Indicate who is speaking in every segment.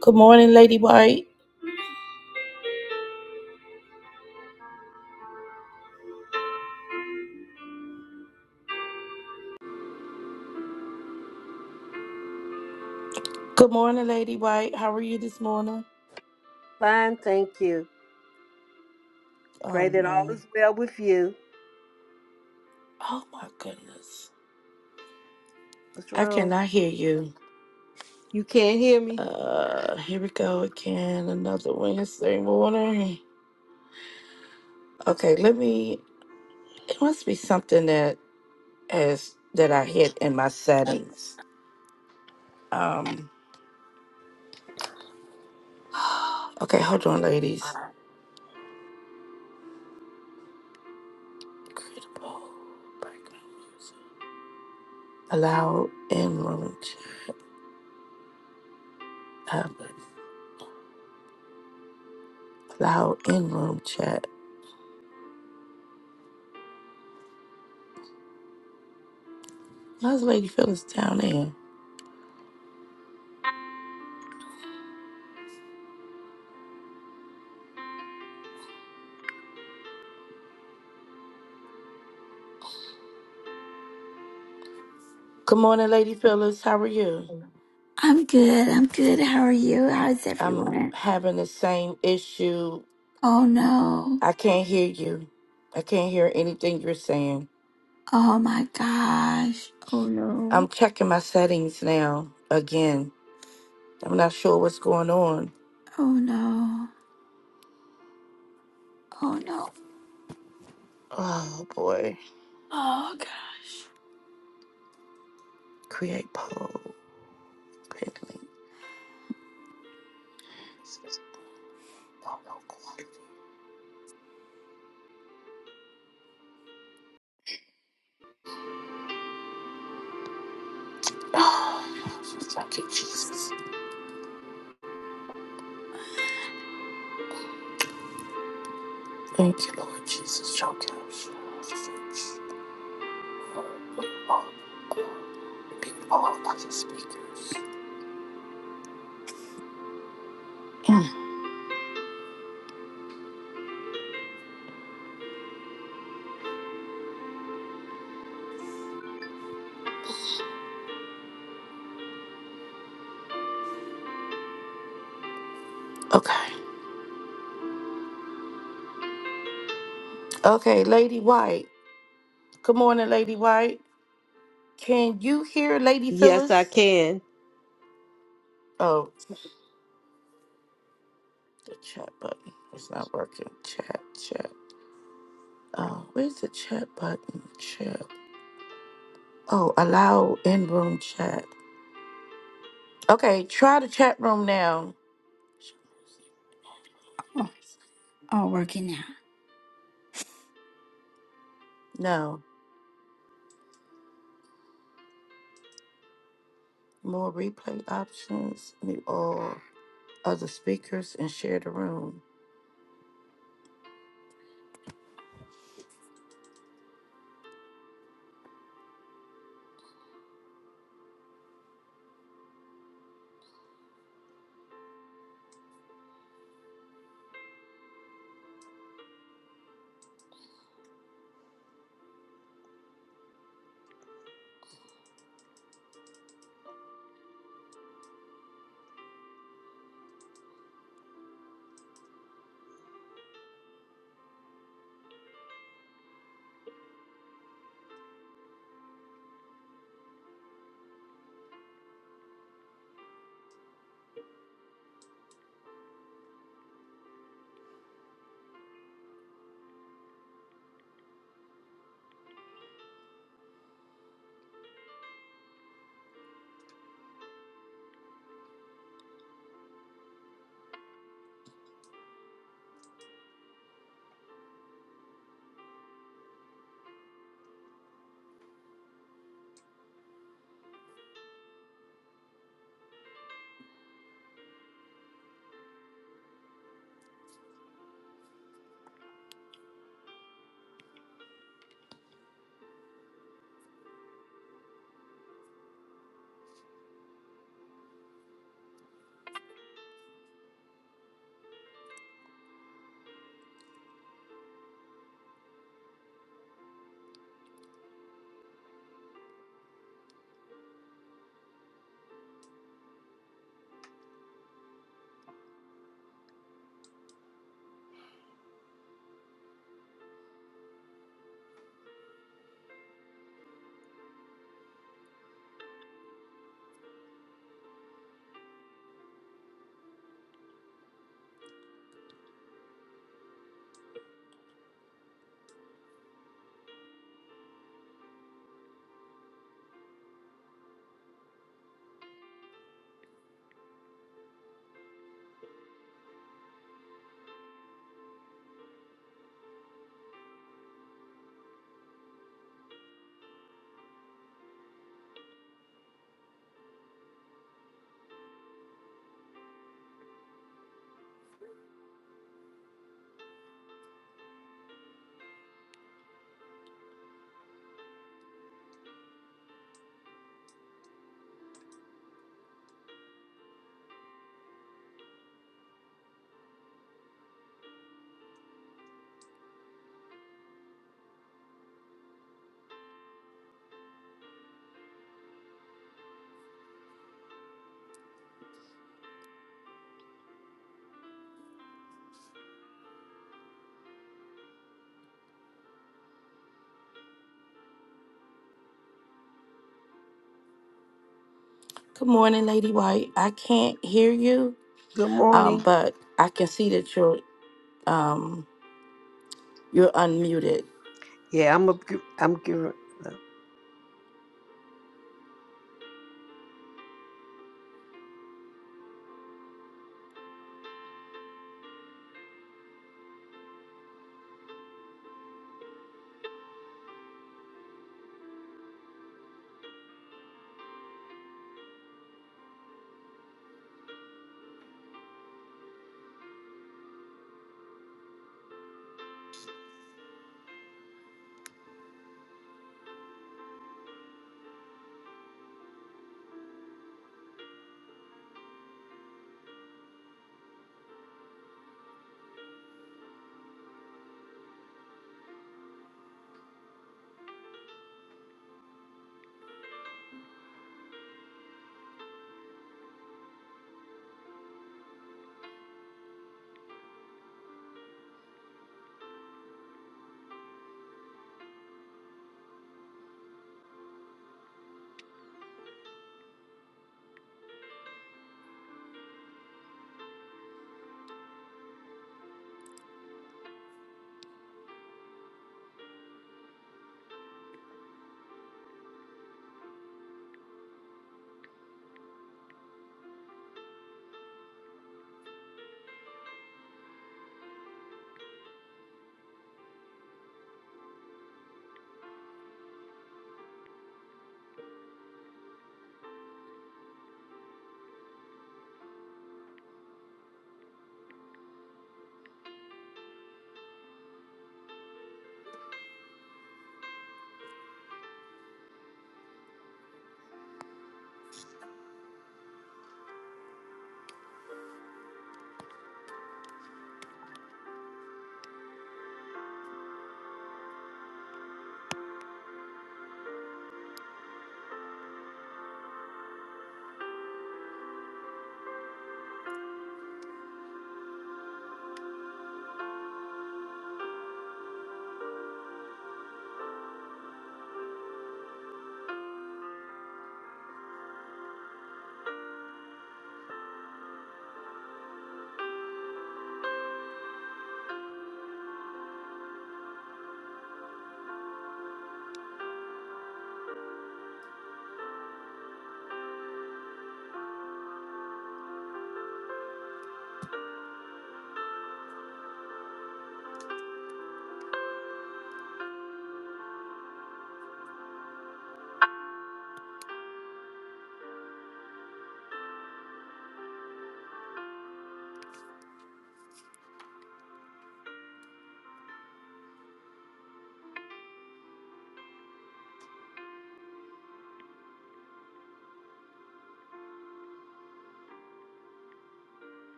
Speaker 1: Good morning, Lady White. Good morning, Lady White. How are you this morning?
Speaker 2: Fine, thank you. Pray
Speaker 1: Oh
Speaker 2: that all
Speaker 1: no.
Speaker 2: is well with you.
Speaker 1: Oh my goodness.
Speaker 2: What's
Speaker 1: I
Speaker 2: wrong?
Speaker 1: cannot hear you.
Speaker 2: You can't hear me?
Speaker 1: Uh here we go again. Another Wednesday morning. Okay, let me it must be something that has that I hit in my settings. Um okay, hold on, ladies. Credible background music. Allow in room chat. Uh, Allow in room chat. How's Lady Phyllis down there? Good morning, Lady Phyllis. How are you?
Speaker 3: I'm good. I'm good. How are you? How's
Speaker 1: I'm
Speaker 3: everyone?
Speaker 1: having the same issue.
Speaker 3: Oh no.
Speaker 1: I can't hear you. I can't hear anything you're saying.
Speaker 3: Oh my gosh. Oh
Speaker 1: I'm
Speaker 3: no.
Speaker 1: checking my settings now again. I'm not sure what's going on.
Speaker 3: Oh no. Oh no.
Speaker 1: Oh boy.
Speaker 3: Oh god.
Speaker 1: Create poll. Pin link. Oh, no, God. Oh, Thank you, Jesus. Thank you, Lord Jesus. Show us. Oh, people all about the speakers. Mm, Okay. Okay, Lady White. Good morning, Lady White. Can you hear Lady
Speaker 2: Yes, I
Speaker 1: Phyllis?
Speaker 2: can.
Speaker 1: Oh, the chat button. It's not working. Chat, chat. Oh, where's the chat button? Chat. Oh, allow in room chat. Okay, try the chat room now.
Speaker 3: Oh, all working now.
Speaker 1: No. More replay options. Mute all other speakers and share the room. Good morning, Lady White. I can't hear you,
Speaker 2: Good
Speaker 1: um,
Speaker 2: morning.
Speaker 1: but I can see that you're um, you're unmuted.
Speaker 2: Yeah, I'm a. I'm giving.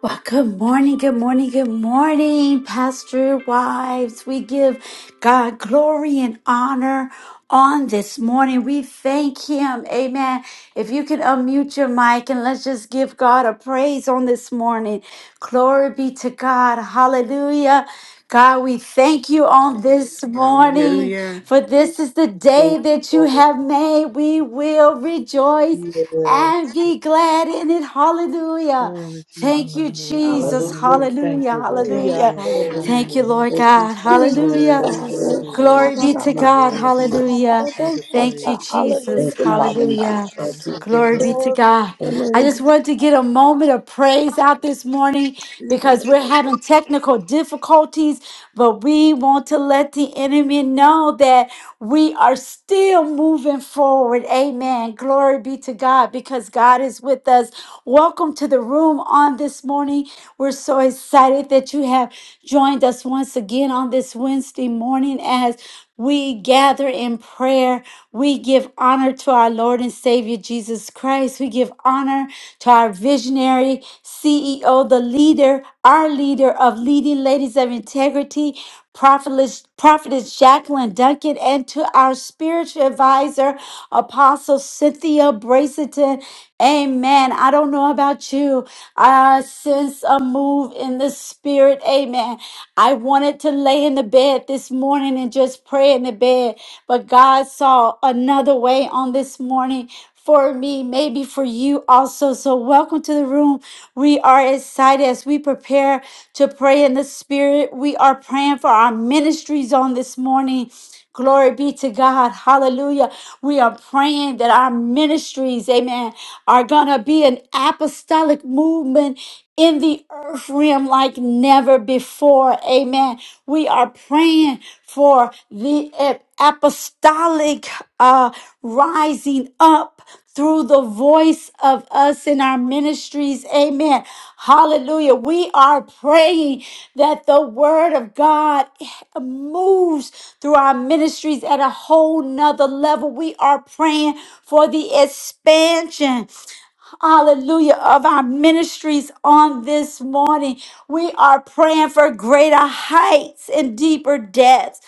Speaker 3: Well, good morning, good morning, good morning, Pastor Wives. We give God glory and honor on this morning. We thank Him. Amen. If you can unmute your mic and let's just give God a praise on this morning. Glory be to God. Hallelujah. God, we thank you on this morning,
Speaker 4: Hallelujah.
Speaker 3: for this is the
Speaker 2: Thank
Speaker 3: day
Speaker 2: you,
Speaker 3: that you
Speaker 2: Lord.
Speaker 3: have made. We will rejoice
Speaker 2: Yes.
Speaker 3: and be glad in it. Hallelujah.
Speaker 5: Glory to your
Speaker 3: Thank
Speaker 5: name,
Speaker 3: you,
Speaker 5: Lord.
Speaker 3: Jesus.
Speaker 2: Hallelujah.
Speaker 5: Hallelujah. Thank
Speaker 3: Hallelujah.
Speaker 5: you, Lord.
Speaker 2: Thank
Speaker 6: Hallelujah.
Speaker 3: Hallelujah.
Speaker 5: Yes,
Speaker 3: Thank
Speaker 6: Hallelujah.
Speaker 3: you,
Speaker 5: hallelujah.
Speaker 3: Lord
Speaker 2: thank you,
Speaker 3: God.
Speaker 7: Thank
Speaker 2: Jesus.
Speaker 7: you,
Speaker 3: Hallelujah.
Speaker 2: Thank
Speaker 5: Worthy,
Speaker 2: you,
Speaker 7: Father.
Speaker 5: worthy,
Speaker 2: Lord.
Speaker 3: Glory
Speaker 5: worthy.
Speaker 3: be to
Speaker 5: You're
Speaker 3: God.
Speaker 5: worthy
Speaker 3: Hallelujah.
Speaker 5: of the
Speaker 3: Thank
Speaker 7: Sa-da-da-ba-ta-sa-ta-da-da-bo-sa-ta.
Speaker 3: you,
Speaker 5: praise.
Speaker 3: Jesus.
Speaker 2: Thank
Speaker 7: Hallelujah,
Speaker 2: you,
Speaker 7: Father
Speaker 5: Hallelujah.
Speaker 2: Jesus.
Speaker 7: God.
Speaker 3: Hallelujah.
Speaker 2: Thank
Speaker 5: Thank
Speaker 2: you,
Speaker 5: you,
Speaker 3: Glory be
Speaker 5: Father.
Speaker 3: to
Speaker 7: Glory to
Speaker 3: God.
Speaker 7: your
Speaker 2: Lord.
Speaker 3: I
Speaker 7: name.
Speaker 3: just wanted to get a moment of praise out this morning because we're having technical difficulties, but we want to let the enemy know that. We are still moving forward. Amen. Glory be to God because God is with us. Welcome to the room on this morning. We're so excited that you have joined us once again on this Wednesday morning as we gather in prayer. We give honor to our Lord and Savior Jesus Christ. We give honor to our visionary CEO, the leader leader, our leader of leading ladies of integrity, prophetess, prophetess Jacqueline Duncan, and to our spiritual advisor, Apostle Cynthia Braceton. Amen. I don't know about you. I sense a move in the spirit. Amen. I wanted to lay in the bed this morning and just pray in the bed, but God saw another way on this morning for me, maybe for you also. So, welcome to the room. We are excited as we prepare to pray in the Spirit. We are praying for our ministries on this morning. Glory be to God. Hallelujah. We are praying that our ministries, amen, are going to be an apostolic movement in the earth realm like never before. Amen. We are praying for the ap- apostolic uh, rising up through the voice of us in our ministries. Amen. Hallelujah. We are praying that the word of God moves through our ministries at a whole nother level. We are praying for the expansion hallelujah, of our ministries on this morning. We are praying for greater heights and deeper depths.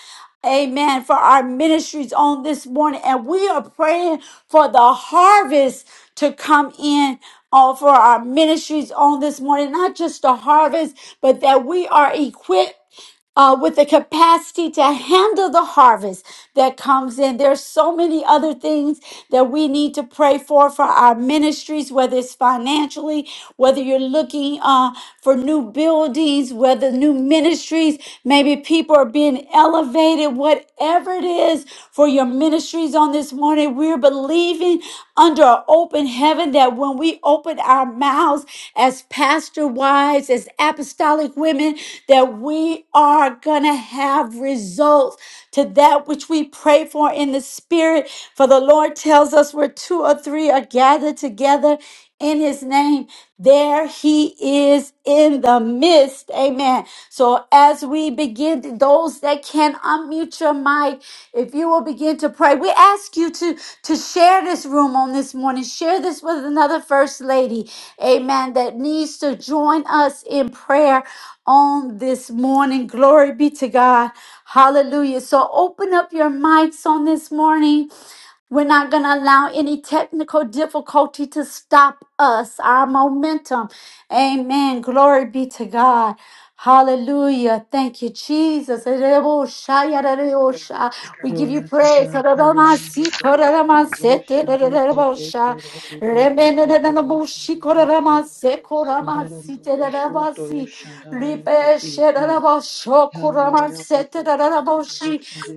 Speaker 3: Amen. For our ministries on this morning. And we are praying for the harvest to come in On for our ministries on this morning. Not just the harvest, but that we are equipped uh, with the capacity to handle the harvest that comes in. There's so many other things that we need to pray for for our ministries, whether it's financially, whether you're looking uh, for new buildings, whether new ministries, maybe people are being elevated, whatever it is for your ministries on this morning. We're believing under an open heaven that when we open our mouths as pastor wives, as apostolic women, that we are going to have results to that which we pray for in the spirit. For the Lord tells us where two or three are gathered together in his name, there he is in the midst. Amen. So as we begin, to- those that can unmute your mic, if you will begin to pray, we ask you to, to share this room on this morning. Share this with another first lady. Amen. That needs to join us in prayer on this morning. Glory be to God. Hallelujah. So open up your mics on this morning. We're not going to allow any technical difficulty to stop us, our momentum. Amen. Glory be to God. Hallelujah. Thank you, Jesus. We give you
Speaker 5: Glory to
Speaker 3: praise.
Speaker 5: God. Hallelujah. Devotion, they take it, they love it, they do good, devotion, they love you. That I need to go, devotion, that I need to be Yeah,
Speaker 3: Rebecca,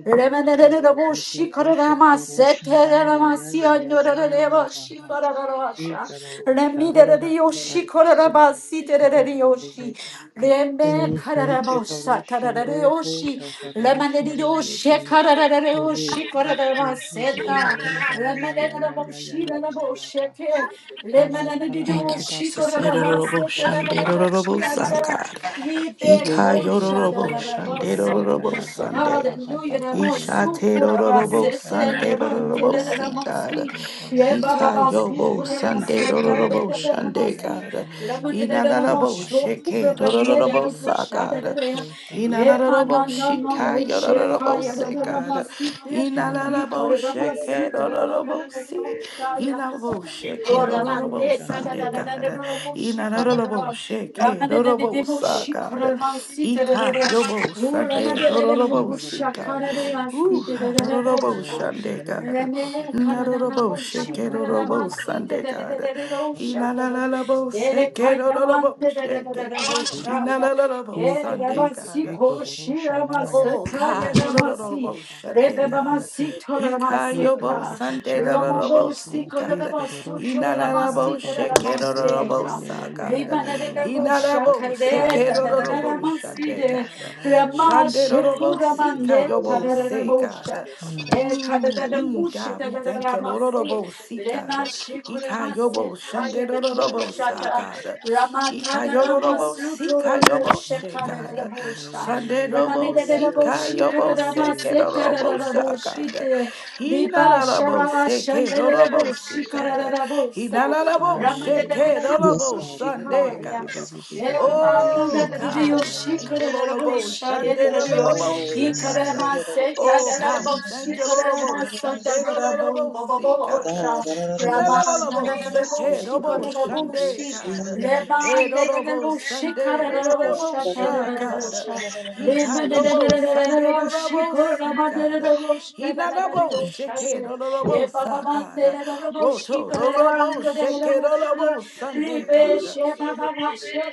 Speaker 2: Mhm. Mhm.
Speaker 1: Thank you, Jesus. Edororobo shandedororobo sa, God.
Speaker 5: Ye
Speaker 1: Ika
Speaker 5: ke ke
Speaker 1: yororobo
Speaker 5: toro shanda ya da
Speaker 1: shandedororobo
Speaker 5: ya ba ba
Speaker 1: Sunday.
Speaker 5: ba ba ba
Speaker 3: Hallelujah.
Speaker 5: ba
Speaker 3: Namo
Speaker 5: be e.
Speaker 3: sukuraba
Speaker 5: Ye
Speaker 1: Ishatedororobo
Speaker 5: ke
Speaker 3: sete
Speaker 5: toro shanda
Speaker 3: yebante
Speaker 1: sandedororobo
Speaker 3: de
Speaker 5: ya da
Speaker 1: si,
Speaker 5: ba ba ba
Speaker 1: God.
Speaker 3: namasi.
Speaker 5: be toro
Speaker 3: Ye
Speaker 1: Ika
Speaker 3: baba
Speaker 5: shanda ye
Speaker 1: yobo
Speaker 5: ye.
Speaker 3: sukuraba sete
Speaker 5: Ye
Speaker 3: de
Speaker 1: sandedororobo
Speaker 5: ke
Speaker 3: de
Speaker 5: ke
Speaker 1: shande,
Speaker 3: namasi.
Speaker 1: God.
Speaker 5: toro shanda
Speaker 3: Ramane
Speaker 5: ya
Speaker 3: de
Speaker 5: da
Speaker 3: namo
Speaker 5: ba ba
Speaker 1: Inanarabo
Speaker 5: ba ba ba ba be
Speaker 3: sukuraba
Speaker 5: shanda
Speaker 3: ne de
Speaker 1: shekedororobo
Speaker 5: ye.
Speaker 3: namo
Speaker 1: sa,
Speaker 3: shade
Speaker 1: God.
Speaker 3: de.
Speaker 5: Ye ke toro shanda
Speaker 3: Ye
Speaker 1: Inanarabo
Speaker 3: mana
Speaker 5: ya
Speaker 3: na na
Speaker 1: shika
Speaker 3: no
Speaker 5: da toro
Speaker 1: yororobo
Speaker 3: sheka ya
Speaker 1: se,
Speaker 5: shanda
Speaker 3: de
Speaker 5: ye.
Speaker 1: God.
Speaker 3: namasi te.
Speaker 5: Hmm.
Speaker 3: Ye
Speaker 1: Inanarabo
Speaker 3: kore namasi te ya
Speaker 1: shekedororobo
Speaker 3: de
Speaker 1: si.
Speaker 3: namo shaya.
Speaker 1: Inabo
Speaker 5: Ye ke toro
Speaker 1: Robo
Speaker 5: shanda
Speaker 3: Orabandeta da
Speaker 5: ya
Speaker 1: Sunday,
Speaker 3: da
Speaker 5: da
Speaker 3: da
Speaker 5: ya
Speaker 3: da da
Speaker 1: God.
Speaker 5: da
Speaker 1: Inarabo
Speaker 3: roboshikoro
Speaker 1: Sheke,
Speaker 5: ya
Speaker 3: ramade da
Speaker 5: da.
Speaker 3: da
Speaker 1: Robo
Speaker 3: da
Speaker 1: Sa,
Speaker 5: Papa,
Speaker 1: God.
Speaker 3: boshikoro
Speaker 5: papa,
Speaker 3: masite da da
Speaker 1: Ika,
Speaker 3: da
Speaker 1: Yobo Sunday,
Speaker 3: uramade da da da
Speaker 1: Robo Sika.
Speaker 3: boshakara de
Speaker 1: Ooh,
Speaker 3: asite da da da
Speaker 1: Robo
Speaker 3: bosha
Speaker 1: Sunday, God.
Speaker 3: reme kara da da
Speaker 1: Narobo Sheke,
Speaker 3: boshikara da
Speaker 1: Robo
Speaker 3: masite
Speaker 1: Sunday,
Speaker 3: da da da
Speaker 1: God.
Speaker 3: da da rosha da da da
Speaker 1: Inarabo
Speaker 3: de
Speaker 1: Seke,
Speaker 3: kaya
Speaker 1: Robo
Speaker 3: mande da da da da
Speaker 1: Sheke.
Speaker 3: da bosha ya
Speaker 1: Inarabo
Speaker 3: e ya
Speaker 1: Sunday, God.
Speaker 3: basi koshi ya
Speaker 1: Oh
Speaker 3: masata ya
Speaker 1: God, oh
Speaker 3: da
Speaker 1: no no no
Speaker 5: papa,
Speaker 1: no,
Speaker 3: masi
Speaker 1: oh
Speaker 5: papa,
Speaker 1: shande
Speaker 3: rebe ba
Speaker 1: God,
Speaker 3: masi
Speaker 5: Shanda
Speaker 1: he
Speaker 3: tora
Speaker 5: Hey,
Speaker 1: kayo
Speaker 3: maseka
Speaker 1: bo
Speaker 5: Kadara, touch
Speaker 1: Sunday
Speaker 5: our
Speaker 1: no no no
Speaker 3: Romobo
Speaker 1: bo
Speaker 5: ministries,
Speaker 1: si
Speaker 5: Lord. Hey,
Speaker 1: God,
Speaker 3: Sikorabas
Speaker 1: he
Speaker 5: Kadoroshan,
Speaker 1: na na na
Speaker 5: I
Speaker 1: bo
Speaker 3: Tororamasita
Speaker 1: sheke
Speaker 5: Kadoroshan,
Speaker 1: no no
Speaker 5: yeah,
Speaker 1: no bo
Speaker 5: yeah,
Speaker 3: Ramaseka
Speaker 5: yeah,
Speaker 1: sa
Speaker 5: yeah, yeah, yeah,
Speaker 1: God,
Speaker 5: yeah, yeah, yeah,
Speaker 1: he
Speaker 3: Ribanadabo
Speaker 1: na
Speaker 5: Papa.
Speaker 1: na bo sheke
Speaker 3: Shakareta
Speaker 1: no no
Speaker 5: Hallelujah,
Speaker 1: no
Speaker 5: yeah, yeah,
Speaker 1: bo
Speaker 5: Kadoroshan,
Speaker 1: shande
Speaker 3: Ramaside
Speaker 1: God,
Speaker 5: yeah, yeah, yeah, yeah,
Speaker 1: Sunday
Speaker 5: yeah,
Speaker 1: no no
Speaker 5: yeah,
Speaker 1: bo
Speaker 5: yeah,
Speaker 1: si
Speaker 5: yeah,
Speaker 3: Ramashekuramande
Speaker 1: kayo bo
Speaker 5: yeah,
Speaker 1: se
Speaker 3: Tarabosha
Speaker 1: God,
Speaker 5: yeah, yeah. Mm.
Speaker 1: mm
Speaker 3: Ekadada
Speaker 1: mm God
Speaker 3: Kushita
Speaker 1: we thank you Lord no no
Speaker 5: Thank
Speaker 3: Ramasi
Speaker 1: bo si God, he kayo
Speaker 3: Remashikuramase
Speaker 1: bo shande, no no no bo sa
Speaker 8: manana
Speaker 3: Tayanaboshata
Speaker 8: ne,
Speaker 1: God.
Speaker 3: Ramatada
Speaker 8: manana
Speaker 1: Ikayororobo
Speaker 3: Ramasuto
Speaker 1: sikayobo
Speaker 3: Robosha
Speaker 1: shekada.
Speaker 3: Karabosha
Speaker 1: Sunday robo
Speaker 8: ne,
Speaker 3: Ramanadabo
Speaker 8: manana
Speaker 1: sikayobo
Speaker 3: Shikoramaseta
Speaker 1: sekerorobo shakada.
Speaker 3: Raboshite Riba
Speaker 1: Hinarabo
Speaker 3: Shavava
Speaker 1: sekerorobo
Speaker 3: Shandarabo
Speaker 1: sikada.
Speaker 5: you.
Speaker 3: Shikararabosa
Speaker 1: Hinarabo
Speaker 3: Ramadadadadadabu
Speaker 6: Yes,
Speaker 1: shekerorobo
Speaker 6: God.
Speaker 1: Sunday
Speaker 3: Shikaya
Speaker 1: kada.
Speaker 6: Yes.
Speaker 1: Oh God,
Speaker 3: Emanadadadio
Speaker 1: we thank you, Lord,
Speaker 3: Shikararabo
Speaker 1: about
Speaker 6: Oh,
Speaker 1: Sunday,
Speaker 6: God.
Speaker 1: Lord,
Speaker 3: Shadadadio
Speaker 1: about see
Speaker 6: Yes,
Speaker 1: God.
Speaker 3: Ikarama Seta
Speaker 1: Oh God, we
Speaker 3: Darabo
Speaker 1: thank you, Lord, about
Speaker 3: Shikarama Sata
Speaker 1: Sunday, Lord,
Speaker 3: Darabo
Speaker 1: about see God.
Speaker 3: Bababosha
Speaker 1: Na na na na bo,
Speaker 3: Ramanadadabo
Speaker 1: seke, no, bo,
Speaker 6: Yes.
Speaker 3: Shikarabo
Speaker 1: shande,
Speaker 3: Shi
Speaker 1: God. Hey, no, no, bo,
Speaker 3: Rebanadadabo
Speaker 1: Sunday, no,
Speaker 6: Yes,
Speaker 1: no,
Speaker 3: Shikarabo
Speaker 1: no, bo, sha, God. He
Speaker 3: E
Speaker 1: ka,
Speaker 3: mamma de
Speaker 1: yo,
Speaker 6: God.
Speaker 3: de
Speaker 1: bo, Sunday, no, no,
Speaker 3: massi
Speaker 1: bo,
Speaker 3: corre da
Speaker 1: si, God.
Speaker 3: Ribababa,
Speaker 1: He na, no, bo, sheke, no, no, no, bo, sa, God. Roto, no, no, bo, sheke, no, no, bo, Sunday, God.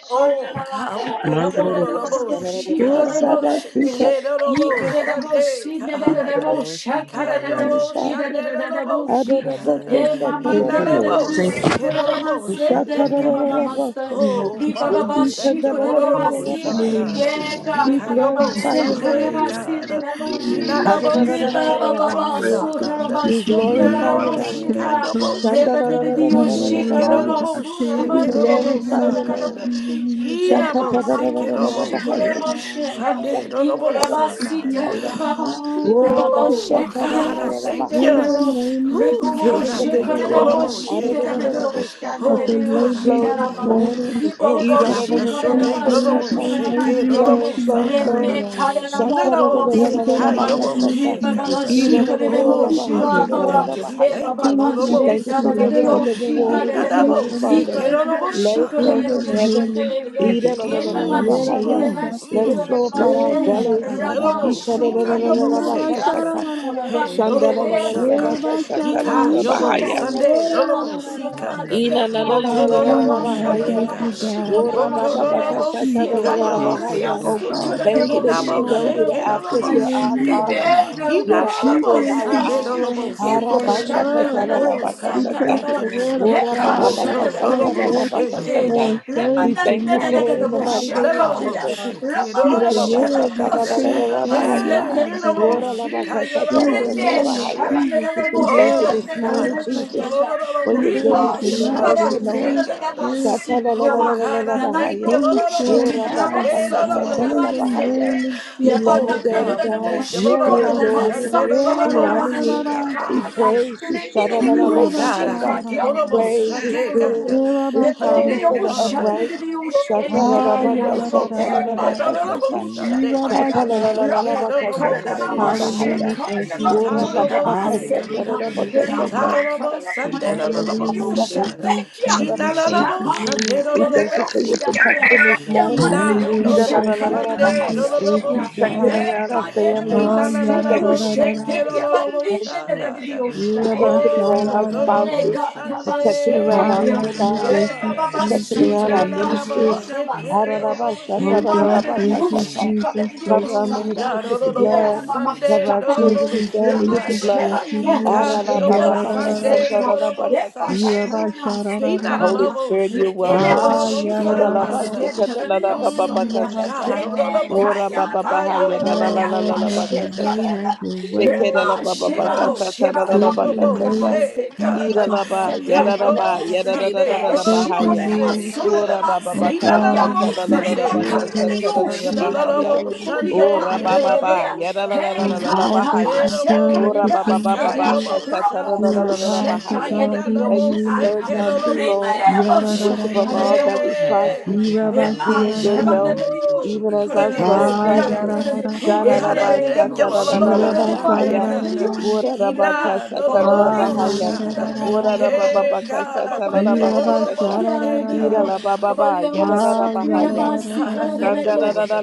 Speaker 1: Oh God, we thank you, Lord
Speaker 6: Mandararius,
Speaker 1: Lord, see
Speaker 3: she
Speaker 7: Lord
Speaker 6: yanararius,
Speaker 1: God. Say Lord Sunday, God. He kayobo Sunday Lord
Speaker 7: da
Speaker 1: see
Speaker 7: da ba
Speaker 1: God.
Speaker 5: Hallelujah, yeah,
Speaker 7: ta
Speaker 5: yeah, yeah, yeah, yeah, yeah,
Speaker 7: sa
Speaker 5: yeah,
Speaker 7: ta
Speaker 5: yeah,
Speaker 7: da We glorify your name, Father.
Speaker 1: He
Speaker 7: da da da ba sa ta da da
Speaker 2: Thank you,
Speaker 7: ba ta
Speaker 5: yeah,
Speaker 2: Lord.
Speaker 1: nalabo
Speaker 5: yeah,
Speaker 2: Thank
Speaker 1: say
Speaker 2: you,
Speaker 5: yeah, yeah.
Speaker 1: Lord Sunday,
Speaker 5: Thank you,
Speaker 1: God.
Speaker 5: Lord.
Speaker 7: Sa-ta-da-da-da-da-ba-sa-ta.
Speaker 5: Thank
Speaker 2: Lord,
Speaker 1: Oh,
Speaker 5: you,
Speaker 2: before
Speaker 1: Father,
Speaker 2: you.
Speaker 1: we
Speaker 5: Father.
Speaker 1: thank you,
Speaker 3: da
Speaker 1: Lord.
Speaker 5: We
Speaker 3: have
Speaker 5: take all
Speaker 1: Orobosha,
Speaker 5: the
Speaker 2: Before
Speaker 7: Ika-da-da-da-da-da-da-ba-ha-ya.
Speaker 5: rush
Speaker 1: God.
Speaker 2: you,
Speaker 3: yeah,
Speaker 5: and we
Speaker 2: Lord.
Speaker 7: We
Speaker 5: take
Speaker 3: God,
Speaker 5: all the pa- pa- pa-
Speaker 1: Hikayobo
Speaker 7: glorify
Speaker 3: Halabase,
Speaker 7: your
Speaker 5: pa- pa-
Speaker 7: Lord.
Speaker 1: Sunday,
Speaker 5: pa- pa-
Speaker 3: Korebasi,
Speaker 1: God.
Speaker 2: Before
Speaker 5: We
Speaker 3: Dedemoshi,
Speaker 5: go,
Speaker 7: ha
Speaker 5: we
Speaker 7: da da
Speaker 1: Hinalabo
Speaker 5: go,
Speaker 7: da da da
Speaker 5: we go.
Speaker 3: Ripa
Speaker 7: da ba ha
Speaker 3: Baba,
Speaker 7: ya
Speaker 5: Pa-
Speaker 1: Sekerobosha,
Speaker 5: pa- pa-
Speaker 1: God.
Speaker 5: pa-
Speaker 7: We
Speaker 5: pa-
Speaker 3: Surabasa,
Speaker 5: pa-
Speaker 2: you,
Speaker 5: rush
Speaker 7: glorify your
Speaker 1: Hinalabo
Speaker 2: Lord,
Speaker 7: Lord.
Speaker 3: Dedemoshika,
Speaker 1: Sikayobo
Speaker 2: I
Speaker 1: Se,
Speaker 5: Thank
Speaker 1: God.
Speaker 2: You may
Speaker 3: Rebedioshika,
Speaker 7: Shandalalalalalalalabahaya.
Speaker 2: enlarge
Speaker 1: Hekerobo
Speaker 2: our territory,
Speaker 7: We
Speaker 1: Shekerobo
Speaker 3: Rabasurabande,
Speaker 7: glorify
Speaker 1: Sa,
Speaker 7: you, Lord.
Speaker 1: God.
Speaker 3: Dedemoshi, De
Speaker 1: Hinabo
Speaker 3: Mama,
Speaker 1: Sekerobo
Speaker 7: Shakatarararararabahaya.
Speaker 1: She.
Speaker 2: home, O
Speaker 3: Shikorebashe,
Speaker 1: Shande
Speaker 2: God,
Speaker 1: Robo Sa, God.
Speaker 3: Ikorebasita,
Speaker 7: Shakatarararararabahaya.
Speaker 3: Yababa,
Speaker 1: Ooh,
Speaker 3: Rababoshe,
Speaker 1: God, I
Speaker 3: Kademoshi,
Speaker 1: thank
Speaker 7: Worabashatararararabahaya.
Speaker 1: you.
Speaker 3: Dedemo,
Speaker 1: Ooh, God,
Speaker 7: Rivers
Speaker 1: I
Speaker 2: O
Speaker 7: of
Speaker 3: Riboshe,
Speaker 1: thank
Speaker 2: Lord
Speaker 7: living
Speaker 1: you,
Speaker 2: God.
Speaker 1: Lord.
Speaker 7: water.
Speaker 1: Oh,
Speaker 3: Koremoshi,
Speaker 1: shit, God. Uh,
Speaker 3: Dedemoshi,
Speaker 7: Ararararaboshata.
Speaker 2: But the
Speaker 1: Oh, God, I
Speaker 2: labors
Speaker 7: Flow
Speaker 2: are
Speaker 1: thank you,
Speaker 7: this
Speaker 3: Dedemoshi,
Speaker 2: so
Speaker 1: Lord.
Speaker 7: morning.
Speaker 2: few.
Speaker 1: Oh,
Speaker 3: Libobo
Speaker 1: God,
Speaker 2: The
Speaker 1: I
Speaker 2: Lord,
Speaker 1: bless your
Speaker 2: please
Speaker 1: name.
Speaker 3: Shikoraba
Speaker 1: Lord,
Speaker 2: send us
Speaker 1: oh,
Speaker 7: Irararararaboshata.
Speaker 2: your
Speaker 3: Satura
Speaker 1: shit, kid.
Speaker 2: labors
Speaker 1: Lord,
Speaker 3: Mande,
Speaker 7: Flow,
Speaker 1: oh,
Speaker 2: into
Speaker 7: flow,
Speaker 1: sa,
Speaker 2: your
Speaker 1: God. Uh,
Speaker 7: flow.
Speaker 3: Reme
Speaker 2: vineyard, O God.
Speaker 1: None
Speaker 3: Karabo
Speaker 1: of us
Speaker 3: Baba
Speaker 2: In
Speaker 1: seek
Speaker 2: the
Speaker 1: high
Speaker 3: Shava,
Speaker 1: your oh,
Speaker 2: name of
Speaker 7: Shatarararararabakasata.
Speaker 1: shit,
Speaker 2: Jesus,
Speaker 1: God.
Speaker 3: Ribaba
Speaker 1: Uh,
Speaker 2: send your
Speaker 3: Shikorabo
Speaker 1: Oh,
Speaker 2: labors, O
Speaker 1: Father,
Speaker 3: Shiva
Speaker 1: we
Speaker 3: Baba,
Speaker 1: thank
Speaker 2: God.
Speaker 1: you. We
Speaker 7: Irararararabahayarararabahaya.
Speaker 1: thank you,
Speaker 2: Send
Speaker 3: Ebaba
Speaker 2: us
Speaker 1: Lord.
Speaker 7: We
Speaker 1: Oh,
Speaker 7: thank
Speaker 2: labors
Speaker 7: you
Speaker 3: Sheta
Speaker 2: in
Speaker 7: for
Speaker 1: seek
Speaker 2: the
Speaker 1: God.
Speaker 3: de
Speaker 7: rivers
Speaker 1: Uh,
Speaker 7: of
Speaker 2: north, the
Speaker 7: living
Speaker 2: south,
Speaker 3: Roshika
Speaker 1: He
Speaker 7: water
Speaker 2: the
Speaker 1: none
Speaker 7: this
Speaker 1: of
Speaker 3: de
Speaker 2: east,
Speaker 7: morning,
Speaker 1: us
Speaker 2: and the
Speaker 1: sick,
Speaker 7: Father.
Speaker 1: kid.
Speaker 2: west.
Speaker 1: Lord,
Speaker 3: Ikorabo
Speaker 1: oh,
Speaker 7: Let it
Speaker 1: sha,
Speaker 7: flow
Speaker 2: In
Speaker 1: God.
Speaker 2: the
Speaker 7: from
Speaker 3: Shikorabo
Speaker 7: heaven.
Speaker 2: name of
Speaker 3: Shate,
Speaker 2: Jesus, O God.
Speaker 3: Yebaba
Speaker 1: Mm,
Speaker 7: Irararararabahaya.
Speaker 3: Shikoraba
Speaker 1: mm,
Speaker 7: Let
Speaker 2: Yerabashate,
Speaker 7: it
Speaker 1: mm,
Speaker 3: Sintora
Speaker 7: flow
Speaker 3: de
Speaker 7: upon
Speaker 1: mm,
Speaker 7: our
Speaker 3: Bashe,
Speaker 1: mm,
Speaker 7: bellies.
Speaker 1: mm.
Speaker 3: Rama
Speaker 1: Robo
Speaker 2: yerabarararashate,
Speaker 1: sika
Speaker 3: Shurabo
Speaker 1: yobo se
Speaker 3: Buria
Speaker 1: God.
Speaker 7: Ikararararabakasata.
Speaker 2: yerabashararararara.
Speaker 1: Hey,
Speaker 3: Sikorebande de
Speaker 7: Shandala
Speaker 1: robo
Speaker 7: la la la la
Speaker 2: Hallelujah,
Speaker 3: Rese,
Speaker 1: shaka.
Speaker 7: baka sakala la
Speaker 3: Riba
Speaker 1: Ika
Speaker 7: la
Speaker 1: yobo
Speaker 7: bahaya.
Speaker 3: Shabo
Speaker 1: Sunday.
Speaker 3: Oboria
Speaker 1: Robo
Speaker 3: Batura
Speaker 1: sika.
Speaker 7: Ina na
Speaker 3: Seka.
Speaker 7: na na na
Speaker 1: Roto
Speaker 7: na na na
Speaker 1: robo
Speaker 3: Yamando
Speaker 2: God.
Speaker 1: shande
Speaker 2: Thank
Speaker 7: bahaya.
Speaker 2: you,
Speaker 1: God.
Speaker 3: Rabashiko
Speaker 2: God.
Speaker 7: Ora
Speaker 2: Thank
Speaker 7: ba
Speaker 1: Roto
Speaker 2: you,
Speaker 7: ba ba ka
Speaker 2: God.
Speaker 3: Rabashia,
Speaker 1: robo
Speaker 7: ta
Speaker 2: Please,
Speaker 7: na
Speaker 2: oh
Speaker 7: na
Speaker 1: sika
Speaker 7: na na
Speaker 3: Yababa
Speaker 5: you.
Speaker 2: God.
Speaker 1: yobo
Speaker 3: Kadia
Speaker 1: se
Speaker 7: bahaya.
Speaker 2: Oh
Speaker 1: God.
Speaker 2: God,
Speaker 3: Sutura
Speaker 7: Thank
Speaker 2: take
Speaker 7: you that
Speaker 2: us
Speaker 1: Inabo
Speaker 7: even
Speaker 2: now.
Speaker 3: Raboshika
Speaker 7: though we're the
Speaker 1: shake
Speaker 2: Take us
Speaker 7: apple of
Speaker 1: robo
Speaker 3: Raboshi,
Speaker 7: your
Speaker 2: higher
Speaker 7: eye,
Speaker 2: in you, oh
Speaker 1: sika.
Speaker 7: Father,
Speaker 2: God.
Speaker 3: Ribera
Speaker 7: you're the
Speaker 3: Rabosha
Speaker 7: apple
Speaker 2: Deeper
Speaker 1: Inabo
Speaker 7: of our
Speaker 2: into
Speaker 1: Sunday
Speaker 2: your
Speaker 7: eye.
Speaker 3: Kananashi,
Speaker 2: word,
Speaker 1: robo
Speaker 2: oh God,
Speaker 7: Ara
Speaker 2: that
Speaker 7: ba
Speaker 2: your
Speaker 7: sha
Speaker 1: sika.
Speaker 7: ka
Speaker 3: Yukoshata
Speaker 7: ta
Speaker 2: word.
Speaker 7: na na ba
Speaker 1: Oh
Speaker 7: ka
Speaker 2: We
Speaker 1: God,
Speaker 7: sa
Speaker 1: we
Speaker 2: pray
Speaker 7: ta.
Speaker 2: for
Speaker 1: thank
Speaker 3: Rabosata,
Speaker 1: you,
Speaker 2: the word
Speaker 1: Lord.
Speaker 2: of
Speaker 7: Ora ba ba
Speaker 2: God
Speaker 7: ba
Speaker 2: that
Speaker 7: ka
Speaker 3: Hekashata
Speaker 1: Roto
Speaker 2: will
Speaker 7: sa
Speaker 2: come
Speaker 7: ta na
Speaker 1: robo
Speaker 7: na
Speaker 2: forth
Speaker 7: ba ka
Speaker 1: shake.
Speaker 3: Raboshite,
Speaker 7: ta.
Speaker 2: on
Speaker 7: We
Speaker 2: Thursday
Speaker 7: thank you
Speaker 2: night
Speaker 7: for
Speaker 3: Remananda
Speaker 7: it
Speaker 2: for
Speaker 7: in the mighty
Speaker 2: Bible
Speaker 1: No,
Speaker 7: name
Speaker 1: no,
Speaker 7: of
Speaker 1: no,
Speaker 2: study, oh
Speaker 1: bo,
Speaker 3: Raboshakaya,
Speaker 7: Jesus.
Speaker 2: God.
Speaker 1: shake it, no, no,
Speaker 2: That
Speaker 1: no,
Speaker 7: Hira
Speaker 2: the
Speaker 7: la
Speaker 1: bo,
Speaker 7: ba
Speaker 1: sa,
Speaker 3: Ramashata
Speaker 7: sha
Speaker 2: word
Speaker 7: ta
Speaker 2: may
Speaker 7: na
Speaker 1: God. uh,
Speaker 7: na na na na
Speaker 3: Rabosana
Speaker 2: transform
Speaker 7: bahaya.
Speaker 1: Hey, you
Speaker 2: lives,
Speaker 3: Maseta
Speaker 1: know,
Speaker 2: oh
Speaker 1: bo,
Speaker 7: Ora
Speaker 2: God.
Speaker 7: la
Speaker 1: shake,
Speaker 7: ba
Speaker 5: Thank
Speaker 3: Raboshi,
Speaker 1: ah,
Speaker 7: ka
Speaker 1: you know,
Speaker 7: ta
Speaker 2: In
Speaker 7: na
Speaker 1: bo,
Speaker 2: the
Speaker 7: na na na
Speaker 3: Rene
Speaker 1: say,
Speaker 2: name of
Speaker 1: God. uh,
Speaker 7: bahaya.
Speaker 3: Shabana
Speaker 2: Jesus, that
Speaker 7: We
Speaker 2: the
Speaker 7: thank
Speaker 2: word
Speaker 7: you
Speaker 2: that will
Speaker 1: Oh,
Speaker 7: this
Speaker 2: go
Speaker 1: God,
Speaker 7: morning,
Speaker 1: I thank
Speaker 2: forth
Speaker 1: you,
Speaker 7: Jesus
Speaker 2: on
Speaker 3: Raboshana
Speaker 1: Lord, no, no, no,
Speaker 7: for your
Speaker 1: bo,
Speaker 3: Ripa
Speaker 1: shake
Speaker 7: goodness
Speaker 2: Thursday
Speaker 1: it,
Speaker 7: and your
Speaker 1: no,
Speaker 2: night
Speaker 1: no, no,
Speaker 2: will
Speaker 3: Shabada
Speaker 7: mercy,
Speaker 1: bo,
Speaker 7: Lord.
Speaker 1: see, God. uh,
Speaker 3: Dodaba
Speaker 2: transform,
Speaker 3: Si
Speaker 1: Oh,
Speaker 3: Yama
Speaker 1: God, I thank you,
Speaker 3: Nanano
Speaker 7: Shatalalalalalalabahaya.
Speaker 1: Lord, no, no,
Speaker 3: Pushi
Speaker 2: transform
Speaker 1: bo,
Speaker 3: Tidiyama
Speaker 2: lives, oh
Speaker 1: shande, no, no,
Speaker 2: God.
Speaker 1: bo,
Speaker 2: In
Speaker 3: Sotodanaba
Speaker 2: the
Speaker 1: see, God.
Speaker 3: Se
Speaker 7: Yorabababakasataralabahaya.
Speaker 1: uh,
Speaker 2: name of
Speaker 7: We love
Speaker 2: Jesus,
Speaker 7: you,
Speaker 3: Yamana
Speaker 2: oh
Speaker 1: Oh,
Speaker 7: Daddy
Speaker 2: God.
Speaker 1: God, we
Speaker 3: Nanamo
Speaker 7: God.
Speaker 1: thank you, Lord, no,
Speaker 7: We
Speaker 1: no, bo,
Speaker 7: adore
Speaker 3: Shikodanaba
Speaker 2: Yerabasata,
Speaker 7: you.
Speaker 1: shande, no, no, no,
Speaker 7: We
Speaker 1: bo,
Speaker 3: Satodanaba
Speaker 7: honor
Speaker 1: see,
Speaker 7: you.
Speaker 1: God.
Speaker 7: We
Speaker 2: yerararararasata,
Speaker 3: Shekaya
Speaker 7: praise you.
Speaker 3: Ribin
Speaker 1: Oh, God, I
Speaker 7: Shatalalabakasata.
Speaker 3: Rushika
Speaker 1: thank you. Lord,
Speaker 2: yerabasarararara,
Speaker 1: about
Speaker 7: Praise
Speaker 3: Yamosu
Speaker 7: is
Speaker 1: Sunday,
Speaker 7: good.
Speaker 1: God.
Speaker 3: Turubu
Speaker 7: It's calmly
Speaker 3: Repatio
Speaker 7: for
Speaker 1: Oh,
Speaker 7: the
Speaker 1: Father.
Speaker 2: yerabasarararara,
Speaker 7: upright.
Speaker 3: Shandio
Speaker 1: Oh, God.
Speaker 2: ah,
Speaker 3: Shekia
Speaker 1: Lord, about Sunday. Lord,
Speaker 3: Ramakaya,
Speaker 2: yerararararasata,
Speaker 1: about
Speaker 7: Shatalalabakasataralabakasata.
Speaker 1: Sunday, God.
Speaker 2: yerabasararara.
Speaker 1: Hey,
Speaker 3: Rama
Speaker 1: Lord, about
Speaker 3: Kodanama
Speaker 1: see, God.
Speaker 7: Shakalalalalalabakasatarabahaya.
Speaker 2: Hallelujah, thank
Speaker 3: Shekaya,
Speaker 2: you,
Speaker 1: See, time, you
Speaker 2: Jesus.
Speaker 1: about
Speaker 3: Turanama
Speaker 1: say,
Speaker 3: Seya,
Speaker 1: God.
Speaker 2: Hallelujah, thank
Speaker 3: Thank
Speaker 2: you,
Speaker 5: you.
Speaker 1: Tita,
Speaker 7: Orabababakasatarabakasata.
Speaker 1: Lord,
Speaker 2: Lord.
Speaker 1: about
Speaker 5: Tite
Speaker 1: Sunday. Lord,
Speaker 5: kotoro
Speaker 1: about
Speaker 3: you.
Speaker 2: Hallelujah.
Speaker 1: see,
Speaker 2: Thank
Speaker 5: shondoro
Speaker 1: God.
Speaker 5: koto
Speaker 2: you,
Speaker 1: He
Speaker 2: Jesus.
Speaker 5: koto
Speaker 1: not, Lord,
Speaker 7: Ikandalalababakasatarabakasata.
Speaker 2: Thank
Speaker 1: about
Speaker 2: you,
Speaker 5: koto
Speaker 1: Sunday.
Speaker 2: Lord.
Speaker 1: Lord,
Speaker 7: We thank you
Speaker 1: about
Speaker 7: for your
Speaker 1: see, God.
Speaker 7: protection this
Speaker 5: ya
Speaker 1: He
Speaker 7: morning.
Speaker 1: not, Lord,
Speaker 2: Hallelujah.
Speaker 1: about
Speaker 2: Thank you,
Speaker 1: Sunday.
Speaker 2: Jesus.
Speaker 1: Lord,
Speaker 7: Idalalalalalabahaya.
Speaker 2: Thank
Speaker 1: about
Speaker 2: you,
Speaker 1: see,
Speaker 7: Protection
Speaker 2: God.
Speaker 7: around
Speaker 1: God.
Speaker 7: our
Speaker 1: He
Speaker 7: family.
Speaker 2: Ah,
Speaker 1: not, Lord,
Speaker 2: ya, da, da,
Speaker 7: Protection
Speaker 1: about
Speaker 2: da, da,
Speaker 7: around
Speaker 1: say,
Speaker 2: da.
Speaker 7: our children
Speaker 1: Lord,
Speaker 7: and
Speaker 1: about
Speaker 7: grandchildren
Speaker 5: Touch,
Speaker 1: shaka.
Speaker 5: in
Speaker 2: Yeah,
Speaker 3: Thank you.
Speaker 2: ba,
Speaker 5: kotoro
Speaker 7: protection
Speaker 2: sha,
Speaker 7: around
Speaker 2: da,
Speaker 5: shondoro
Speaker 7: our
Speaker 1: Oh,
Speaker 2: da, da,
Speaker 1: the
Speaker 5: pressure
Speaker 2: da.
Speaker 3: Hey
Speaker 1: Robo
Speaker 7: spouses,
Speaker 3: God, have
Speaker 5: increase.
Speaker 3: a
Speaker 5: In
Speaker 7: protection around
Speaker 5: kotoro
Speaker 7: our
Speaker 3: sequoia.
Speaker 7: own
Speaker 1: Sunday,
Speaker 2: Hallelujah.
Speaker 5: shondoro
Speaker 7: lives,
Speaker 3: Hey,
Speaker 2: Thank
Speaker 1: God.
Speaker 3: Baba,
Speaker 2: you,
Speaker 7: protection
Speaker 1: He
Speaker 3: sit in
Speaker 7: around our
Speaker 2: Jesus.
Speaker 1: na
Speaker 3: the
Speaker 1: na
Speaker 5: increase.
Speaker 2: Thank
Speaker 1: na
Speaker 2: you,
Speaker 1: bo
Speaker 7: ministries.
Speaker 3: ocean
Speaker 2: Lord.
Speaker 3: of us
Speaker 1: seke
Speaker 3: there.
Speaker 5: Increase
Speaker 1: robo
Speaker 3: Hey,
Speaker 2: Oh,
Speaker 1: she,
Speaker 5: power.
Speaker 3: man,
Speaker 2: God.
Speaker 1: God.
Speaker 3: the
Speaker 2: Thank you,
Speaker 3: Yoshi
Speaker 7: Ararabashatararabakasata.
Speaker 3: cut
Speaker 2: Jesus.
Speaker 3: the
Speaker 2: Thank
Speaker 7: Cover our
Speaker 2: you,
Speaker 1: Mm,
Speaker 3: Yosaya.
Speaker 1: God,
Speaker 2: Lord.
Speaker 7: ministries
Speaker 1: oh,
Speaker 7: with the
Speaker 1: the Robo
Speaker 3: Hey,
Speaker 7: blood.
Speaker 3: Mama,
Speaker 7: Cover
Speaker 1: Sunday,
Speaker 7: our
Speaker 1: the
Speaker 3: Chapa,
Speaker 2: Thank
Speaker 7: children
Speaker 1: Robo
Speaker 7: and
Speaker 2: you,
Speaker 7: family
Speaker 1: she,
Speaker 3: Rama,
Speaker 7: with the
Speaker 2: Jesus.
Speaker 1: God.
Speaker 7: blood.
Speaker 3: Sheba,
Speaker 2: Thank you,
Speaker 1: He
Speaker 3: Nero,
Speaker 2: Lord.
Speaker 1: ka
Speaker 3: Shake,
Speaker 2: Ya,
Speaker 1: yobo
Speaker 2: da, da,
Speaker 3: Rama,
Speaker 2: da, da.
Speaker 1: Sunday,
Speaker 3: Seca,
Speaker 1: the Robo
Speaker 3: Epa,
Speaker 1: sa,
Speaker 7: Ararabababakasatararabakasata.
Speaker 2: Yeah,
Speaker 1: God.
Speaker 2: ba,
Speaker 3: Shamana,
Speaker 2: sha, da, da,
Speaker 1: He na
Speaker 2: da,
Speaker 1: na
Speaker 2: da.
Speaker 1: na
Speaker 7: Holy
Speaker 3: Sequoia.
Speaker 1: bo
Speaker 7: Spirit, you're
Speaker 1: seke do the
Speaker 7: welcome.
Speaker 3: Remember,
Speaker 2: Ah,
Speaker 1: robo
Speaker 3: she
Speaker 2: ya,
Speaker 3: could
Speaker 2: da,
Speaker 3: have
Speaker 1: sa,
Speaker 7: Ida
Speaker 2: da,
Speaker 7: la
Speaker 3: a
Speaker 2: da,
Speaker 7: ba
Speaker 2: da, da.
Speaker 1: God.
Speaker 7: si ka
Speaker 3: to
Speaker 7: da la
Speaker 3: the
Speaker 2: Thank
Speaker 7: la ba ba ba
Speaker 2: you.
Speaker 7: ka
Speaker 2: Yeah,
Speaker 3: Yosaya.
Speaker 1: Mm,
Speaker 2: ba,
Speaker 7: sa ta.
Speaker 2: sha,
Speaker 1: God,
Speaker 3: Remember,
Speaker 1: oh,
Speaker 2: da,
Speaker 1: the
Speaker 2: da, da.
Speaker 1: Robo
Speaker 7: Wora ba
Speaker 1: si
Speaker 7: ba
Speaker 3: Kaya,
Speaker 7: ba
Speaker 1: ka
Speaker 7: ha ya
Speaker 3: Maya,
Speaker 7: da
Speaker 3: you're
Speaker 7: la
Speaker 2: Oh
Speaker 7: la
Speaker 1: yobo
Speaker 7: la la
Speaker 2: Lord,
Speaker 1: she,
Speaker 7: la ba
Speaker 2: have
Speaker 7: ka
Speaker 3: the
Speaker 2: your
Speaker 1: God.
Speaker 7: sa
Speaker 2: way,
Speaker 7: ta.
Speaker 3: Rama,
Speaker 2: have your way,
Speaker 7: Sheke da
Speaker 2: have
Speaker 7: la
Speaker 3: Reba
Speaker 7: ba
Speaker 1: Ooh,
Speaker 7: ba
Speaker 2: your
Speaker 7: ba
Speaker 2: way.
Speaker 7: ka
Speaker 3: Sheba
Speaker 1: Robo
Speaker 7: sa ta la la
Speaker 3: Sheba
Speaker 1: Sika,
Speaker 2: In
Speaker 7: la
Speaker 3: Baba
Speaker 7: ba ka
Speaker 2: the
Speaker 7: sa
Speaker 1: Yobo
Speaker 3: Kuriama
Speaker 7: ta.
Speaker 2: name
Speaker 1: say
Speaker 3: Se
Speaker 2: of
Speaker 7: Ida
Speaker 1: God.
Speaker 3: Todama
Speaker 7: la
Speaker 2: Jesus, oh
Speaker 7: ba
Speaker 2: God,
Speaker 7: ya da
Speaker 2: thank
Speaker 1: Hey,
Speaker 7: la
Speaker 2: you,
Speaker 3: Sekaya
Speaker 7: ba
Speaker 1: Robo
Speaker 2: Father.
Speaker 7: ya da da da da
Speaker 1: Sunday,
Speaker 3: Rebe
Speaker 7: da
Speaker 1: no,
Speaker 7: da
Speaker 1: no,
Speaker 7: ba
Speaker 2: Thank
Speaker 7: ha
Speaker 1: Robo
Speaker 2: you,
Speaker 5: La la
Speaker 7: ya.
Speaker 5: la la
Speaker 3: Shikodama
Speaker 5: la
Speaker 1: say
Speaker 2: Lord.
Speaker 7: Wora
Speaker 1: God.
Speaker 3: Sodama
Speaker 7: ba ba
Speaker 2: Oh
Speaker 7: ba
Speaker 1: He
Speaker 7: ka
Speaker 1: done a
Speaker 7: sa
Speaker 2: God,
Speaker 3: Sekaya
Speaker 2: we
Speaker 1: Robo
Speaker 7: ta la la
Speaker 2: give
Speaker 7: la
Speaker 2: you
Speaker 7: la
Speaker 3: Reba
Speaker 1: Sunday,
Speaker 7: ba ka
Speaker 3: Kaya
Speaker 7: sa
Speaker 1: God.
Speaker 3: de
Speaker 2: glory,
Speaker 7: ta
Speaker 2: oh
Speaker 7: la
Speaker 3: Dio
Speaker 7: la
Speaker 2: God,
Speaker 7: la
Speaker 1: He
Speaker 2: we
Speaker 7: ba
Speaker 1: done
Speaker 2: give
Speaker 1: a
Speaker 7: ha
Speaker 2: you honor,
Speaker 7: ya.
Speaker 1: Robo
Speaker 3: Shikodio
Speaker 2: we give you
Speaker 7: Wora
Speaker 1: Sunday,
Speaker 3: Toriama
Speaker 1: and
Speaker 7: ba
Speaker 1: a
Speaker 2: praise
Speaker 7: ba ba
Speaker 3: Medea
Speaker 1: Robo
Speaker 7: ya da la la la
Speaker 3: Hey
Speaker 7: la
Speaker 2: on
Speaker 7: la
Speaker 1: Sakada.
Speaker 7: la
Speaker 3: God
Speaker 2: all
Speaker 7: ba ha
Speaker 2: that
Speaker 1: Hey,
Speaker 7: ya.
Speaker 2: you've
Speaker 3: Hamasha
Speaker 2: done and
Speaker 1: Robo
Speaker 7: Wora
Speaker 3: Kaya
Speaker 7: ba ba ba
Speaker 2: continue
Speaker 7: ba
Speaker 1: Sika,
Speaker 2: to
Speaker 3: Sea
Speaker 7: ba
Speaker 2: do
Speaker 7: ka
Speaker 1: Yobo
Speaker 7: sa ta la
Speaker 3: Rabo
Speaker 7: la
Speaker 2: in
Speaker 7: la
Speaker 2: our
Speaker 7: la la
Speaker 1: Shakada.
Speaker 7: la ba
Speaker 2: lives, oh
Speaker 7: ha ya.
Speaker 1: He
Speaker 3: Hushetaya de
Speaker 2: God,
Speaker 1: not
Speaker 3: Dio
Speaker 2: in
Speaker 7: Thank
Speaker 2: the
Speaker 1: Robo
Speaker 7: you for
Speaker 2: name of
Speaker 7: Third
Speaker 3: Shaya
Speaker 1: Seke,
Speaker 7: John
Speaker 1: no
Speaker 2: Jesus.
Speaker 7: 2,
Speaker 1: Robo
Speaker 7: Lord.
Speaker 3: Rimayabo
Speaker 2: Yada
Speaker 7: We
Speaker 1: Shakada.
Speaker 2: da
Speaker 3: Shaya
Speaker 7: wish
Speaker 2: da da
Speaker 7: above
Speaker 2: da,
Speaker 7: all that we prosper
Speaker 1: Hey,
Speaker 2: Yaba
Speaker 7: be
Speaker 2: da
Speaker 3: Rema
Speaker 1: God.
Speaker 7: in
Speaker 2: da
Speaker 7: good
Speaker 3: Sheba
Speaker 7: health,
Speaker 2: da,
Speaker 3: de Dio
Speaker 1: Woo,
Speaker 7: even as
Speaker 1: God,
Speaker 7: our
Speaker 1: I
Speaker 3: Shikodio
Speaker 7: soul
Speaker 2: Ah
Speaker 1: thank
Speaker 3: Sea
Speaker 1: you.
Speaker 7: prosper.
Speaker 2: yada da da da
Speaker 1: Oh
Speaker 3: Shama,
Speaker 2: da,
Speaker 1: God, I
Speaker 7: Shadaraba,
Speaker 1: thank
Speaker 5: la
Speaker 1: you,
Speaker 5: la la
Speaker 1: Lord,
Speaker 5: la
Speaker 1: Lord,
Speaker 5: pa
Speaker 1: Lord,
Speaker 5: pa
Speaker 2: Yaba
Speaker 5: pa.
Speaker 2: da da
Speaker 1: Shande,
Speaker 7: shataralalalabahaya,
Speaker 2: da
Speaker 1: God. uh,
Speaker 2: da.
Speaker 1: Hina, Lord, Lord, Lord,
Speaker 2: Ah, ya
Speaker 1: Sa,
Speaker 2: da
Speaker 7: wararabakasataralabahaya,
Speaker 2: da
Speaker 1: God. uh,
Speaker 2: da da da.
Speaker 1: Hey, God, I thank you,
Speaker 2: Ya
Speaker 1: Lord, Lord,
Speaker 2: ba
Speaker 1: Lord,
Speaker 2: sha
Speaker 1: Lord,
Speaker 7: wararabababakasataralabakasata,
Speaker 2: da da
Speaker 1: She,
Speaker 2: da da.
Speaker 1: God. uh,
Speaker 7: iralabababa,
Speaker 2: Ah, ya da
Speaker 7: yadarabahaya,
Speaker 2: da
Speaker 1: Mm,
Speaker 2: da da
Speaker 1: God, I
Speaker 2: da.
Speaker 1: thank you, Lord. uh,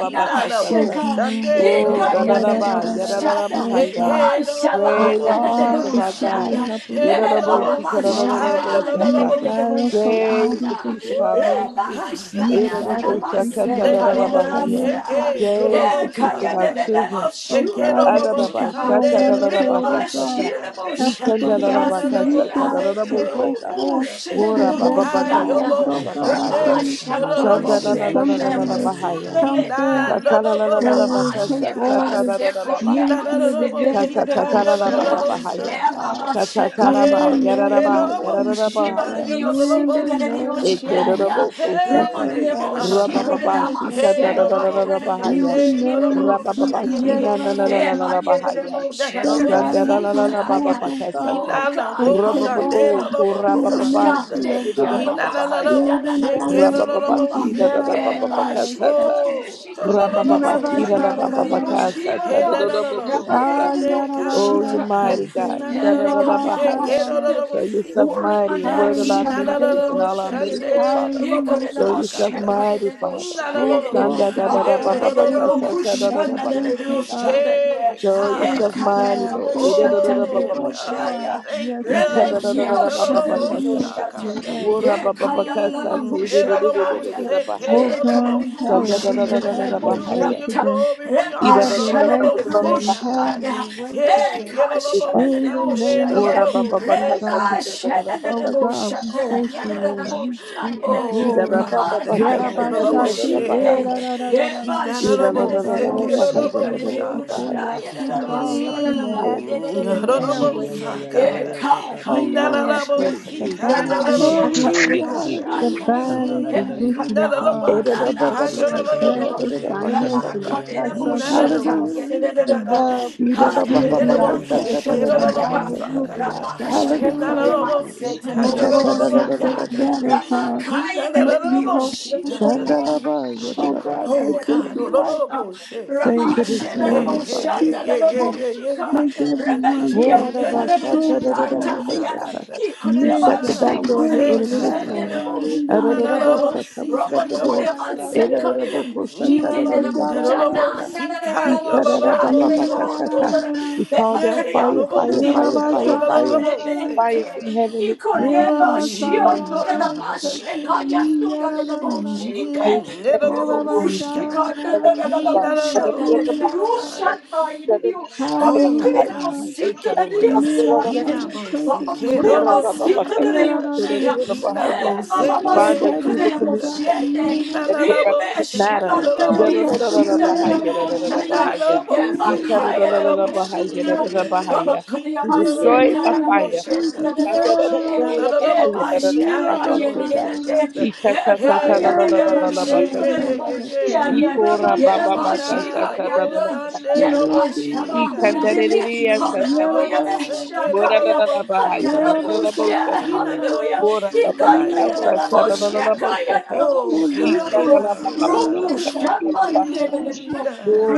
Speaker 1: Hina, Lord, Lord,
Speaker 2: Thank you,
Speaker 1: Shande, Lord,
Speaker 2: Lord.
Speaker 7: Oh,
Speaker 1: Lord, Lord,
Speaker 2: Ya da
Speaker 1: Si,
Speaker 2: da
Speaker 7: dadalaba,
Speaker 1: God.
Speaker 2: da
Speaker 1: uh,
Speaker 2: da
Speaker 7: yadarabahaya.
Speaker 2: da.
Speaker 1: Heke, Lord, Lord,
Speaker 2: Oh God, oh
Speaker 1: Lord,
Speaker 7: Great is
Speaker 1: Lord,
Speaker 7: the peace
Speaker 2: God,
Speaker 1: Sha,
Speaker 7: of
Speaker 2: that
Speaker 7: our
Speaker 2: you
Speaker 1: God. uh,
Speaker 7: God.
Speaker 2: will help us
Speaker 1: Hey,
Speaker 2: to
Speaker 1: Lord, Lord,
Speaker 7: Yadalabo,
Speaker 2: grow
Speaker 1: Lord, Si,
Speaker 2: stronger.
Speaker 1: Kaya,
Speaker 7: shikadalabo,
Speaker 1: Lord, Lord, Lord,
Speaker 7: shata.
Speaker 1: Lord,
Speaker 2: Unify
Speaker 1: Si,
Speaker 2: us,
Speaker 1: God.
Speaker 2: oh
Speaker 1: uh,
Speaker 7: Great
Speaker 2: God,
Speaker 7: is the
Speaker 2: in the
Speaker 7: peace of
Speaker 2: name
Speaker 7: our
Speaker 2: of
Speaker 1: Woo,
Speaker 2: Jesus.
Speaker 7: ministry.
Speaker 1: God.
Speaker 2: Unify the
Speaker 1: Mm,
Speaker 2: preachers,
Speaker 1: de
Speaker 2: oh
Speaker 1: do do
Speaker 2: God,
Speaker 1: bo
Speaker 2: the
Speaker 7: Eroroboshakatararabahaya.
Speaker 2: ministers, the
Speaker 1: sheke, do
Speaker 7: Great
Speaker 1: do
Speaker 7: is the
Speaker 3: yeah,
Speaker 1: bo
Speaker 2: evangelists, the
Speaker 7: peace of
Speaker 1: sa,
Speaker 3: kaya
Speaker 7: our
Speaker 3: ne
Speaker 2: elders.
Speaker 3: ne
Speaker 1: God.
Speaker 3: ne ma
Speaker 7: children.
Speaker 2: Oh
Speaker 1: Heke
Speaker 3: shura na
Speaker 1: do
Speaker 2: God,
Speaker 1: do
Speaker 3: bo
Speaker 2: help
Speaker 1: bo
Speaker 2: us to be
Speaker 3: shaba.
Speaker 2: on
Speaker 1: shande,
Speaker 2: one
Speaker 1: do do do
Speaker 2: accord, oh
Speaker 1: bo
Speaker 3: Rima
Speaker 2: God.
Speaker 1: si,
Speaker 7: Ararabashatararabakasata.
Speaker 3: shira
Speaker 5: Thank
Speaker 1: God.
Speaker 3: bo
Speaker 2: Help us, oh
Speaker 1: He
Speaker 3: shakriya
Speaker 1: na
Speaker 2: God, to
Speaker 1: na do
Speaker 3: se
Speaker 1: bo
Speaker 2: reach
Speaker 3: ya.
Speaker 2: out, to go
Speaker 1: seke,
Speaker 7: Ikandalarabakasatararaboshata.
Speaker 3: Rubu
Speaker 2: forth,
Speaker 1: God.
Speaker 3: shene ne
Speaker 2: to
Speaker 3: ne
Speaker 1: He
Speaker 3: bo
Speaker 1: ka yo
Speaker 2: evangelize.
Speaker 3: shaya.
Speaker 1: bo
Speaker 2: Oh God, I
Speaker 7: Worabababakasatararabahaya.
Speaker 3: Rama
Speaker 2: pray,
Speaker 1: shande, do
Speaker 3: shaba
Speaker 1: do
Speaker 2: oh
Speaker 3: ba
Speaker 1: do
Speaker 3: ba
Speaker 2: God,
Speaker 1: bo
Speaker 2: that
Speaker 3: she
Speaker 1: si,
Speaker 3: kore ya
Speaker 2: somebody
Speaker 1: God.
Speaker 3: ma
Speaker 2: will
Speaker 3: sura
Speaker 7: Shandalararararabahaya.
Speaker 3: na
Speaker 2: come
Speaker 1: He
Speaker 2: forth
Speaker 1: na do do do
Speaker 2: and
Speaker 1: bo
Speaker 2: will
Speaker 3: Rama
Speaker 1: sha,
Speaker 2: take
Speaker 3: sheba
Speaker 2: on
Speaker 1: God.
Speaker 3: ba
Speaker 2: the
Speaker 3: se kore
Speaker 1: Mm,
Speaker 3: ya
Speaker 5: you.
Speaker 1: Na
Speaker 3: ma
Speaker 1: do
Speaker 7: Shatalarararabakasatararabahaya.
Speaker 2: ministry
Speaker 1: do
Speaker 2: of
Speaker 1: do
Speaker 3: se
Speaker 1: bo
Speaker 3: ne
Speaker 5: Mighty
Speaker 1: si,
Speaker 3: ne ne
Speaker 1: ka
Speaker 2: evangelism
Speaker 3: bo
Speaker 1: yo do
Speaker 2: and
Speaker 1: do do
Speaker 3: shia.
Speaker 1: bo
Speaker 2: outreach,
Speaker 1: sha,
Speaker 3: E
Speaker 2: oh
Speaker 7: Tatatatararababahaya.
Speaker 3: ma
Speaker 2: God.
Speaker 1: God.
Speaker 3: ma she kore
Speaker 2: In
Speaker 3: ya
Speaker 2: the
Speaker 7: Tatatarabaha,
Speaker 1: Hey,
Speaker 2: name
Speaker 7: yararabah,
Speaker 2: of
Speaker 3: Rubu
Speaker 2: Jesus,
Speaker 1: yelorobosi,
Speaker 2: oh
Speaker 3: sheba
Speaker 1: God,
Speaker 3: ne
Speaker 7: yararabahaya.
Speaker 2: God,
Speaker 3: ne
Speaker 2: in
Speaker 3: yo shi
Speaker 2: the
Speaker 3: ne ne ne
Speaker 1: yelorobosha,
Speaker 3: yo
Speaker 2: name of
Speaker 1: God.
Speaker 2: Jesus,
Speaker 3: shaya.
Speaker 7: Ekereroboko
Speaker 3: Oh
Speaker 2: that
Speaker 3: God,
Speaker 7: saka.
Speaker 1: Hey,
Speaker 2: somebody will come
Speaker 1: God.
Speaker 7: Rabababa
Speaker 2: forth, oh
Speaker 7: shita
Speaker 1: Hey,
Speaker 7: da da
Speaker 2: God.
Speaker 7: da da da
Speaker 1: Lord,
Speaker 7: da
Speaker 2: In
Speaker 7: bahaya.
Speaker 2: the
Speaker 1: Shande,
Speaker 2: name of Jesus,
Speaker 1: Lord,
Speaker 7: Rabababa
Speaker 1: God.
Speaker 2: yeah, da,
Speaker 7: kina
Speaker 2: da,
Speaker 7: na na
Speaker 2: da,
Speaker 7: na
Speaker 2: da,
Speaker 7: na na na
Speaker 2: da.
Speaker 7: bahaya.
Speaker 2: Somebody
Speaker 7: Sanda
Speaker 1: Dadadabosi,
Speaker 7: la
Speaker 2: will
Speaker 7: la la
Speaker 2: come
Speaker 7: la
Speaker 1: God.
Speaker 2: forth,
Speaker 7: bababa
Speaker 2: oh God,
Speaker 7: kasata.
Speaker 2: and take
Speaker 7: Rabababo
Speaker 2: over
Speaker 3: hallelujah.
Speaker 2: and
Speaker 7: ko
Speaker 2: see
Speaker 3: Oh,
Speaker 2: the
Speaker 1: Hinanaboshandedadabosa,
Speaker 7: rabababa
Speaker 3: Sha,
Speaker 2: ministry,
Speaker 1: God.
Speaker 7: shandi
Speaker 5: God.
Speaker 2: oh
Speaker 7: di
Speaker 3: thank
Speaker 7: di
Speaker 3: you.
Speaker 7: di
Speaker 2: God.
Speaker 7: bababa
Speaker 3: Rabba,
Speaker 7: bahaya.
Speaker 2: In
Speaker 3: Sha, la,
Speaker 2: the
Speaker 3: la, ba,
Speaker 2: name of
Speaker 3: so,
Speaker 7: Rabababa
Speaker 2: Jesus.
Speaker 3: Rabba.
Speaker 1: Hinanananaboshekedadadabosi,
Speaker 7: kina
Speaker 2: Yeah,
Speaker 7: na
Speaker 2: da,
Speaker 7: na
Speaker 2: da,
Speaker 1: God.
Speaker 3: Yeah,
Speaker 2: da,
Speaker 7: bababa
Speaker 2: da,
Speaker 3: ba,
Speaker 2: da,
Speaker 3: she,
Speaker 2: sha,
Speaker 3: la,
Speaker 7: kasata.
Speaker 3: bo,
Speaker 2: sha.
Speaker 1: Whoa.
Speaker 3: she, ka, da, da,
Speaker 2: Yee,
Speaker 7: Rabababa
Speaker 2: ra,
Speaker 3: si,
Speaker 2: ba,
Speaker 3: ah,
Speaker 7: kina na
Speaker 2: sha,
Speaker 1: Todadadabosha,
Speaker 2: da, da,
Speaker 7: bababa
Speaker 2: da,
Speaker 3: oh,
Speaker 1: God.
Speaker 2: da.
Speaker 3: ah,
Speaker 7: kasata. Da da da boko
Speaker 3: Rabba, da, da,
Speaker 2: Ah,
Speaker 3: da,
Speaker 1: Hinanananabosande,
Speaker 3: da,
Speaker 2: yeah, da,
Speaker 3: ku,
Speaker 2: da, da,
Speaker 1: God.
Speaker 7: Oh,
Speaker 3: she,
Speaker 7: you
Speaker 2: da, sha,
Speaker 3: yeah.
Speaker 7: mighty
Speaker 2: sha.
Speaker 7: God.
Speaker 2: Yee,
Speaker 3: Yeah,
Speaker 7: Shada
Speaker 2: ra,
Speaker 7: da da
Speaker 2: ba, sha, da,
Speaker 7: bahaya.
Speaker 2: da, da.
Speaker 7: Show
Speaker 1: Nanananaboshekedadadabosi,
Speaker 7: yourself
Speaker 3: Oh,
Speaker 1: God.
Speaker 7: mighty in Word of Life
Speaker 2: Hallelujah. Thank
Speaker 7: Ministries and
Speaker 3: oh,
Speaker 2: you,
Speaker 7: all our
Speaker 3: yeah,
Speaker 2: Jesus.
Speaker 3: yeah.
Speaker 7: ministries, Father.
Speaker 3: He could
Speaker 2: Hallelujah.
Speaker 3: in the
Speaker 7: Show
Speaker 2: Thank
Speaker 1: Hinanananaboshandedadabosa,
Speaker 2: you,
Speaker 7: yourself
Speaker 3: Moshe,
Speaker 1: God.
Speaker 2: Lord.
Speaker 3: could in the
Speaker 7: mighty, Father.
Speaker 3: Moshe,
Speaker 1: Na na
Speaker 2: Oh,
Speaker 1: na
Speaker 3: yet
Speaker 1: na bo
Speaker 7: Shanda
Speaker 2: glory
Speaker 7: da da
Speaker 2: to
Speaker 7: da
Speaker 3: on
Speaker 7: ba
Speaker 3: the
Speaker 1: shande
Speaker 7: ba
Speaker 2: God.
Speaker 1: na
Speaker 7: ba
Speaker 1: na na na
Speaker 2: Thank
Speaker 7: ka
Speaker 3: little
Speaker 2: you,
Speaker 7: sa
Speaker 1: bo
Speaker 7: ta da
Speaker 2: Jesus.
Speaker 1: see
Speaker 7: da da
Speaker 3: cushion and
Speaker 7: ba
Speaker 3: the
Speaker 1: God.
Speaker 7: ka
Speaker 2: Thank
Speaker 7: sa
Speaker 3: little
Speaker 2: you,
Speaker 7: ta.
Speaker 3: shut
Speaker 2: Father.
Speaker 3: that yeah,
Speaker 1: Hey
Speaker 7: Show
Speaker 2: Thank
Speaker 3: he
Speaker 7: yourself
Speaker 2: you,
Speaker 3: can
Speaker 1: God,
Speaker 7: mighty,
Speaker 3: the
Speaker 2: God.
Speaker 7: Lord.
Speaker 2: Thank
Speaker 3: Moshe,
Speaker 7: Ida
Speaker 2: you,
Speaker 7: da da
Speaker 3: the
Speaker 7: da ba
Speaker 2: Jesus.
Speaker 7: ba
Speaker 1: oh
Speaker 3: little
Speaker 7: ba
Speaker 2: Oh,
Speaker 7: ka sa
Speaker 1: God, we
Speaker 2: God.
Speaker 7: ta.
Speaker 3: Shaya,
Speaker 1: thank
Speaker 2: Yes,
Speaker 1: you
Speaker 7: Ika da
Speaker 2: Lord.
Speaker 1: this
Speaker 7: da da da
Speaker 2: Yes,
Speaker 1: morning.
Speaker 7: da
Speaker 3: Remekio
Speaker 1: Na
Speaker 7: ba
Speaker 1: na
Speaker 7: ba
Speaker 3: shut
Speaker 2: to
Speaker 1: na
Speaker 3: the
Speaker 7: ba
Speaker 2: your
Speaker 1: bo
Speaker 7: ka
Speaker 3: little
Speaker 7: sa
Speaker 2: will,
Speaker 1: sha
Speaker 7: ta.
Speaker 3: shut,
Speaker 2: to your
Speaker 1: God.
Speaker 2: way.
Speaker 3: he
Speaker 7: Ora ba ba
Speaker 3: can
Speaker 7: ba ka
Speaker 3: the
Speaker 7: sa
Speaker 3: little
Speaker 7: ta.
Speaker 1: Mm,
Speaker 7: Ida
Speaker 1: na
Speaker 7: da
Speaker 1: na
Speaker 3: Moshe,
Speaker 7: da
Speaker 1: na
Speaker 7: da da
Speaker 1: bo
Speaker 7: da da
Speaker 3: and
Speaker 7: da ba ha
Speaker 1: seke
Speaker 2: Oh,
Speaker 7: ya.
Speaker 3: they
Speaker 1: na na
Speaker 3: could
Speaker 2: God.
Speaker 1: bo
Speaker 3: in the
Speaker 1: sha
Speaker 7: Shanda da da
Speaker 3: Mushi,
Speaker 7: da
Speaker 2: Hallelujah.
Speaker 1: God.
Speaker 3: the
Speaker 7: da da da
Speaker 2: Have
Speaker 7: ba
Speaker 3: little
Speaker 2: your
Speaker 7: ha
Speaker 1: Do it for
Speaker 3: Moshe,
Speaker 2: way
Speaker 7: ya.
Speaker 1: your
Speaker 2: today.
Speaker 1: glory, for your
Speaker 7: Ida
Speaker 1: honor.
Speaker 2: Have
Speaker 7: da
Speaker 1: Na
Speaker 7: da
Speaker 2: your
Speaker 1: na
Speaker 3: Remashan
Speaker 7: da
Speaker 1: na
Speaker 3: and
Speaker 7: da
Speaker 2: way
Speaker 3: the
Speaker 7: da
Speaker 1: bo
Speaker 3: little
Speaker 7: da da
Speaker 1: se
Speaker 2: today.
Speaker 7: ba
Speaker 3: Moshe,
Speaker 7: ha ya.
Speaker 1: God.
Speaker 2: Have
Speaker 3: yeah,
Speaker 2: your way
Speaker 7: Show
Speaker 1: Hey,
Speaker 7: yourself
Speaker 2: today.
Speaker 1: na na na
Speaker 7: mighty,
Speaker 1: bo
Speaker 7: Father.
Speaker 2: In the
Speaker 1: shande
Speaker 2: name
Speaker 1: na
Speaker 2: of
Speaker 1: na
Speaker 7: Ora
Speaker 1: na
Speaker 7: ba
Speaker 1: bo
Speaker 7: ba
Speaker 2: Jesus,
Speaker 7: ba
Speaker 2: oh
Speaker 7: ka
Speaker 1: se
Speaker 7: sa
Speaker 2: God.
Speaker 7: ta
Speaker 3: Reba
Speaker 7: da
Speaker 1: God.
Speaker 7: da da da ba
Speaker 2: Oh
Speaker 7: ka sa
Speaker 2: God,
Speaker 7: ta.
Speaker 3: shenanabosha,
Speaker 2: we
Speaker 1: Oh
Speaker 2: thank you, Lord.
Speaker 1: God.
Speaker 2: We
Speaker 3: yananabosha,
Speaker 2: give you
Speaker 3: yana,
Speaker 7: Ida
Speaker 1: Oh
Speaker 7: da ba
Speaker 2: glory.
Speaker 1: God, we
Speaker 7: ba ba
Speaker 1: thank
Speaker 3: rabaka
Speaker 1: you,
Speaker 7: ba ba
Speaker 1: Lord.
Speaker 7: da da da
Speaker 1: Honorable
Speaker 2: Yarabashate,
Speaker 7: da da ba
Speaker 1: shit,
Speaker 7: ha
Speaker 2: eh,
Speaker 3: yananaboshite,
Speaker 2: da,
Speaker 7: ya.
Speaker 1: God.
Speaker 2: da, da, da, da,
Speaker 1: He
Speaker 2: da.
Speaker 3: eba
Speaker 1: done
Speaker 7: Ida da
Speaker 2: Oh
Speaker 1: honorable
Speaker 7: da da
Speaker 2: God, I
Speaker 1: sick
Speaker 7: da
Speaker 1: and
Speaker 7: da ba
Speaker 2: lift
Speaker 7: ha
Speaker 2: up
Speaker 3: shenanaboshi,
Speaker 7: ya
Speaker 2: you
Speaker 7: da
Speaker 1: honorable
Speaker 7: da
Speaker 2: hope
Speaker 7: da da
Speaker 1: shot,
Speaker 7: ba ha
Speaker 2: before
Speaker 1: God.
Speaker 3: kareosha,
Speaker 2: you.
Speaker 7: ya.
Speaker 2: I put it all
Speaker 3: yananabosto,
Speaker 2: up in the
Speaker 7: Hallelujah,
Speaker 1: Mmm.
Speaker 2: atmosphere, in the
Speaker 5: Ha
Speaker 7: Jesus.
Speaker 5: ya
Speaker 1: Honorable
Speaker 5: ya
Speaker 3: yananamandenaboshi,
Speaker 2: airways,
Speaker 5: ya
Speaker 2: oh
Speaker 1: sa,
Speaker 5: ya ya ya
Speaker 2: God.
Speaker 1: God.
Speaker 5: ya ba
Speaker 3: eka
Speaker 5: ba ba.
Speaker 2: Oh
Speaker 1: He not
Speaker 2: Lord, I
Speaker 3: hayamash,
Speaker 5: Hey
Speaker 1: honorable
Speaker 2: pray
Speaker 5: hey
Speaker 2: for
Speaker 5: hey
Speaker 1: seek, I
Speaker 5: hey
Speaker 2: divine
Speaker 3: rabasha
Speaker 1: honorable
Speaker 2: intervention.
Speaker 1: shot,
Speaker 5: hey hey
Speaker 7: Hallelujah,
Speaker 5: hey.
Speaker 1: God.
Speaker 7: hallelujah,
Speaker 3: kareosha,
Speaker 2: Divine
Speaker 5: Shanda
Speaker 3: Rama
Speaker 5: da da da
Speaker 7: hallelujah.
Speaker 5: da. Hey
Speaker 1: Mmm.
Speaker 2: intervention,
Speaker 1: Not
Speaker 2: oh
Speaker 5: hey hey
Speaker 2: God.
Speaker 1: honorable
Speaker 7: Eda
Speaker 5: hey
Speaker 7: da ba
Speaker 1: seek,
Speaker 5: hey hey
Speaker 2: Oh
Speaker 7: ba
Speaker 1: I
Speaker 7: ba
Speaker 5: hey
Speaker 7: ka
Speaker 2: God,
Speaker 5: hey hey
Speaker 7: sa sa
Speaker 2: bless
Speaker 1: honorable
Speaker 7: da da
Speaker 2: us
Speaker 7: da
Speaker 5: hey.
Speaker 1: shake.
Speaker 7: ba ka
Speaker 5: Shanda
Speaker 7: sa
Speaker 1: God.
Speaker 5: ya
Speaker 7: sa.
Speaker 2: financially.
Speaker 5: ya ya
Speaker 2: Bless
Speaker 5: ya
Speaker 2: us,
Speaker 5: ba
Speaker 1: Not
Speaker 5: ba
Speaker 2: oh
Speaker 5: ha.
Speaker 1: honorable
Speaker 2: God.
Speaker 1: sick.
Speaker 7: Hallelujah.
Speaker 2: And
Speaker 1: God.
Speaker 2: love
Speaker 7: Eda
Speaker 1: Yes,
Speaker 7: da ba
Speaker 1: God.
Speaker 2: will
Speaker 5: Hey,
Speaker 7: ba ba
Speaker 2: be
Speaker 5: get
Speaker 7: ka
Speaker 2: our
Speaker 5: the
Speaker 1: Honorable
Speaker 7: sa
Speaker 2: passion.
Speaker 7: sa
Speaker 1: shit,
Speaker 7: da
Speaker 5: Russian
Speaker 7: da da
Speaker 2: The
Speaker 7: ba ka
Speaker 1: honorable
Speaker 2: Bible
Speaker 7: sa
Speaker 5: hold da
Speaker 1: sa,
Speaker 7: sa.
Speaker 2: will
Speaker 5: da da
Speaker 2: be
Speaker 5: da
Speaker 2: our
Speaker 1: God.
Speaker 5: ba ba ba ba
Speaker 2: guide.
Speaker 5: ba
Speaker 2: oh,
Speaker 5: ba
Speaker 2: God.
Speaker 7: Hallelujah.
Speaker 5: ba ba. Is he
Speaker 1: Hinda-da-da-bo-si-ka,
Speaker 7: You
Speaker 2: Oh
Speaker 7: sa
Speaker 5: from the
Speaker 7: sa da
Speaker 2: Lord,
Speaker 7: da
Speaker 2: make
Speaker 7: da da ba
Speaker 2: us
Speaker 7: ka sa.
Speaker 1: yo-da-da-da-bo-she-ka-da.
Speaker 2: better, God. Make you whole better,
Speaker 1: Hinda-da-da-da-da-bo-si-ka-da.
Speaker 7: Shanda la
Speaker 2: God.
Speaker 7: ba ya da
Speaker 2: Oh
Speaker 7: da ba
Speaker 2: God,
Speaker 7: ka
Speaker 1: Oh
Speaker 2: make
Speaker 7: sa sa.
Speaker 2: this
Speaker 1: God, oh
Speaker 2: and
Speaker 1: no no
Speaker 2: white
Speaker 1: no no, shit,
Speaker 7: Thank
Speaker 1: God.
Speaker 7: you
Speaker 2: teachers
Speaker 7: this
Speaker 2: better.
Speaker 7: morning,
Speaker 1: Hey,
Speaker 2: Make the
Speaker 1: hey,
Speaker 7: Father.
Speaker 1: hey, yeah,
Speaker 2: teachers
Speaker 1: yeah,
Speaker 2: better.
Speaker 1: yeah, yeah, yeah,
Speaker 2: Make
Speaker 1: God.
Speaker 2: everyone
Speaker 1: Yeah,
Speaker 2: better.
Speaker 1: yeah,
Speaker 2: Make our
Speaker 1: yeah, yeah, yeah,
Speaker 2: children
Speaker 1: no no
Speaker 2: better. Make
Speaker 1: shot,
Speaker 2: our
Speaker 7: Wa-da-da-ba-sha-ta-da-da-da-ba-ka-sa-ta.
Speaker 1: God.
Speaker 7: We
Speaker 1: He
Speaker 2: men
Speaker 3: Ikuneba
Speaker 7: shut
Speaker 1: na
Speaker 7: the
Speaker 2: better.
Speaker 1: na
Speaker 2: Our
Speaker 7: back
Speaker 1: bo
Speaker 7: door on the
Speaker 2: women
Speaker 1: say,
Speaker 3: shikuneba
Speaker 7: enemy this
Speaker 1: God.
Speaker 2: better,
Speaker 7: morning.
Speaker 2: God.
Speaker 3: shedenebo
Speaker 1: He
Speaker 2: In
Speaker 1: na
Speaker 2: the
Speaker 1: na na na
Speaker 2: name
Speaker 3: shayenebo.
Speaker 1: bo
Speaker 2: of
Speaker 7: Ah-da-da-da-ba-sha-ta. We
Speaker 1: see,
Speaker 7: shut
Speaker 3: Roba
Speaker 1: God.
Speaker 2: Jesus.
Speaker 7: the
Speaker 1: Yo
Speaker 7: door.
Speaker 1: bo
Speaker 3: kuneba
Speaker 1: say,
Speaker 2: Yeah-da-da-da-da-da.
Speaker 1: God.
Speaker 3: sekunebo
Speaker 1: Mmm,
Speaker 3: shitenebo
Speaker 1: no no no,
Speaker 3: shana
Speaker 1: bo
Speaker 7: Eh-da-da-da-ba-ko-sa-ta-da-da-da-da-ba-ko-sa-ta.
Speaker 3: na
Speaker 2: Yeah-da-da-da-da-da-da.
Speaker 3: na
Speaker 1: see,
Speaker 3: na na
Speaker 1: God.
Speaker 3: na bo
Speaker 1: Yo no no no bo
Speaker 3: shayenebo
Speaker 1: shot, God.
Speaker 7: Ee-ta-da-da-ba-ba-ba-ka-sa-ta.
Speaker 3: todana.
Speaker 2: Yeah-da-da-da-da-da.
Speaker 7: We call
Speaker 3: Beba
Speaker 7: down
Speaker 1: Yeah, no
Speaker 7: fire,
Speaker 1: no
Speaker 3: kriyon
Speaker 1: bo
Speaker 3: todo
Speaker 7: fire,
Speaker 1: see,
Speaker 2: Yeah-da-da-da-da-da-da.
Speaker 7: fire,
Speaker 1: God. Yo
Speaker 7: fire,
Speaker 3: diyoto.
Speaker 1: no no no
Speaker 7: fire,
Speaker 1: bo
Speaker 3: Blebe
Speaker 2: Yeah-da-da-da-da-da.
Speaker 1: say,
Speaker 7: fire
Speaker 3: ke
Speaker 1: God.
Speaker 7: from heaven this morning.
Speaker 3: ikuneba
Speaker 1: Mm,
Speaker 3: shiyondora na ba
Speaker 1: God.
Speaker 7: Ah-ra-ra-ra-ba-ba-ba-ba-ka-sa-ta,
Speaker 3: shekaya
Speaker 1: Mm,
Speaker 3: todana na
Speaker 7: ra-ra-ra-ra-ba-ko-sa-ta.
Speaker 3: bo
Speaker 2: Yeah-da-da-da-da-da.
Speaker 1: mm,
Speaker 3: shike.
Speaker 7: Fire from
Speaker 1: mm.
Speaker 7: heaven
Speaker 1: Never
Speaker 7: this
Speaker 1: will
Speaker 3: Rubu
Speaker 2: Hallelujah,
Speaker 7: morning.
Speaker 2: God.
Speaker 1: see God.
Speaker 3: shika na na na na na
Speaker 1: He
Speaker 3: bo
Speaker 1: da da da da,
Speaker 3: shata na
Speaker 1: oh,
Speaker 3: na
Speaker 1: sha,
Speaker 3: diyo
Speaker 1: God.
Speaker 3: shata yenebo. Papa
Speaker 1: Oh
Speaker 3: kuneba
Speaker 1: God, we thank you,
Speaker 3: sita na
Speaker 1: Lord. Uh,
Speaker 2: Man of
Speaker 1: He
Speaker 2: God,
Speaker 3: diyo
Speaker 1: not
Speaker 2: I
Speaker 1: bo
Speaker 2: pray for
Speaker 1: sick,
Speaker 3: Baba
Speaker 2: the
Speaker 1: he no
Speaker 2: man of
Speaker 3: koruyamaz
Speaker 1: bo
Speaker 2: God.
Speaker 1: shot,
Speaker 2: Yeah,
Speaker 3: sitiri
Speaker 1: God.
Speaker 2: da,
Speaker 1: Uh,
Speaker 3: yok
Speaker 2: da,
Speaker 3: şey
Speaker 2: da, da.
Speaker 3: ya.
Speaker 1: He
Speaker 3: He
Speaker 1: not bo
Speaker 2: Oh,
Speaker 7: We
Speaker 1: sick,
Speaker 3: mama
Speaker 2: God,
Speaker 7: Bind up
Speaker 3: su
Speaker 2: have
Speaker 1: eh,
Speaker 7: evil
Speaker 2: mercy
Speaker 1: God.
Speaker 3: koruyamaz
Speaker 2: upon
Speaker 1: Uh,
Speaker 3: şey
Speaker 7: communication
Speaker 2: the
Speaker 3: de.
Speaker 2: man
Speaker 1: He not
Speaker 7: that
Speaker 2: of
Speaker 1: no no
Speaker 2: God.
Speaker 7: corrupts
Speaker 1: bo
Speaker 3: Ribe
Speaker 7: this
Speaker 1: sick, he
Speaker 7: matter.
Speaker 1: no
Speaker 2: Oh,
Speaker 1: no
Speaker 3: şemanda da
Speaker 2: God,
Speaker 1: bo
Speaker 3: diyor
Speaker 2: help the
Speaker 1: shot,
Speaker 3: şitta
Speaker 1: God.
Speaker 3: da
Speaker 1: Uh,
Speaker 2: man,
Speaker 3: da
Speaker 2: oh,
Speaker 3: o
Speaker 5: Russian
Speaker 3: şey
Speaker 2: God.
Speaker 3: ya.
Speaker 2: Help
Speaker 1: Not no
Speaker 2: the
Speaker 3: Ye
Speaker 1: bo
Speaker 3: bak
Speaker 1: sick,
Speaker 2: man,
Speaker 1: he
Speaker 2: oh,
Speaker 1: no no
Speaker 3: hayır
Speaker 1: no
Speaker 3: da
Speaker 2: God.
Speaker 3: bu
Speaker 1: bo
Speaker 2: Help
Speaker 3: şey
Speaker 2: the
Speaker 1: sick,
Speaker 3: de.
Speaker 1: God. Uh,
Speaker 2: man.
Speaker 3: Baba
Speaker 5: hold?
Speaker 1: He not
Speaker 7: We
Speaker 1: no
Speaker 3: koruyamaz
Speaker 1: no
Speaker 2: In
Speaker 1: no
Speaker 2: the
Speaker 5: I'm
Speaker 7: destroy
Speaker 1: bo
Speaker 7: it by
Speaker 3: setara
Speaker 2: name
Speaker 3: da
Speaker 2: of
Speaker 3: bu
Speaker 1: shande,
Speaker 7: fire.
Speaker 3: şey
Speaker 1: God.
Speaker 3: de
Speaker 1: Uh,
Speaker 2: Jesus.
Speaker 3: da da
Speaker 2: Yeah,
Speaker 3: o
Speaker 2: da, da,
Speaker 1: He
Speaker 2: da,
Speaker 3: şey.
Speaker 2: da.
Speaker 1: not no no
Speaker 2: da.
Speaker 1: no
Speaker 3: Ye
Speaker 1: bo
Speaker 3: bak
Speaker 1: sick,
Speaker 3: şey
Speaker 1: I
Speaker 2: Yeah, da,
Speaker 1: yo
Speaker 3: kayın
Speaker 1: bo
Speaker 2: da, da, da,
Speaker 1: sick, God.
Speaker 3: de.
Speaker 1: Uh,
Speaker 2: da.
Speaker 3: Ye
Speaker 1: Hey,
Speaker 2: Yeah,
Speaker 3: kayın
Speaker 2: yeah,
Speaker 3: da
Speaker 2: da,
Speaker 1: yeah,
Speaker 3: bu
Speaker 2: da, da, da,
Speaker 1: yeah,
Speaker 3: şey
Speaker 1: yeah,
Speaker 2: da.
Speaker 3: koruyamaz
Speaker 7: Ikasatalalalalalabakasata.
Speaker 1: yeah,
Speaker 3: bu
Speaker 2: Yeah, da,
Speaker 1: yeah,
Speaker 3: şey
Speaker 1: yeah,
Speaker 3: ya.
Speaker 1: God.
Speaker 2: Yeah,
Speaker 1: Uh,
Speaker 2: da,
Speaker 3: Ye
Speaker 2: da,
Speaker 3: bak
Speaker 2: da, da.
Speaker 3: şey
Speaker 1: Hina
Speaker 3: kayın
Speaker 1: bo
Speaker 3: de.
Speaker 2: Have
Speaker 1: sande
Speaker 3: Ye
Speaker 1: do
Speaker 7: Ikorabababakasatalalalalalabahaya.
Speaker 3: bak
Speaker 1: bo
Speaker 2: mercy,
Speaker 1: si
Speaker 3: şema
Speaker 2: Lord. Have
Speaker 3: ne
Speaker 1: God.
Speaker 2: mercy,
Speaker 1: He
Speaker 2: Lord.
Speaker 1: ka yo
Speaker 7: Ikandarereriyasasata.
Speaker 1: bo se
Speaker 2: Yarararara.
Speaker 1: ke lo lo lo bo sha
Speaker 7: Moralalabahaya.
Speaker 1: God.
Speaker 3: Hayarabosha,
Speaker 7: Lalalabosata.
Speaker 1: He na na
Speaker 2: Yarabasarararara.
Speaker 1: na na
Speaker 3: Hallelujah.
Speaker 1: bo si ka yo bo se
Speaker 3: Hikayayanabosha,
Speaker 2: Yarararara.
Speaker 1: God.
Speaker 7: Morabababakasatalalalaboshata.
Speaker 1: Oh
Speaker 2: Have
Speaker 1: God,
Speaker 2: mercy,
Speaker 1: oh
Speaker 2: Lord.
Speaker 3: kayanaboshiado,
Speaker 1: God, oh
Speaker 2: Oh, Lord,
Speaker 1: God.
Speaker 2: help us,
Speaker 3: rubosha,
Speaker 2: oh,
Speaker 7: Ikanalabababakasatalalabahaya.
Speaker 1: Mm,
Speaker 2: God.
Speaker 3: mandebebebio,
Speaker 1: God,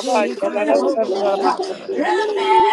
Speaker 1: hey God, oh
Speaker 2: Oh,
Speaker 1: no bo
Speaker 2: God,
Speaker 1: sha
Speaker 2: help us,
Speaker 7: Lalalalalalabahaya.
Speaker 2: Lord. Oh,
Speaker 1: God.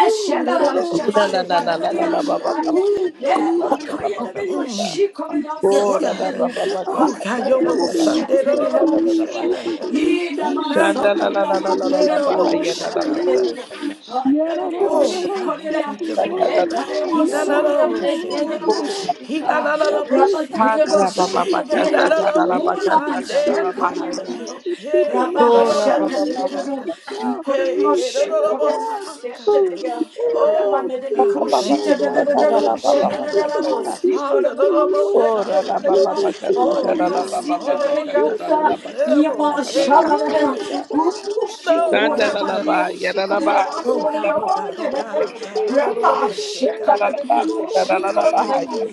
Speaker 1: Ooh, da
Speaker 2: help
Speaker 1: da
Speaker 3: Sheba,
Speaker 1: lo bo
Speaker 2: us,
Speaker 7: Na
Speaker 2: Lord.
Speaker 3: Sheba,
Speaker 7: na
Speaker 1: she
Speaker 7: na na
Speaker 3: na na
Speaker 7: na
Speaker 3: na
Speaker 7: na
Speaker 1: God.
Speaker 7: na ba
Speaker 3: na
Speaker 7: ba ba
Speaker 3: Shaya.
Speaker 1: Ooh,
Speaker 2: Thank you,
Speaker 7: ba ba
Speaker 3: Nema
Speaker 7: ka sa
Speaker 2: Lord.
Speaker 7: ka na
Speaker 5: sorry.
Speaker 7: na
Speaker 3: kaya
Speaker 7: na ba
Speaker 3: na na
Speaker 7: ka sa ka.
Speaker 1: mm.
Speaker 3: yoshiko na
Speaker 1: Yes,
Speaker 7: Ko ra
Speaker 3: yasoya
Speaker 7: na
Speaker 3: na
Speaker 5: Thank
Speaker 1: God.
Speaker 7: ba
Speaker 3: na.
Speaker 7: ba
Speaker 2: Oh,
Speaker 7: ba
Speaker 2: God.
Speaker 7: ka
Speaker 1: Who
Speaker 7: sa
Speaker 1: got
Speaker 7: ka
Speaker 1: your
Speaker 3: Bakaya
Speaker 7: na
Speaker 2: Yeah,
Speaker 3: na
Speaker 1: bow
Speaker 7: na
Speaker 2: that
Speaker 3: mo
Speaker 7: na
Speaker 2: the
Speaker 7: na ba
Speaker 1: Sunday?
Speaker 7: ka
Speaker 1: The
Speaker 7: sa
Speaker 2: worship
Speaker 3: na na
Speaker 2: to
Speaker 7: ka na na
Speaker 3: mo
Speaker 1: Lord,
Speaker 7: na
Speaker 2: me,
Speaker 7: ba
Speaker 3: shi.
Speaker 7: ha
Speaker 2: that
Speaker 7: ya.
Speaker 1: God.
Speaker 2: the
Speaker 3: Ina
Speaker 2: insight
Speaker 1: He
Speaker 2: to
Speaker 1: not
Speaker 7: Shanda
Speaker 1: no
Speaker 2: me,
Speaker 7: na
Speaker 3: masako
Speaker 1: bow
Speaker 7: na
Speaker 3: na
Speaker 7: la
Speaker 2: that
Speaker 7: la
Speaker 1: sick.
Speaker 7: la
Speaker 1: He
Speaker 7: la
Speaker 3: magne na
Speaker 7: la
Speaker 3: na
Speaker 1: no
Speaker 7: ba
Speaker 3: na
Speaker 7: ha
Speaker 1: bow
Speaker 7: ya
Speaker 2: the
Speaker 7: na
Speaker 1: shot,
Speaker 7: na na
Speaker 1: God.
Speaker 7: ba ka
Speaker 2: salvation
Speaker 3: na
Speaker 7: sa ka.
Speaker 2: people who come from
Speaker 3: na. na na
Speaker 7: Ko
Speaker 1: Oh
Speaker 7: ra ba
Speaker 3: yoshiko
Speaker 1: God,
Speaker 7: ba
Speaker 3: na
Speaker 1: we
Speaker 7: ba
Speaker 3: na.
Speaker 1: thank you,
Speaker 7: ka sa ka na
Speaker 3: Ye
Speaker 7: na
Speaker 1: Lord.
Speaker 7: na
Speaker 3: kare
Speaker 7: ba
Speaker 3: mo
Speaker 1: He na na
Speaker 7: ka
Speaker 1: na
Speaker 3: sura
Speaker 7: sa ka.
Speaker 1: of
Speaker 3: na
Speaker 1: shake,
Speaker 3: na na
Speaker 7: Ko
Speaker 1: God.
Speaker 3: mo
Speaker 7: ra na ba
Speaker 1: He
Speaker 7: ha
Speaker 1: na
Speaker 3: shika.
Speaker 1: na
Speaker 7: ya.
Speaker 1: na of
Speaker 3: Rabba
Speaker 1: see,
Speaker 7: Ha
Speaker 3: kaya
Speaker 7: na na ba
Speaker 1: God.
Speaker 7: ba ba
Speaker 3: na
Speaker 7: ka
Speaker 1: He
Speaker 7: sa
Speaker 1: na
Speaker 3: na.
Speaker 1: na
Speaker 7: ka na na ba
Speaker 1: of
Speaker 7: ka
Speaker 3: Ula ma
Speaker 7: sa ka na na
Speaker 1: shande,
Speaker 7: ba ha
Speaker 3: shekaya na
Speaker 1: God.
Speaker 7: ya.
Speaker 3: na.
Speaker 1: Hey, yeah,
Speaker 3: Rabba
Speaker 1: no,
Speaker 7: Ko ra ba
Speaker 1: no,
Speaker 2: the
Speaker 7: ba ba
Speaker 1: see,
Speaker 3: na na
Speaker 7: ha
Speaker 2: north,
Speaker 3: na.
Speaker 1: God.
Speaker 7: ya.
Speaker 3: We couldn't
Speaker 1: Hey, yeah, no,
Speaker 3: mush
Speaker 1: no,
Speaker 2: the
Speaker 1: no,
Speaker 3: for them, a
Speaker 1: bullshit,
Speaker 3: step to the
Speaker 1: God.
Speaker 3: young.
Speaker 7: Hallelujah.
Speaker 3: Ramana
Speaker 1: Oh
Speaker 3: de
Speaker 7: Ba
Speaker 1: God, we
Speaker 7: ba ba ba
Speaker 3: Bicoshi
Speaker 1: thank
Speaker 3: to
Speaker 1: you,
Speaker 7: ka
Speaker 2: Deeper
Speaker 1: Lord.
Speaker 7: sa
Speaker 2: to
Speaker 3: the
Speaker 2: go
Speaker 7: ka na na ba
Speaker 3: ocean,
Speaker 7: ba
Speaker 3: and
Speaker 7: ba
Speaker 3: the
Speaker 7: ka sa
Speaker 1: Oh
Speaker 3: Ramos,
Speaker 7: ka.
Speaker 3: Nito,
Speaker 2: deeper
Speaker 3: the
Speaker 1: Father,
Speaker 2: to
Speaker 1: no, no,
Speaker 3: Ramos,
Speaker 2: you.
Speaker 7: Oh,
Speaker 1: bullshit,
Speaker 7: ra la ba
Speaker 1: God.
Speaker 7: ba
Speaker 3: the
Speaker 7: ba
Speaker 2: deeper
Speaker 7: ka
Speaker 2: to
Speaker 7: sa
Speaker 3: Papa
Speaker 2: your
Speaker 3: de
Speaker 7: ta
Speaker 1: Oh
Speaker 2: will,
Speaker 7: la la
Speaker 1: God,
Speaker 7: ba
Speaker 1: we
Speaker 7: ba
Speaker 3: Osi
Speaker 7: ba
Speaker 3: to
Speaker 1: call
Speaker 7: ka
Speaker 1: on
Speaker 7: sa
Speaker 1: you
Speaker 3: the
Speaker 7: ta la
Speaker 1: this
Speaker 7: la
Speaker 3: Yota,
Speaker 7: la
Speaker 2: deeper
Speaker 1: morning.
Speaker 7: ba
Speaker 1: No,
Speaker 7: ka
Speaker 1: no,
Speaker 7: sa ta
Speaker 3: Yama
Speaker 7: la
Speaker 2: to
Speaker 7: la la
Speaker 2: the
Speaker 1: bullshit,
Speaker 7: ba
Speaker 1: God.
Speaker 7: ka
Speaker 2: word,
Speaker 7: sa
Speaker 3: Shavana,
Speaker 2: oh
Speaker 7: ta.
Speaker 2: God, the
Speaker 3: Rupushi,
Speaker 1: No,
Speaker 7: Shanda la
Speaker 3: Yama
Speaker 7: la
Speaker 2: word
Speaker 1: God.
Speaker 7: ba ya la
Speaker 2: Hallelujah, thank
Speaker 7: la ba ya
Speaker 1: Oh
Speaker 7: la la la
Speaker 1: God, oh
Speaker 7: ba ba
Speaker 1: God, oh
Speaker 7: ba
Speaker 1: God,
Speaker 7: ya la
Speaker 2: you,
Speaker 1: oh
Speaker 7: la
Speaker 1: God,
Speaker 7: ba
Speaker 1: oh no, no, no, no, shit,
Speaker 7: Ya
Speaker 1: God.
Speaker 7: la la la ba
Speaker 1: Mm,
Speaker 7: sa la la la ba ha ya.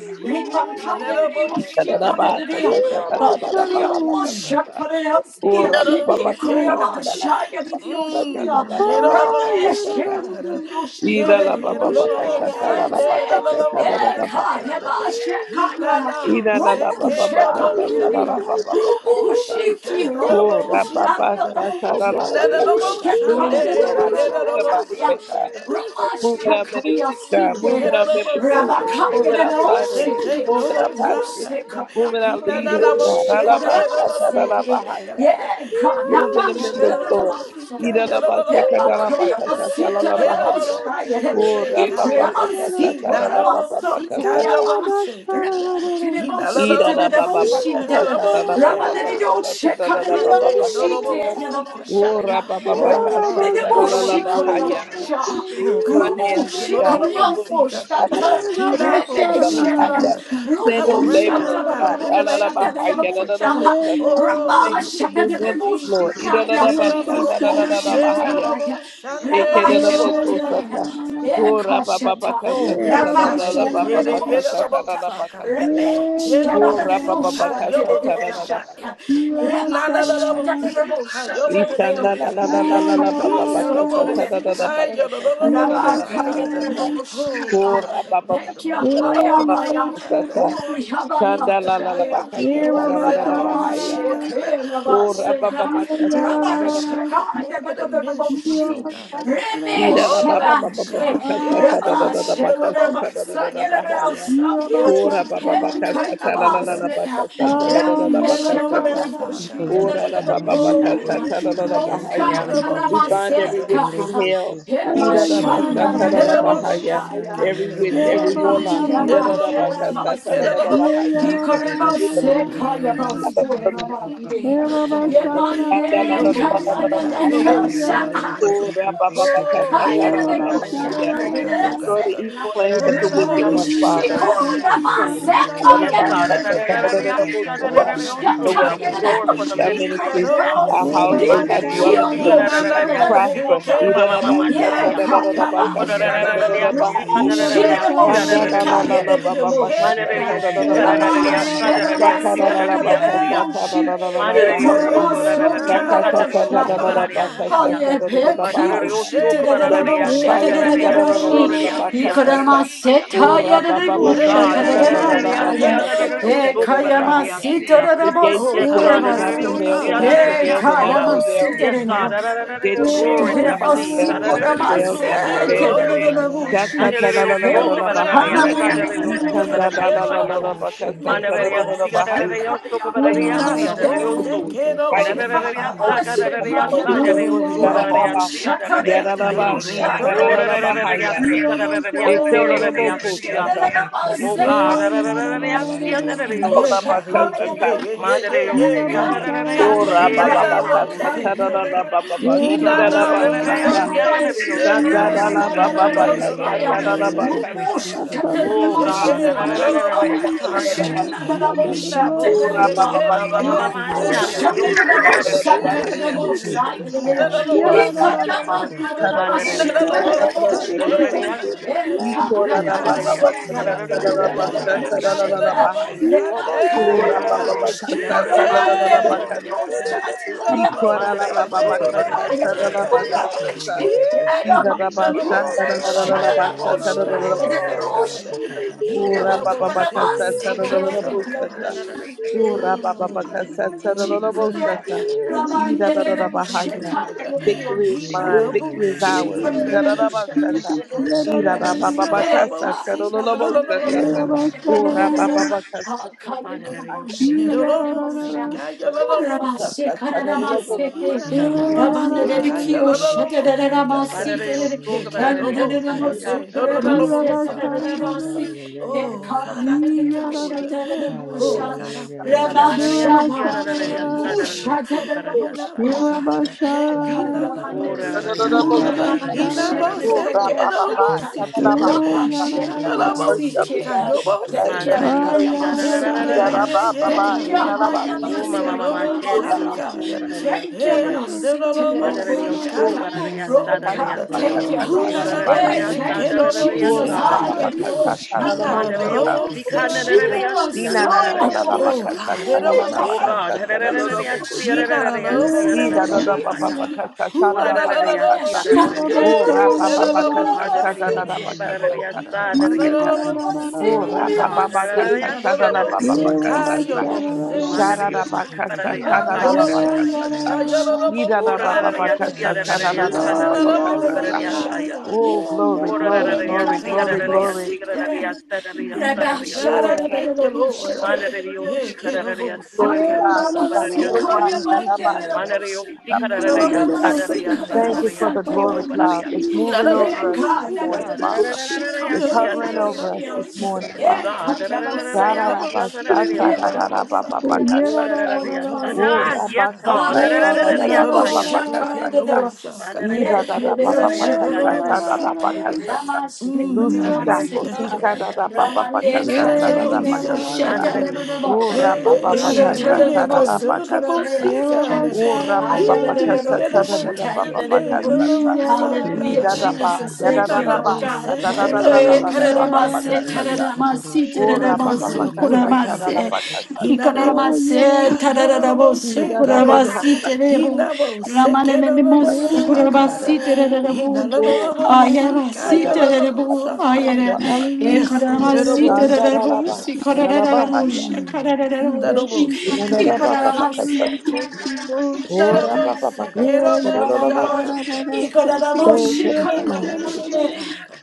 Speaker 1: no, no, no,
Speaker 7: Ya
Speaker 1: see,
Speaker 7: la la ba
Speaker 1: God.
Speaker 7: ka sa ta la la la la ba ba ba ka sa
Speaker 1: Mm,
Speaker 7: ta.
Speaker 3: de
Speaker 7: Oh,
Speaker 3: Rabba
Speaker 1: no,
Speaker 7: ra
Speaker 1: no,
Speaker 7: ba
Speaker 1: no,
Speaker 7: ba
Speaker 1: no,
Speaker 7: ba ka
Speaker 1: shit,
Speaker 7: sa ta
Speaker 1: God.
Speaker 7: la la ba ba
Speaker 3: Shaya
Speaker 7: ba
Speaker 3: did
Speaker 7: ka
Speaker 3: you
Speaker 7: sa ta la
Speaker 3: shia?
Speaker 7: la
Speaker 1: Mm,
Speaker 7: la
Speaker 1: yeah, no,
Speaker 7: ba
Speaker 1: no,
Speaker 7: ba
Speaker 1: no,
Speaker 7: ba
Speaker 1: no,
Speaker 7: ka sa
Speaker 3: Ramesh
Speaker 1: see,
Speaker 7: ta.
Speaker 3: Kevin
Speaker 1: God.
Speaker 3: did you shika
Speaker 7: Ida
Speaker 1: Yeah,
Speaker 3: did
Speaker 7: la ba
Speaker 1: yeah,
Speaker 7: ba
Speaker 3: you
Speaker 1: no, no,
Speaker 7: ba
Speaker 1: no,
Speaker 7: ka
Speaker 3: shia?
Speaker 1: no,
Speaker 7: sa ta
Speaker 3: The
Speaker 7: la la
Speaker 3: answer,
Speaker 7: ba
Speaker 1: Sunday,
Speaker 7: ka
Speaker 1: no, no,
Speaker 7: sa
Speaker 1: no,
Speaker 7: ta
Speaker 1: no,
Speaker 7: la la la
Speaker 1: shot,
Speaker 7: ba ka
Speaker 3: Deka,
Speaker 7: sa
Speaker 1: God.
Speaker 3: Deba,
Speaker 7: ta.
Speaker 1: He na
Speaker 3: Shekaya,
Speaker 1: na mo
Speaker 7: Ira da da
Speaker 1: se
Speaker 3: Rubu
Speaker 7: ba
Speaker 1: ke
Speaker 7: ba ba
Speaker 1: no
Speaker 7: ka
Speaker 3: Sheka,
Speaker 1: mo
Speaker 7: sa
Speaker 3: you
Speaker 7: ta
Speaker 1: shot,
Speaker 7: da da
Speaker 3: know,
Speaker 7: ba
Speaker 1: God.
Speaker 7: ba ba ka sa
Speaker 3: Rubu
Speaker 7: ta.
Speaker 2: Jesus,
Speaker 1: Ooh,
Speaker 3: Shiki,
Speaker 2: thank
Speaker 1: God, no,
Speaker 2: you,
Speaker 1: no,
Speaker 7: Mo
Speaker 1: no,
Speaker 3: Rubu
Speaker 7: ra
Speaker 2: Lord.
Speaker 7: ba
Speaker 1: see,
Speaker 7: ba
Speaker 1: God.
Speaker 3: Shanda,
Speaker 7: sha ta
Speaker 2: Oh
Speaker 7: da da
Speaker 2: God,
Speaker 7: ba
Speaker 1: Na
Speaker 2: we
Speaker 1: na
Speaker 7: ka
Speaker 3: Rubu
Speaker 1: no
Speaker 7: sa
Speaker 1: mo
Speaker 2: need
Speaker 7: ta.
Speaker 2: you,
Speaker 3: Sheka,
Speaker 7: Move,
Speaker 2: Lord.
Speaker 3: the
Speaker 2: Yeah, no,
Speaker 7: move,
Speaker 1: Sunday,
Speaker 2: no,
Speaker 1: na
Speaker 2: no,
Speaker 7: move
Speaker 2: no,
Speaker 1: na
Speaker 7: in
Speaker 2: no.
Speaker 1: no
Speaker 7: the
Speaker 1: mo
Speaker 7: mighty
Speaker 2: So
Speaker 3: Bushataya,
Speaker 7: way,
Speaker 1: shot,
Speaker 7: God.
Speaker 1: God.
Speaker 2: thank you, Lord. We
Speaker 3: Ramash
Speaker 7: Move in our
Speaker 2: need you, oh
Speaker 3: Shakaya
Speaker 7: ministries, God.
Speaker 1: Mm,
Speaker 2: God.
Speaker 7: Move in
Speaker 3: Sita,
Speaker 7: our membership.
Speaker 1: yedadabosika,
Speaker 7: Move
Speaker 3: Rabakaya,
Speaker 7: in
Speaker 3: and
Speaker 7: our finances.
Speaker 3: Rosik,
Speaker 7: Move in our
Speaker 1: shetedobosaka,
Speaker 7: pastors.
Speaker 3: Rusik,
Speaker 7: Move in our
Speaker 3: the
Speaker 7: leaders, God. Da da
Speaker 3: Yushiko,
Speaker 7: ba sha ta
Speaker 3: the
Speaker 7: da da
Speaker 3: Ramasek.
Speaker 7: ba ha
Speaker 1: hinananabosekedadadabosheka.
Speaker 7: ya.
Speaker 3: Yeah, God, that
Speaker 7: Move in the
Speaker 1: Ooh,
Speaker 3: much. Yeah,
Speaker 7: members,
Speaker 3: no, no,
Speaker 7: Lord.
Speaker 3: no,
Speaker 1: yedadabosika,
Speaker 3: so.
Speaker 7: Ira da ba sha
Speaker 3: Yeah,
Speaker 7: ka
Speaker 3: I
Speaker 7: da da
Speaker 3: could
Speaker 1: yedadadabosaka,
Speaker 7: ba
Speaker 3: hear
Speaker 7: ka
Speaker 3: my
Speaker 7: sa ta
Speaker 3: seat
Speaker 7: da da
Speaker 3: and I
Speaker 7: ba ha ya.
Speaker 3: was tired.
Speaker 7: Mo
Speaker 1: hedadadaboshande,
Speaker 7: ra
Speaker 3: He
Speaker 7: ba
Speaker 3: could
Speaker 7: ba
Speaker 3: hear
Speaker 7: ba
Speaker 3: my
Speaker 7: ka sa
Speaker 3: seat,
Speaker 7: ta
Speaker 3: but
Speaker 7: da
Speaker 3: I
Speaker 7: da
Speaker 3: was
Speaker 7: ba ba ba
Speaker 3: so
Speaker 7: ka
Speaker 3: cool.
Speaker 1: hinanabosika,
Speaker 7: sa
Speaker 3: Yeah,
Speaker 7: ta
Speaker 3: man.
Speaker 1: yoboseka,
Speaker 2: Yeah,
Speaker 7: da da da da da
Speaker 3: seat and
Speaker 7: da da ba ba ba
Speaker 3: about sheet.
Speaker 7: ba ba ba ba
Speaker 3: Ramadani
Speaker 7: ka
Speaker 1: hinananabosekedadabosheka.
Speaker 7: sa ta
Speaker 3: check
Speaker 7: da
Speaker 3: on
Speaker 7: da da
Speaker 3: it
Speaker 7: ba ba
Speaker 3: about
Speaker 7: ba
Speaker 1: Shande, no
Speaker 7: ka
Speaker 1: no
Speaker 3: sheet
Speaker 7: sa
Speaker 1: more
Speaker 7: ta.
Speaker 3: and
Speaker 1: see,
Speaker 3: about
Speaker 7: Wo
Speaker 1: God.
Speaker 7: ra
Speaker 3: shaya.
Speaker 7: ba ba ba
Speaker 1: Oh,
Speaker 7: ka ka ka ka sa
Speaker 3: Ramadani
Speaker 1: Father,
Speaker 7: sa
Speaker 1: no
Speaker 7: sa
Speaker 3: don't
Speaker 1: no
Speaker 7: sa
Speaker 1: more
Speaker 3: shake
Speaker 7: ra
Speaker 3: on
Speaker 7: ha
Speaker 1: shake,
Speaker 7: ya.
Speaker 1: God.
Speaker 3: shah.
Speaker 7: Increase
Speaker 1: Oh,
Speaker 7: the
Speaker 1: God, we
Speaker 3: Robo
Speaker 1: thank
Speaker 7: finances,
Speaker 1: you. No
Speaker 3: shake
Speaker 1: no
Speaker 3: on
Speaker 8: manana
Speaker 7: God.
Speaker 1: no
Speaker 3: it
Speaker 7: Ba
Speaker 1: no,
Speaker 7: bo
Speaker 1: see,
Speaker 3: about
Speaker 7: sa ta Da
Speaker 1: God.
Speaker 7: da ba
Speaker 3: shatter.
Speaker 1: He
Speaker 7: ka sa
Speaker 1: not
Speaker 7: ta
Speaker 1: more
Speaker 7: da
Speaker 3: Rebe
Speaker 7: da ba
Speaker 1: say,
Speaker 7: ha
Speaker 3: shebe.
Speaker 7: ya.
Speaker 1: God.
Speaker 7: Send
Speaker 1: Cover
Speaker 7: new
Speaker 3: Robo
Speaker 1: right
Speaker 3: shatter
Speaker 1: now,
Speaker 7: laborers,
Speaker 3: on the
Speaker 7: God.
Speaker 1: God, in
Speaker 7: Da
Speaker 1: the
Speaker 3: road
Speaker 7: la la
Speaker 1: name
Speaker 7: ba
Speaker 3: shatter
Speaker 1: of
Speaker 7: ha
Speaker 3: the
Speaker 7: ya da
Speaker 3: road
Speaker 7: da
Speaker 1: Jesus.
Speaker 7: Da ba
Speaker 2: Yeah,
Speaker 7: ha ya. Thank
Speaker 1: Oh,
Speaker 7: you for new
Speaker 1: Jesus,
Speaker 7: members, Lord.
Speaker 1: Jesus,
Speaker 7: Ida Da da
Speaker 3: Shakadadeboshikaya,
Speaker 1: Jesus,
Speaker 7: ba sa
Speaker 1: Jesus.
Speaker 7: ta da da da da ba ba sa
Speaker 1: Yeah,
Speaker 7: ha
Speaker 1: no
Speaker 7: ya.
Speaker 1: no
Speaker 3: Roboshataya,
Speaker 1: more shande, no no more sa,
Speaker 3: Rabashate,
Speaker 7: Ekerabokosata.
Speaker 1: God.
Speaker 7: Ora baba
Speaker 3: Ekashata,
Speaker 1: Oh,
Speaker 7: bakasata da
Speaker 1: yes,
Speaker 7: da da
Speaker 1: God.
Speaker 7: da
Speaker 1: Yeah,
Speaker 7: baba
Speaker 1: yeah, yeah, yeah, yeah, the
Speaker 7: bakasata da
Speaker 3: Rabashakadadeboshata,
Speaker 1: most,
Speaker 7: da
Speaker 1: ah, God.
Speaker 7: bakasata.
Speaker 1: Yeah, the
Speaker 7: Ora
Speaker 1: most, see,
Speaker 7: baba
Speaker 1: God, your
Speaker 7: bakasata
Speaker 1: most,
Speaker 7: da da
Speaker 1: ah,
Speaker 7: da bakasata.
Speaker 1: God.
Speaker 3: Rebeshkadadadeboshatadedeoshaya,
Speaker 1: He, na, na, na, the most, see, God, your most,
Speaker 3: Rabashadadadeboshatadadeo,
Speaker 7: Ishanda
Speaker 1: say,
Speaker 7: la la la
Speaker 1: God.
Speaker 7: la la la baba
Speaker 1: He, the the
Speaker 7: bakasata
Speaker 1: most,
Speaker 7: da
Speaker 1: see,
Speaker 7: da da
Speaker 1: God,
Speaker 3: Ekaramasotodadebashe,
Speaker 1: your, the, the,
Speaker 7: bakasata
Speaker 1: the
Speaker 7: da da da
Speaker 1: most,
Speaker 7: da
Speaker 1: ah, God.
Speaker 7: bakasata.
Speaker 1: Oh,
Speaker 3: Rabakayadadadoshia.
Speaker 7: Ora
Speaker 1: God, the
Speaker 7: baba
Speaker 1: blood, the
Speaker 3: Thank you,
Speaker 1: blood, the, the
Speaker 7: bakasata da
Speaker 3: Haya
Speaker 7: da
Speaker 1: most,
Speaker 3: Haya.
Speaker 1: see, God.
Speaker 7: bakasata.
Speaker 3: Oh,
Speaker 1: We plead
Speaker 3: Yabana
Speaker 7: Shanda
Speaker 1: the
Speaker 7: la la la
Speaker 1: blood
Speaker 3: shaya.
Speaker 1: of
Speaker 7: bakasata
Speaker 3: Oh,
Speaker 7: da
Speaker 1: Jesus
Speaker 7: da
Speaker 1: and
Speaker 7: da
Speaker 3: Rabba
Speaker 1: the
Speaker 7: da
Speaker 3: Baba
Speaker 1: most,
Speaker 7: bahaya.
Speaker 1: see, God.
Speaker 3: Sheke, Rabba
Speaker 7: Ora
Speaker 1: Over
Speaker 7: baba
Speaker 1: our
Speaker 3: Seta,
Speaker 1: churches, oh
Speaker 7: bakasata
Speaker 3: Rabba
Speaker 7: da da
Speaker 1: God.
Speaker 3: Sheka,
Speaker 5: you.
Speaker 3: da
Speaker 7: bakasata.
Speaker 1: Over
Speaker 3: da
Speaker 1: the
Speaker 3: da da da
Speaker 1: ministries, oh
Speaker 3: Boshi,
Speaker 1: God.
Speaker 3: Rebe
Speaker 7: Ira baba
Speaker 3: Sheba
Speaker 7: baba
Speaker 1: Oh
Speaker 3: She,
Speaker 7: baba
Speaker 1: God,
Speaker 7: kasa kasa
Speaker 1: hey
Speaker 7: da da
Speaker 3: Rabba
Speaker 1: God,
Speaker 7: da
Speaker 1: yeah, the
Speaker 7: baka
Speaker 1: the
Speaker 3: Sheko,
Speaker 7: kasa
Speaker 3: Rabba
Speaker 1: most
Speaker 7: da da
Speaker 1: see
Speaker 7: da da
Speaker 3: Sanya,
Speaker 1: God, uh,
Speaker 3: Rabba
Speaker 7: bahaya.
Speaker 3: Saya,
Speaker 7: Ora
Speaker 1: yeah,
Speaker 7: baba
Speaker 1: God, we
Speaker 7: baka
Speaker 3: Heka
Speaker 1: thank you,
Speaker 7: kasa la la
Speaker 3: Yaba
Speaker 1: Lord.
Speaker 7: la
Speaker 1: uh,
Speaker 7: la baka
Speaker 3: Seta,
Speaker 7: kasa da da
Speaker 2: Oh,
Speaker 7: da da
Speaker 3: Rabba
Speaker 1: Mm,
Speaker 2: yeah,
Speaker 1: yeah,
Speaker 2: da,
Speaker 1: the
Speaker 7: baka
Speaker 1: the
Speaker 2: da,
Speaker 3: Sheko,
Speaker 2: da, da,
Speaker 3: Rabba
Speaker 7: kasa.
Speaker 1: most,
Speaker 2: da.
Speaker 1: uh,
Speaker 5: Eka
Speaker 3: Boshi,
Speaker 1: God.
Speaker 3: da
Speaker 1: uh,
Speaker 3: da da
Speaker 7: Ora
Speaker 3: da
Speaker 7: la
Speaker 3: da
Speaker 5: boroshanda
Speaker 7: baba
Speaker 5: ya ya ya
Speaker 2: Hallelujah.
Speaker 7: baka
Speaker 1: Oh
Speaker 5: ya
Speaker 3: Boshaya.
Speaker 2: Thank
Speaker 7: kasa
Speaker 1: yes,
Speaker 5: ya.
Speaker 7: la
Speaker 2: you,
Speaker 5: Abi
Speaker 7: la
Speaker 5: to
Speaker 7: la
Speaker 1: God,
Speaker 2: God.
Speaker 3: Oh
Speaker 1: yes, Lord,
Speaker 2: Thank
Speaker 1: the
Speaker 7: bahaya.
Speaker 5: boroshandi
Speaker 3: God,
Speaker 1: the
Speaker 2: you,
Speaker 5: dili
Speaker 2: Lord.
Speaker 7: We
Speaker 1: most,
Speaker 3: Rabba
Speaker 1: yeah,
Speaker 7: bind every
Speaker 1: God.
Speaker 5: eka
Speaker 7: witch from
Speaker 3: Seka,
Speaker 5: boroho ho.
Speaker 7: hell.
Speaker 3: Hema
Speaker 2: Yeah,
Speaker 7: Ira da
Speaker 2: yeah, da,
Speaker 7: baka
Speaker 5: Eka
Speaker 2: da,
Speaker 3: Shaya,
Speaker 2: da,
Speaker 7: kasa
Speaker 1: Mm,
Speaker 3: da
Speaker 2: da,
Speaker 7: da
Speaker 3: da
Speaker 5: keke
Speaker 7: da
Speaker 3: da
Speaker 5: ke da
Speaker 2: da.
Speaker 7: bahaya.
Speaker 5: boroshanda
Speaker 1: nerolobosi,
Speaker 5: ya
Speaker 3: Boshaya.
Speaker 5: ya
Speaker 7: Every
Speaker 5: ya
Speaker 1: God.
Speaker 5: ya
Speaker 7: witch,
Speaker 2: Yeah,
Speaker 5: ya.
Speaker 2: da,
Speaker 3: Yeah,
Speaker 7: every
Speaker 5: Abi te
Speaker 2: da,
Speaker 3: Rabba
Speaker 5: te te
Speaker 7: warlock.
Speaker 2: sha,
Speaker 5: te
Speaker 2: da,
Speaker 1: Mm,
Speaker 2: da,
Speaker 7: Ira da
Speaker 2: da,
Speaker 7: da
Speaker 3: Sheba,
Speaker 5: boroshandi
Speaker 7: baka
Speaker 5: e
Speaker 3: Rabba
Speaker 1: nerolobosi,
Speaker 7: kasa da
Speaker 5: e.
Speaker 7: da
Speaker 3: Seta.
Speaker 7: da
Speaker 2: Yeah, yeah,
Speaker 7: Bahaya.
Speaker 3: He
Speaker 5: Dili
Speaker 2: da,
Speaker 1: kerolobosha,
Speaker 5: ka
Speaker 3: could
Speaker 2: da,
Speaker 1: God.
Speaker 2: da, da,
Speaker 3: about
Speaker 2: da, da,
Speaker 5: boroshanda
Speaker 2: da.
Speaker 3: sick,
Speaker 5: ya
Speaker 3: I
Speaker 5: ya ya
Speaker 2: Thank
Speaker 5: ya
Speaker 3: about
Speaker 5: ya.
Speaker 2: you.
Speaker 1: Mm,
Speaker 5: Abi te
Speaker 3: stolen
Speaker 5: te
Speaker 1: mm,
Speaker 3: about me.
Speaker 1: mm,
Speaker 2: Yeah, da,
Speaker 1: thank you,
Speaker 2: da,
Speaker 3: Yet
Speaker 1: Lord.
Speaker 2: sha, da,
Speaker 3: on
Speaker 2: da, da, da.
Speaker 7: Kandala la
Speaker 3: there,
Speaker 7: la
Speaker 2: You
Speaker 7: la
Speaker 2: fuck
Speaker 7: la la
Speaker 1: Herobosi,
Speaker 7: la
Speaker 2: me.
Speaker 7: Bahaya.
Speaker 2: Yeah,
Speaker 1: kayobose,
Speaker 2: da, da,
Speaker 3: Kayananasa.
Speaker 2: da.
Speaker 1: God.
Speaker 7: Ora ba
Speaker 5: te
Speaker 7: ba ba
Speaker 5: te
Speaker 7: ta ta
Speaker 1: Oh,
Speaker 7: ta
Speaker 3: Shakaya
Speaker 2: Yeah,
Speaker 7: la
Speaker 5: boroshando
Speaker 3: de
Speaker 2: da,
Speaker 1: God,
Speaker 7: la la
Speaker 1: oh,
Speaker 2: da,
Speaker 5: boroho
Speaker 1: oh,
Speaker 2: sha,
Speaker 3: debosha,
Speaker 2: da,
Speaker 1: God,
Speaker 7: Bahaya.
Speaker 2: da,
Speaker 3: ya
Speaker 1: oh,
Speaker 3: de
Speaker 2: da, da,
Speaker 1: God,
Speaker 5: boroho
Speaker 1: oh,
Speaker 2: da.
Speaker 5: boroho.
Speaker 7: Destroy the
Speaker 3: dese,
Speaker 1: God.
Speaker 7: evil
Speaker 3: ya.
Speaker 7: plans
Speaker 5: Yeah,
Speaker 1: Oh,
Speaker 7: of
Speaker 5: yeah, yeah, yeah,
Speaker 1: na
Speaker 7: the
Speaker 1: na
Speaker 5: yeah,
Speaker 1: na,
Speaker 7: wicked one,
Speaker 2: Hallelujah,
Speaker 7: Father.
Speaker 5: yeah,
Speaker 2: God.
Speaker 1: God.
Speaker 2: Thank
Speaker 3: Shikoda
Speaker 2: you, Father.
Speaker 1: Na
Speaker 2: Thank
Speaker 3: maseka,
Speaker 1: na
Speaker 7: Da da
Speaker 1: na,
Speaker 2: you,
Speaker 6: Yes,
Speaker 3: ya
Speaker 7: ba
Speaker 3: de
Speaker 6: God.
Speaker 7: ta
Speaker 2: Lord.
Speaker 7: ta ta
Speaker 1: God.
Speaker 7: da
Speaker 3: debosha,
Speaker 7: da da
Speaker 3: ya.
Speaker 7: da bo
Speaker 2: Hallelujah.
Speaker 7: ta
Speaker 2: Thank
Speaker 7: ta.
Speaker 1: Oh
Speaker 2: you,
Speaker 1: God, we
Speaker 7: No
Speaker 3: Bushata,
Speaker 1: thank
Speaker 6: Yeah,
Speaker 2: Jesus.
Speaker 1: you,
Speaker 3: ya
Speaker 7: weapons
Speaker 6: we
Speaker 3: de
Speaker 2: Thank
Speaker 1: Lord.
Speaker 7: formed
Speaker 1: Uh,
Speaker 6: war
Speaker 3: debo,
Speaker 2: you.
Speaker 6: for the
Speaker 7: against our
Speaker 1: He
Speaker 6: ministries,
Speaker 1: na
Speaker 3: shikori,
Speaker 7: ministry,
Speaker 6: oh
Speaker 1: na
Speaker 3: ya
Speaker 1: bo
Speaker 3: bo.
Speaker 7: our
Speaker 2: Yeah,
Speaker 1: see
Speaker 2: da,
Speaker 7: houses,
Speaker 2: da,
Speaker 1: God.
Speaker 7: our
Speaker 3: Ribi
Speaker 1: Uh,
Speaker 2: sha, da,
Speaker 5: yeah,
Speaker 7: dwelling
Speaker 2: da,
Speaker 5: da, da,
Speaker 1: He
Speaker 5: da,
Speaker 3: kyono,
Speaker 2: da,
Speaker 5: bo.
Speaker 1: na
Speaker 7: places.
Speaker 3: sha
Speaker 1: na
Speaker 3: de
Speaker 5: Wo,
Speaker 1: bo
Speaker 5: shi, shi,
Speaker 7: Prosper.
Speaker 1: shake
Speaker 7: Ee
Speaker 5: shi,
Speaker 3: debosha.
Speaker 7: da da
Speaker 5: shi, shi,
Speaker 7: ba
Speaker 1: it,
Speaker 5: shi,
Speaker 7: ta
Speaker 2: Yeah,
Speaker 3: Yeah,
Speaker 7: ta
Speaker 5: shi.
Speaker 1: God.
Speaker 7: da da
Speaker 1: Uh,
Speaker 3: God,
Speaker 7: da da ba ka
Speaker 1: He
Speaker 5: Mm,
Speaker 7: ta
Speaker 1: na
Speaker 5: di,
Speaker 7: ta
Speaker 1: na
Speaker 3: habashe.
Speaker 5: di,
Speaker 7: da
Speaker 1: na
Speaker 5: di,
Speaker 7: da
Speaker 5: di,
Speaker 1: na
Speaker 7: da
Speaker 5: di,
Speaker 1: bo
Speaker 5: di, di,
Speaker 3: Romo
Speaker 1: see
Speaker 5: di,
Speaker 7: Bahaya.
Speaker 5: ka
Speaker 1: na
Speaker 5: bo
Speaker 1: na
Speaker 5: ro
Speaker 3: shida
Speaker 1: na
Speaker 3: de
Speaker 5: shi,
Speaker 1: bo
Speaker 5: na,
Speaker 7: Kanda
Speaker 5: ya,
Speaker 1: shock
Speaker 7: la
Speaker 5: ya,
Speaker 7: la
Speaker 6: God.
Speaker 3: mosheka,
Speaker 5: ya,
Speaker 7: la
Speaker 3: ya
Speaker 1: God. Uh,
Speaker 5: da,
Speaker 7: la
Speaker 3: de
Speaker 5: da, da, da,
Speaker 7: ba
Speaker 5: da, da,
Speaker 7: ba
Speaker 5: di,
Speaker 7: ba ka
Speaker 5: di,
Speaker 7: ta
Speaker 5: di,
Speaker 3: debosha.
Speaker 7: ta
Speaker 5: di,
Speaker 6: Manario
Speaker 7: da
Speaker 5: di,
Speaker 7: da da
Speaker 5: ka bo
Speaker 1: Hey
Speaker 5: ro
Speaker 3: Rama
Speaker 7: Bahaya.
Speaker 6: Sukarararia
Speaker 5: shi, di, di.
Speaker 3: shida
Speaker 6: Sadaria
Speaker 7: Shaka
Speaker 1: God. Uh,
Speaker 7: la la la
Speaker 3: baseta
Speaker 7: ba
Speaker 6: Sikararia
Speaker 3: de
Speaker 7: ka
Speaker 6: Sia
Speaker 7: ta ta
Speaker 3: deboshi.
Speaker 7: da da da
Speaker 1: Hey
Speaker 7: da
Speaker 1: yeah
Speaker 6: Manario
Speaker 1: yeah
Speaker 3: Ikora
Speaker 7: Bahaya.
Speaker 1: yeah yeah
Speaker 3: maso
Speaker 5: Hallelujah.
Speaker 6: Sokoraria
Speaker 1: God
Speaker 3: tora
Speaker 1: na na
Speaker 6: Sadario
Speaker 1: bo
Speaker 3: de
Speaker 1: shock
Speaker 6: Sugararia
Speaker 1: God. Uh,
Speaker 3: Oh
Speaker 6: Saya
Speaker 3: yeah,
Speaker 6: Manario
Speaker 7: Bakasatadadadabakasatadadadabahaya.
Speaker 1: Mm,
Speaker 3: Pekioshi
Speaker 1: hey,
Speaker 7: Let it
Speaker 1: hello,
Speaker 6: Sokararia
Speaker 1: bo,
Speaker 3: Tedaraboshi
Speaker 7: backfire.
Speaker 1: shake,
Speaker 6: Sakararia
Speaker 1: hello, bo,
Speaker 3: Tedaraboshi.
Speaker 6: Sororia
Speaker 1: sa, God. Uh,
Speaker 3: Ikarama
Speaker 6: Siadaria
Speaker 7: Shadadadadadabakasata.
Speaker 6: Saya
Speaker 3: Setaya
Speaker 1: Mm,
Speaker 6: Oh
Speaker 3: Rebusha
Speaker 1: hello,
Speaker 6: God.
Speaker 1: bo, shika,
Speaker 3: Tedarabosha. Yeah.
Speaker 1: yellow, bo,
Speaker 6: Oh
Speaker 3: E
Speaker 6: so
Speaker 1: say, God. Uh,
Speaker 3: Kayama
Speaker 7: Urabababakasatadadadababakasatadadadabahaya. The gates
Speaker 1: Oh
Speaker 6: Yes,
Speaker 7: of
Speaker 1: God,
Speaker 7: hell
Speaker 6: God.
Speaker 1: oh
Speaker 7: will not
Speaker 1: God, oh
Speaker 6: Oh
Speaker 3: Sitarabasukurabase.
Speaker 7: prevail, will
Speaker 1: God.
Speaker 7: not
Speaker 3: E
Speaker 7: prevail, will not
Speaker 3: Kayama
Speaker 7: prevail.
Speaker 6: Yes,
Speaker 1: Oh
Speaker 6: God.
Speaker 1: God, we thank you,
Speaker 7: Gates
Speaker 1: Lord,
Speaker 7: of
Speaker 1: on the
Speaker 7: hell
Speaker 6: Glory
Speaker 7: will
Speaker 1: most
Speaker 7: not
Speaker 6: never
Speaker 1: high
Speaker 6: leaves.
Speaker 1: God.
Speaker 7: prevail, not
Speaker 3: Sitarabasukurabase.
Speaker 1: Do
Speaker 7: prevail,
Speaker 1: it
Speaker 7: not
Speaker 1: for your
Speaker 7: prevail.
Speaker 6: Oh
Speaker 1: glory, God. Do it for your honor,
Speaker 7: Sha-ta-ta-la-la-la-la-la-la-ba-ha-ya.
Speaker 1: God.
Speaker 6: so
Speaker 1: Yeah, no, no, most sick, yeah, no,
Speaker 6: Mandaria
Speaker 1: most
Speaker 6: Siga
Speaker 1: shy,
Speaker 6: de
Speaker 7: Ee-kan-da-la-la-la-la-la-ba-ka-sa-ta-la-la-la-la-ba-ha-ya.
Speaker 6: Reo
Speaker 1: God.
Speaker 6: Soco
Speaker 7: Thank
Speaker 5: La
Speaker 7: you
Speaker 1: Who
Speaker 6: Bararia
Speaker 5: la
Speaker 7: for
Speaker 5: la
Speaker 1: not
Speaker 5: la
Speaker 1: no
Speaker 6: Sia
Speaker 5: la
Speaker 6: de
Speaker 5: la
Speaker 7: fresh
Speaker 5: la la
Speaker 6: Reo
Speaker 1: most
Speaker 5: la
Speaker 7: wind,
Speaker 1: sick,
Speaker 6: So
Speaker 5: la po
Speaker 1: yeah,
Speaker 5: po
Speaker 7: fresh
Speaker 1: no,
Speaker 6: and
Speaker 7: fire,
Speaker 5: to
Speaker 1: most
Speaker 5: ro
Speaker 1: sick,
Speaker 5: shin
Speaker 6: Araria
Speaker 5: do do
Speaker 1: God.
Speaker 7: fresh
Speaker 5: do do
Speaker 6: Saga de
Speaker 5: do
Speaker 7: wind of the
Speaker 1: You
Speaker 6: Reo
Speaker 1: get
Speaker 7: Holy
Speaker 6: Saga
Speaker 1: the
Speaker 6: de
Speaker 3: Shekaya,
Speaker 5: do do do
Speaker 7: Ghost.
Speaker 6: Reo
Speaker 1: glory,
Speaker 6: So Bararia
Speaker 3: Robo
Speaker 1: God.
Speaker 7: Ya-la-la-ba.
Speaker 6: Sia de
Speaker 3: Shaka,
Speaker 1: You
Speaker 3: de
Speaker 6: Reo
Speaker 3: de
Speaker 1: get
Speaker 5: yeah
Speaker 1: the
Speaker 3: de de
Speaker 7: Ya-la-la-ba.
Speaker 5: yeah
Speaker 6: Saya.
Speaker 5: yeah
Speaker 1: honor,
Speaker 5: yeah
Speaker 1: Lord. No,
Speaker 3: de
Speaker 1: no,
Speaker 5: yeah
Speaker 6: Ora
Speaker 1: most sick,
Speaker 5: yeah yeah
Speaker 6: Raria
Speaker 7: Sha-ta-la-la-la-ba-ha-ya.
Speaker 1: God.
Speaker 6: Sica de Reo
Speaker 5: yeah yeah yeah yeah yeah
Speaker 1: Oh
Speaker 3: Rubu
Speaker 1: God, we
Speaker 6: Seo
Speaker 1: thank
Speaker 7: Eke-do-do-bo-ko-sa-ta.
Speaker 1: you, Lord.
Speaker 5: po po po po po po po
Speaker 6: Oh
Speaker 5: po po po po
Speaker 6: God,
Speaker 5: ro shin da la la la la la la la
Speaker 1: Mm,
Speaker 5: pa pa
Speaker 1: Yeah,
Speaker 5: pa
Speaker 6: da-da-da-da-da-da-ya-sia-na-da-da-yo-sia.
Speaker 1: God.
Speaker 5: pa
Speaker 1: Yeah,
Speaker 5: pa pa
Speaker 1: yeah,
Speaker 7: Sha-ta-la-la-la-ba-ba-ba-sa-ta-la-la-ba-ka-sa-ta.
Speaker 1: yeah, yeah, yeah, yeah,
Speaker 5: Mm,
Speaker 1: yeah,
Speaker 5: da
Speaker 1: God.
Speaker 5: yeah yeah yeah
Speaker 1: He
Speaker 5: yeah yeah
Speaker 1: not
Speaker 5: yeah yeah yeah yeah
Speaker 1: love
Speaker 6: Ma-da-da-yo-sia-na-da-da-da-ya-se-da-da-yo-so-ya.
Speaker 5: yeah
Speaker 1: say, God.
Speaker 2: I
Speaker 5: to
Speaker 7: Ora-ba-ba-ba-ka-sa-ta-la-la-la-ba-ba-ba.
Speaker 2: cover
Speaker 6: Oh
Speaker 1: He
Speaker 2: you,
Speaker 5: po to
Speaker 1: not
Speaker 6: God,
Speaker 5: ro
Speaker 2: hope
Speaker 5: shin
Speaker 1: love
Speaker 5: do
Speaker 7: Ee-la-la-ba-sa-ta.
Speaker 5: do
Speaker 1: Sunday. Yeah,
Speaker 6: da-da-da-da-da-ya-sia-na-da-da-yo-so.
Speaker 5: ah la la la
Speaker 1: God.
Speaker 5: la la la yeah
Speaker 1: Yeah,
Speaker 5: yeah
Speaker 1: no
Speaker 5: yeah yeah
Speaker 1: love
Speaker 5: yeah yeah yeah yeah yeah pa
Speaker 1: shake
Speaker 5: po
Speaker 1: it,
Speaker 5: po
Speaker 7: Sha-ta-la-la-ba-ba-ba-ka-sa-ta-la-la-ba-ka-sa-ta.
Speaker 1: God.
Speaker 5: po to ro
Speaker 6: Oh
Speaker 5: shin do
Speaker 1: Shake
Speaker 7: Ora
Speaker 5: yeah
Speaker 2: in
Speaker 6: God,
Speaker 2: the
Speaker 5: yeah
Speaker 1: it,
Speaker 2: blood
Speaker 5: yeah
Speaker 1: no
Speaker 2: of Jesus,
Speaker 1: love
Speaker 2: oh
Speaker 5: Thank
Speaker 6: da-da-da-da-da-da-ya-sia-na-da-da-yo.
Speaker 1: God.
Speaker 2: God, because I know
Speaker 1: He
Speaker 2: the
Speaker 1: not
Speaker 2: blood
Speaker 1: bo
Speaker 7: baba
Speaker 1: shake it,
Speaker 2: heals.
Speaker 7: baka
Speaker 6: Ma-
Speaker 1: no
Speaker 6: ma- ma- ma-
Speaker 1: love
Speaker 6: ma-
Speaker 2: I
Speaker 7: sadada
Speaker 1: shake,
Speaker 2: cover
Speaker 1: God.
Speaker 2: you,
Speaker 6: sia-na-da-yo-so,
Speaker 2: hope in the
Speaker 7: sadada
Speaker 6: da-da-da-da-ya.
Speaker 2: blood of
Speaker 7: bahaya.
Speaker 2: Jesus, oh
Speaker 1: Mm,
Speaker 2: God. Yeah,
Speaker 7: Ora
Speaker 2: no, no,
Speaker 1: Nanalobosi,
Speaker 7: baba
Speaker 2: no, no,
Speaker 7: baka
Speaker 2: no.
Speaker 1: God.
Speaker 7: sadada
Speaker 2: Oh
Speaker 6: Ma-da-da-da-ya-si,
Speaker 2: God, I
Speaker 7: sadada
Speaker 2: cover
Speaker 6: da-da-da-da-ya-si, oh,
Speaker 2: you,
Speaker 1: Nanaloboshande,
Speaker 2: hope
Speaker 7: bahaya.
Speaker 2: in
Speaker 6: da-da-da-da-ya-sia.
Speaker 1: God.
Speaker 2: the
Speaker 3: Shut
Speaker 2: blood of
Speaker 1: Who
Speaker 7: Ikora
Speaker 1: can
Speaker 7: baba
Speaker 6: Ma-da-da-da-ya-si,
Speaker 7: baka
Speaker 1: say,
Speaker 7: sadada
Speaker 1: God?
Speaker 6: ka-da-da-da-yo-so,
Speaker 1: He
Speaker 6: da-da-da-da-ya.
Speaker 7: sadada bahaya.
Speaker 2: Jesus, oh
Speaker 6: Oh,
Speaker 7: Ora
Speaker 1: Sunday,
Speaker 7: baba
Speaker 2: God.
Speaker 1: God.
Speaker 7: baka
Speaker 6: da-da-da-da-da-ya-sia, da-da-da-da-ya-sia,
Speaker 7: sadada
Speaker 1: Hey,
Speaker 7: baka sadada.
Speaker 6: da-da-da-da-ya-sia.
Speaker 1: hey,
Speaker 7: Ikora baba
Speaker 1: Nanaboshande,
Speaker 7: baka
Speaker 1: Nanabosi,
Speaker 7: sadada baka
Speaker 1: God.
Speaker 7: sadada.
Speaker 1: He
Speaker 7: Ida da
Speaker 5: you.
Speaker 7: ba shanda da da da da da ba
Speaker 1: Nanaboshande,
Speaker 7: sha ta da da da da ba sha
Speaker 1: Nananabosa,
Speaker 7: bahaya.
Speaker 1: God. He
Speaker 7: Ura baba baka
Speaker 1: Nanabose,
Speaker 7: sata da da da da
Speaker 1: Kedobosha, God.
Speaker 7: boshata. Ura
Speaker 3: Oh,
Speaker 5: Ba ba
Speaker 7: baba
Speaker 5: ba ba ba ba
Speaker 7: baka
Speaker 5: ba ba ba ba ba ba
Speaker 1: Mm, mm,
Speaker 7: sata
Speaker 3: Hallelujah,
Speaker 7: da
Speaker 6: Ooh,
Speaker 7: da da
Speaker 3: Jesus. Eh,
Speaker 1: mm.
Speaker 6: Magaraya,
Speaker 7: boshata.
Speaker 6: Sierra,
Speaker 7: E da da da da
Speaker 1: mm. Thank you,
Speaker 7: bahaya.
Speaker 1: Lord.
Speaker 3: Ramandererushekarererun.
Speaker 7: Victory
Speaker 1: He
Speaker 7: is
Speaker 1: not
Speaker 7: mine.
Speaker 1: a
Speaker 3: Ooh,
Speaker 7: Victory is
Speaker 2: In
Speaker 1: bossy
Speaker 2: the
Speaker 7: ours. E
Speaker 1: God.
Speaker 7: da da
Speaker 2: name
Speaker 7: da
Speaker 2: of
Speaker 7: boshata.
Speaker 2: Jesus, yeah,
Speaker 7: E
Speaker 2: no,
Speaker 7: da
Speaker 2: no,
Speaker 3: shikarerererushekarererushe.
Speaker 7: da
Speaker 2: no,
Speaker 1: Mm,
Speaker 7: baba
Speaker 2: no.
Speaker 1: Not a
Speaker 7: baka
Speaker 3: Eh,
Speaker 7: sata da
Speaker 3: gosh,
Speaker 1: bossy
Speaker 7: da da
Speaker 1: God. Not a
Speaker 2: Yeah,
Speaker 7: boshata.
Speaker 1: bossy
Speaker 2: no, no, no, no,
Speaker 1: God.
Speaker 7: Ura baba
Speaker 3: Ramanderererushekarerererun.
Speaker 2: no.
Speaker 7: baka sata
Speaker 3: Ah,
Speaker 7: da da
Speaker 6: Manarayo,
Speaker 7: bahaya.
Speaker 1: Mm, Not
Speaker 2: Yeah,
Speaker 1: a
Speaker 6: Sugararia,
Speaker 2: no, no, no,
Speaker 3: karerererushikarerererusha.
Speaker 1: bossy
Speaker 6: Sarayo,
Speaker 2: no.
Speaker 1: God.
Speaker 6: Sierra,
Speaker 1: Not
Speaker 3: Ooh,
Speaker 1: a
Speaker 7: Baka
Speaker 1: bossy
Speaker 7: sata
Speaker 1: God.
Speaker 7: da da da
Speaker 6: Ooh, Mama,
Speaker 3: ramashekareramasete.
Speaker 1: He
Speaker 7: boshata.
Speaker 6: Mama,
Speaker 1: not
Speaker 2: Yeah,
Speaker 1: a
Speaker 6: Shandarayo,
Speaker 2: no,
Speaker 1: bossy
Speaker 2: no, no,
Speaker 6: Sugararia,
Speaker 1: God. Not
Speaker 2: no.
Speaker 6: Saya,
Speaker 1: a bossy God.
Speaker 6: Manarayo,
Speaker 3: Ramandererikiyoshadereramasiterere.
Speaker 1: He can't a
Speaker 6: Sugararia,
Speaker 1: bossy
Speaker 7: E na
Speaker 6: Saria,
Speaker 7: na
Speaker 1: God.
Speaker 7: na.
Speaker 1: Not
Speaker 6: Saya,
Speaker 1: a
Speaker 2: Oh God, help
Speaker 1: bossy
Speaker 2: me,
Speaker 1: God.
Speaker 2: Lord,
Speaker 3: Ramanderererushukurebasetererabasi. Eh,
Speaker 1: Oh God,
Speaker 2: oh
Speaker 1: I thank you,
Speaker 2: God.
Speaker 1: Lord.
Speaker 7: Ura
Speaker 3: karerererushaderererusha.
Speaker 1: Oh God,
Speaker 7: baka
Speaker 1: I
Speaker 7: sata da
Speaker 1: praise you,
Speaker 7: da.
Speaker 6: Mararia,
Speaker 1: Jesus,
Speaker 3: Rabashana.
Speaker 6: Sierra,
Speaker 1: Jesus, Hallelujah, God.
Speaker 6: Sarayo,
Speaker 1: He
Speaker 7: Ura baba baka sata da da da
Speaker 6: Sugararia,
Speaker 3: Ushadadadabosha.
Speaker 1: not
Speaker 6: Saya,
Speaker 1: bo
Speaker 7: boshata.
Speaker 1: God. He not not
Speaker 6: Ooh,
Speaker 1: bo
Speaker 3: Hekayamane.
Speaker 7: Da da
Speaker 1: say,
Speaker 7: da
Speaker 6: Raria,
Speaker 7: da
Speaker 1: God.
Speaker 5: ba
Speaker 6: Sierra,
Speaker 7: boshata.
Speaker 5: ba
Speaker 1: He not
Speaker 5: ba
Speaker 1: bo
Speaker 6: Sarayo,
Speaker 7: Ooh,
Speaker 1: say,
Speaker 6: Sur,
Speaker 1: God. Oh,
Speaker 7: ra-ba-ba-ba,
Speaker 1: bo
Speaker 5: Thank
Speaker 3: Urabababashetadadaboshata.
Speaker 1: see, God.
Speaker 7: ya-da-da-ba-ba-ba.
Speaker 1: He
Speaker 5: you.
Speaker 1: not
Speaker 7: The
Speaker 1: not bo
Speaker 7: first shall
Speaker 1: see,
Speaker 7: be
Speaker 1: God. You
Speaker 7: last,
Speaker 3: Rabashedabosike.
Speaker 1: bo
Speaker 7: and the last
Speaker 3: Take
Speaker 1: say,
Speaker 7: shall
Speaker 3: your
Speaker 7: be
Speaker 6: Manarayo,
Speaker 1: God.
Speaker 3: higher
Speaker 7: first.
Speaker 6: Sierra,
Speaker 1: Yeah,
Speaker 2: Oh, God,
Speaker 1: yeah,
Speaker 3: masada.
Speaker 1: yeah,
Speaker 6: Sierra,
Speaker 1: yeah,
Speaker 3: Take
Speaker 7: Ee-da-da-ba-ba-ba,
Speaker 3: your
Speaker 1: God.
Speaker 7: ya-da-da-ba.
Speaker 3: higher
Speaker 6: Oh,
Speaker 1: He
Speaker 6: Mama,
Speaker 1: not
Speaker 6: Mama,
Speaker 1: bo
Speaker 7: Ooh,
Speaker 1: sha,
Speaker 6: Shandarayo,
Speaker 3: masada.
Speaker 7: ra-ba-ba-ba,
Speaker 1: God.
Speaker 6: Sugararia,
Speaker 3: Take your
Speaker 6: Saya.
Speaker 1: Hey, no, no,
Speaker 3: masita.
Speaker 1: no, bo
Speaker 2: help
Speaker 6: Mandaraya
Speaker 1: see, God.
Speaker 6: soga
Speaker 7: ooh,
Speaker 1: You bo
Speaker 6: bararaya
Speaker 7: ra-ba-ba-ba,
Speaker 1: say,
Speaker 3: Oh
Speaker 6: sadaraya
Speaker 3: God,
Speaker 1: God.
Speaker 6: sa.
Speaker 3: take your
Speaker 1: Who
Speaker 7: ta-da-da-ba-ba,
Speaker 1: not
Speaker 7: da
Speaker 1: not
Speaker 7: ba
Speaker 1: bo
Speaker 7: ha
Speaker 3: Yeah,
Speaker 6: Orarararaya
Speaker 7: ya.
Speaker 1: say,
Speaker 3: take
Speaker 1: God.
Speaker 3: your
Speaker 1: Oh, bo
Speaker 6: sadarararaya
Speaker 7: Ooh,
Speaker 3: Jesus.
Speaker 1: say
Speaker 3: Higher
Speaker 6: sario
Speaker 7: ra-ba-ba-ba,
Speaker 1: God.
Speaker 3: and the
Speaker 6: so.
Speaker 7: ta-da-da,
Speaker 3: ocean.
Speaker 1: Na
Speaker 3: you
Speaker 1: na na
Speaker 7: ta-da-da-ba-ba,
Speaker 3: know.
Speaker 6: Mandaraya
Speaker 7: ta.
Speaker 1: robo
Speaker 6: sika
Speaker 1: say God.
Speaker 6: narararaya si ararararaya
Speaker 7: Ee-na-na-na-na-na-na-ba,
Speaker 6: saya.
Speaker 1: Oh
Speaker 2: me,
Speaker 7: ta-da,
Speaker 1: God, it
Speaker 2: Father.
Speaker 1: robo
Speaker 7: ta-da-da-ba,
Speaker 6: Oh
Speaker 7: ta-da,
Speaker 1: sha
Speaker 6: God,
Speaker 1: God.
Speaker 6: hararararaya
Speaker 7: ta-da-da-ba-ba, ba ba na na na na
Speaker 6: si
Speaker 7: Rabba,
Speaker 1: Ni na na
Speaker 7: Sasa,
Speaker 1: na
Speaker 2: Oh,
Speaker 6: ararararaya
Speaker 7: Sasa, Rabba, Sasa, Sasa,
Speaker 2: deliver
Speaker 7: Rabba, Sasa.
Speaker 6: si
Speaker 1: robo
Speaker 7: Ina,
Speaker 2: us
Speaker 7: na
Speaker 1: see
Speaker 2: from the
Speaker 6: ararararaya
Speaker 7: ta-da,
Speaker 1: God.
Speaker 7: ta-da-da-ba,
Speaker 2: stress
Speaker 7: ba
Speaker 6: saya.
Speaker 7: ba ta da
Speaker 1: Who na
Speaker 7: ta
Speaker 1: na
Speaker 7: ba
Speaker 1: na na
Speaker 6: Orarararaya
Speaker 7: ta
Speaker 6: si
Speaker 1: robo
Speaker 7: da
Speaker 1: say
Speaker 6: ararararaya
Speaker 7: Ooh,
Speaker 6: si.
Speaker 1: ke? De na
Speaker 7: ra-ba-ba-ba,
Speaker 1: robo
Speaker 7: ta-da,
Speaker 1: sha
Speaker 6: Mandaraya
Speaker 7: ta-da-da-ba,
Speaker 6: suka
Speaker 1: God.
Speaker 7: ta-da,
Speaker 6: bararaya
Speaker 1: He na na
Speaker 7: ta-da-da-ba-ha,
Speaker 1: na
Speaker 6: sadaraya
Speaker 1: na
Speaker 7: ya.
Speaker 6: saya.
Speaker 1: robo see
Speaker 7: Ora
Speaker 6: Oh
Speaker 1: God.
Speaker 6: God,
Speaker 7: baba baka
Speaker 6: hararararaya
Speaker 7: sata
Speaker 6: si
Speaker 7: da la
Speaker 6: ararararaya
Speaker 7: baba
Speaker 6: si.
Speaker 7: baka sata. Shara
Speaker 6: Mandaraya
Speaker 7: da
Speaker 1: Hinadadabosikayobosekara.
Speaker 6: suka
Speaker 7: baka
Speaker 6: bararaya
Speaker 7: sata da la
Speaker 6: saya
Speaker 7: la baka
Speaker 6: ararararaya
Speaker 7: sata. Ida da
Speaker 6: Ora
Speaker 7: baba
Speaker 6: rararia
Speaker 7: baka
Speaker 1: Hinadadabosikayaradabosakara.
Speaker 6: sia
Speaker 7: sata da la
Speaker 6: rararia
Speaker 7: la
Speaker 6: sa
Speaker 7: baba
Speaker 6: rararia
Speaker 7: baka
Speaker 6: sugo
Speaker 7: sata.
Speaker 6: rararia saia.
Speaker 1: Hinadadadabosikara.
Speaker 3: Ramana
Speaker 7: Oh, glory,
Speaker 6: Ora
Speaker 7: glory,
Speaker 6: rararia
Speaker 1: Mm,
Speaker 7: glory,
Speaker 6: sia
Speaker 7: glory,
Speaker 1: God.
Speaker 6: rararia
Speaker 7: glory.
Speaker 6: sia rararia sa rararia sa
Speaker 3: Reba
Speaker 1: Mm,
Speaker 6: rararia
Speaker 1: God,
Speaker 7: Oh,
Speaker 3: shata da
Speaker 6: sia.
Speaker 1: I
Speaker 7: da
Speaker 3: da
Speaker 7: da
Speaker 3: da
Speaker 1: thank you,
Speaker 3: da bu
Speaker 1: Lord.
Speaker 3: shata
Speaker 6: Mana
Speaker 3: da da da
Speaker 6: rararia
Speaker 1: Hey,
Speaker 6: sugo
Speaker 3: yoshi.
Speaker 6: rararia sa
Speaker 1: see,
Speaker 7: glory
Speaker 3: Ay
Speaker 6: rararia
Speaker 3: ana na
Speaker 1: God.
Speaker 6: sugo
Speaker 7: clouds, God.
Speaker 6: rararia
Speaker 3: masi
Speaker 1: Oh,
Speaker 7: Oh,
Speaker 6: sia.
Speaker 7: ra-
Speaker 1: God,
Speaker 3: kore
Speaker 1: I
Speaker 7: ya da
Speaker 1: thank you,
Speaker 3: bandere
Speaker 7: ba
Speaker 3: da
Speaker 1: Lord.
Speaker 6: Mana
Speaker 7: sata
Speaker 6: rararia
Speaker 3: yoshi.
Speaker 7: da la
Speaker 6: sugo
Speaker 1: None
Speaker 7: baka
Speaker 6: rararia
Speaker 3: Ora
Speaker 1: of
Speaker 7: sata.
Speaker 6: sa
Speaker 1: see
Speaker 3: masi
Speaker 6: rararia sa
Speaker 3: kore
Speaker 1: God.
Speaker 7: Thank you for
Speaker 6: rararia
Speaker 2: of
Speaker 7: the
Speaker 3: masate da
Speaker 2: God.
Speaker 7: glory
Speaker 6: sugo
Speaker 2: Be, be,
Speaker 7: cloud
Speaker 6: rararia
Speaker 3: yoshi.
Speaker 7: that's
Speaker 6: saia.
Speaker 1: None
Speaker 2: be, be,
Speaker 7: moving
Speaker 3: Hey
Speaker 7: over
Speaker 1: of
Speaker 7: us
Speaker 1: see
Speaker 3: God,
Speaker 7: this
Speaker 6: Oh
Speaker 3: da
Speaker 2: be,
Speaker 3: da
Speaker 1: God.
Speaker 7: morning,
Speaker 3: da
Speaker 6: God.
Speaker 3: da
Speaker 7: Father.
Speaker 3: yoshi
Speaker 6: rararia
Speaker 3: kore
Speaker 7: That's
Speaker 3: da
Speaker 6: sia
Speaker 3: da
Speaker 7: hovering
Speaker 1: Yonarabo
Speaker 6: rararia
Speaker 7: over us
Speaker 3: yoshi.
Speaker 6: sugo.
Speaker 1: Sunday,
Speaker 7: this morning,
Speaker 1: God.
Speaker 6: Oh
Speaker 3: Hey,
Speaker 7: Father.
Speaker 6: God.
Speaker 3: come here,
Speaker 1: He na na na
Speaker 6: rararia
Speaker 1: na nanarabo
Speaker 3: sata.
Speaker 6: sia
Speaker 2: be.
Speaker 1: shika,
Speaker 6: rararia
Speaker 1: ya na na
Speaker 6: saia.
Speaker 1: bo
Speaker 3: Hallelujah,
Speaker 2: Oh,
Speaker 1: saka.
Speaker 2: yeah,
Speaker 6: Oh
Speaker 2: da, da,
Speaker 7: Sha-ra-ra-ba-sa-ta-ra-ra-ra-ba-ba-ba-ka-sa-ta.
Speaker 2: da,
Speaker 1: Oh,
Speaker 2: da,
Speaker 6: rararia
Speaker 2: da.
Speaker 1: to
Speaker 6: sa.
Speaker 1: na
Speaker 6: Ah,
Speaker 7: ra ba
Speaker 6: yes,
Speaker 7: ka
Speaker 1: sikada.
Speaker 6: God.
Speaker 7: sa
Speaker 2: Yeah, da,
Speaker 7: ra
Speaker 2: da,
Speaker 7: ra ra
Speaker 6: rararia
Speaker 7: ba ba
Speaker 2: da, da,
Speaker 1: Nanarabo
Speaker 6: saia.
Speaker 2: da,
Speaker 7: ba
Speaker 2: da,
Speaker 7: ka
Speaker 2: da.
Speaker 7: sa
Speaker 1: na
Speaker 7: ta
Speaker 1: robo
Speaker 7: ee
Speaker 1: sakada.
Speaker 6: Mandario soka bararia
Speaker 1: Sunday,
Speaker 2: Yeah, yeah, da,
Speaker 5: Thank
Speaker 1: rorobo
Speaker 2: da,
Speaker 6: saya
Speaker 2: da, da, da.
Speaker 1: sikada.
Speaker 7: Ee-ra-ra-ra-ba-ba-ba-ka-sa-ta-ra-ra-ba-ka-sa-ta. Loose the
Speaker 6: Matarere
Speaker 1: Mm,
Speaker 7: shackles.
Speaker 2: Yerabasha,
Speaker 1: thank
Speaker 6: osoko
Speaker 1: you, Lord.
Speaker 6: barareas,
Speaker 1: He
Speaker 6: yarararea.
Speaker 2: eh,
Speaker 1: nanarabo
Speaker 2: yararara,
Speaker 7: He-ka-ra-ra-ba-ba-ba-ka-sa-ta-ra-ra-ba-ka-sa-ta.
Speaker 1: sekada.
Speaker 6: Mandarere osoko barareas,
Speaker 1: Hey,
Speaker 6: adararea.
Speaker 1: yeah,
Speaker 2: yararara,
Speaker 1: yeah, God. Rorobo
Speaker 7: Oh-ra-ba-ba-ba-ka-sa-ta-ra-ra-ba-ka-sa-ta.
Speaker 1: sikada. He
Speaker 2: yerabashararara,
Speaker 7: Oh-ra-ba-ba-ba-ka-sa-ta-ra-ra-ra-ba-ba-ba-ka-sa-ta. ka sa ra ra
Speaker 1: yenabo
Speaker 7: ra ba ba ba ka
Speaker 1: shande,
Speaker 2: ee,
Speaker 7: sa ta
Speaker 1: rorobo
Speaker 2: yararara,
Speaker 7: ee ra
Speaker 1: sakada.
Speaker 7: ra ba
Speaker 3: Jesus.
Speaker 7: ya
Speaker 1: Who
Speaker 7: ra
Speaker 3: Thank
Speaker 7: ra
Speaker 1: not
Speaker 3: you,
Speaker 7: ra
Speaker 1: not
Speaker 7: ba
Speaker 3: Lord
Speaker 1: both
Speaker 3: God.
Speaker 7: ra ra
Speaker 1: sick,
Speaker 7: ra
Speaker 1: cannot
Speaker 7: ra
Speaker 1: not
Speaker 2: hallelujah,
Speaker 3: Hey,
Speaker 7: ra
Speaker 1: both
Speaker 7: ra ba ba
Speaker 1: God.
Speaker 7: ba
Speaker 2: yerarara,
Speaker 7: ka
Speaker 3: kararamase,
Speaker 7: sa ta
Speaker 3: tararamasi,
Speaker 7: Ora
Speaker 1: Do it
Speaker 7: papa
Speaker 1: for your
Speaker 3: tararamasu,
Speaker 7: paka
Speaker 1: glory,
Speaker 2: yerabashararara,
Speaker 7: sasa da la
Speaker 3: kuramase.
Speaker 1: God.
Speaker 7: paka
Speaker 1: He not
Speaker 7: sasa.
Speaker 5: you.
Speaker 1: not
Speaker 2: oh,
Speaker 1: both
Speaker 3: Ikaramase,
Speaker 1: sick,
Speaker 2: yararara,
Speaker 1: God. You not not both
Speaker 3: tarararabosu,
Speaker 7: Hira
Speaker 1: sick,
Speaker 7: da
Speaker 1: God.
Speaker 7: paka
Speaker 3: kuramasi,
Speaker 7: sasa
Speaker 1: He
Speaker 3: terebo.
Speaker 1: not both sick, cannot not
Speaker 2: eh,
Speaker 7: da
Speaker 1: both
Speaker 7: da
Speaker 3: Ramanelemosu,
Speaker 7: da
Speaker 2: yararara,
Speaker 7: papa paka
Speaker 1: God.
Speaker 7: sasa da da da paka
Speaker 3: kuramasi,
Speaker 7: sasa.
Speaker 1: He
Speaker 3: terebo.
Speaker 1: not not not
Speaker 7: Ora
Speaker 1: both
Speaker 7: papa paka
Speaker 1: God.
Speaker 3: Ayarasi,
Speaker 7: hira
Speaker 1: You
Speaker 7: da da
Speaker 2: yerabashararara,
Speaker 1: not not both
Speaker 7: paka
Speaker 3: terebo. Ayere.
Speaker 1: God.
Speaker 7: sasa
Speaker 2: hallelujah,
Speaker 1: Yes, Lord, not
Speaker 3: Ekaramasi,
Speaker 1: both
Speaker 2: yararara,
Speaker 7: da la paka sasa. Shanda da
Speaker 1: sick,
Speaker 3: terebo.
Speaker 7: la ba
Speaker 1: God.
Speaker 7: da da la ba
Speaker 3: Sikarararabo,
Speaker 7: haya.
Speaker 1: Mmm,
Speaker 3: shakarararabo.
Speaker 1: not
Speaker 2: thank you,
Speaker 1: both sick,
Speaker 7: Hira
Speaker 2: Jesus,
Speaker 7: da da
Speaker 1: God.
Speaker 7: papa paka
Speaker 3: Ikaramase,
Speaker 2: hallelujah,
Speaker 7: sasa.
Speaker 2: thank you,
Speaker 3: tarararabo,
Speaker 2: Lord.
Speaker 1: Not
Speaker 7: Ora
Speaker 1: both
Speaker 7: papa
Speaker 1: sick,
Speaker 7: paka
Speaker 3: shatarararabo,
Speaker 1: cannot
Speaker 2: Lord,
Speaker 7: sasa da
Speaker 1: both
Speaker 7: da da ba
Speaker 1: shot,
Speaker 2: oh
Speaker 3: shabababosh.
Speaker 7: sasa.
Speaker 1: God.
Speaker 7: Thank
Speaker 3: Ikaramase,
Speaker 7: you this morning.
Speaker 1: Oh,
Speaker 7: Jesus.
Speaker 1: help us,
Speaker 3: karamase.
Speaker 1: God.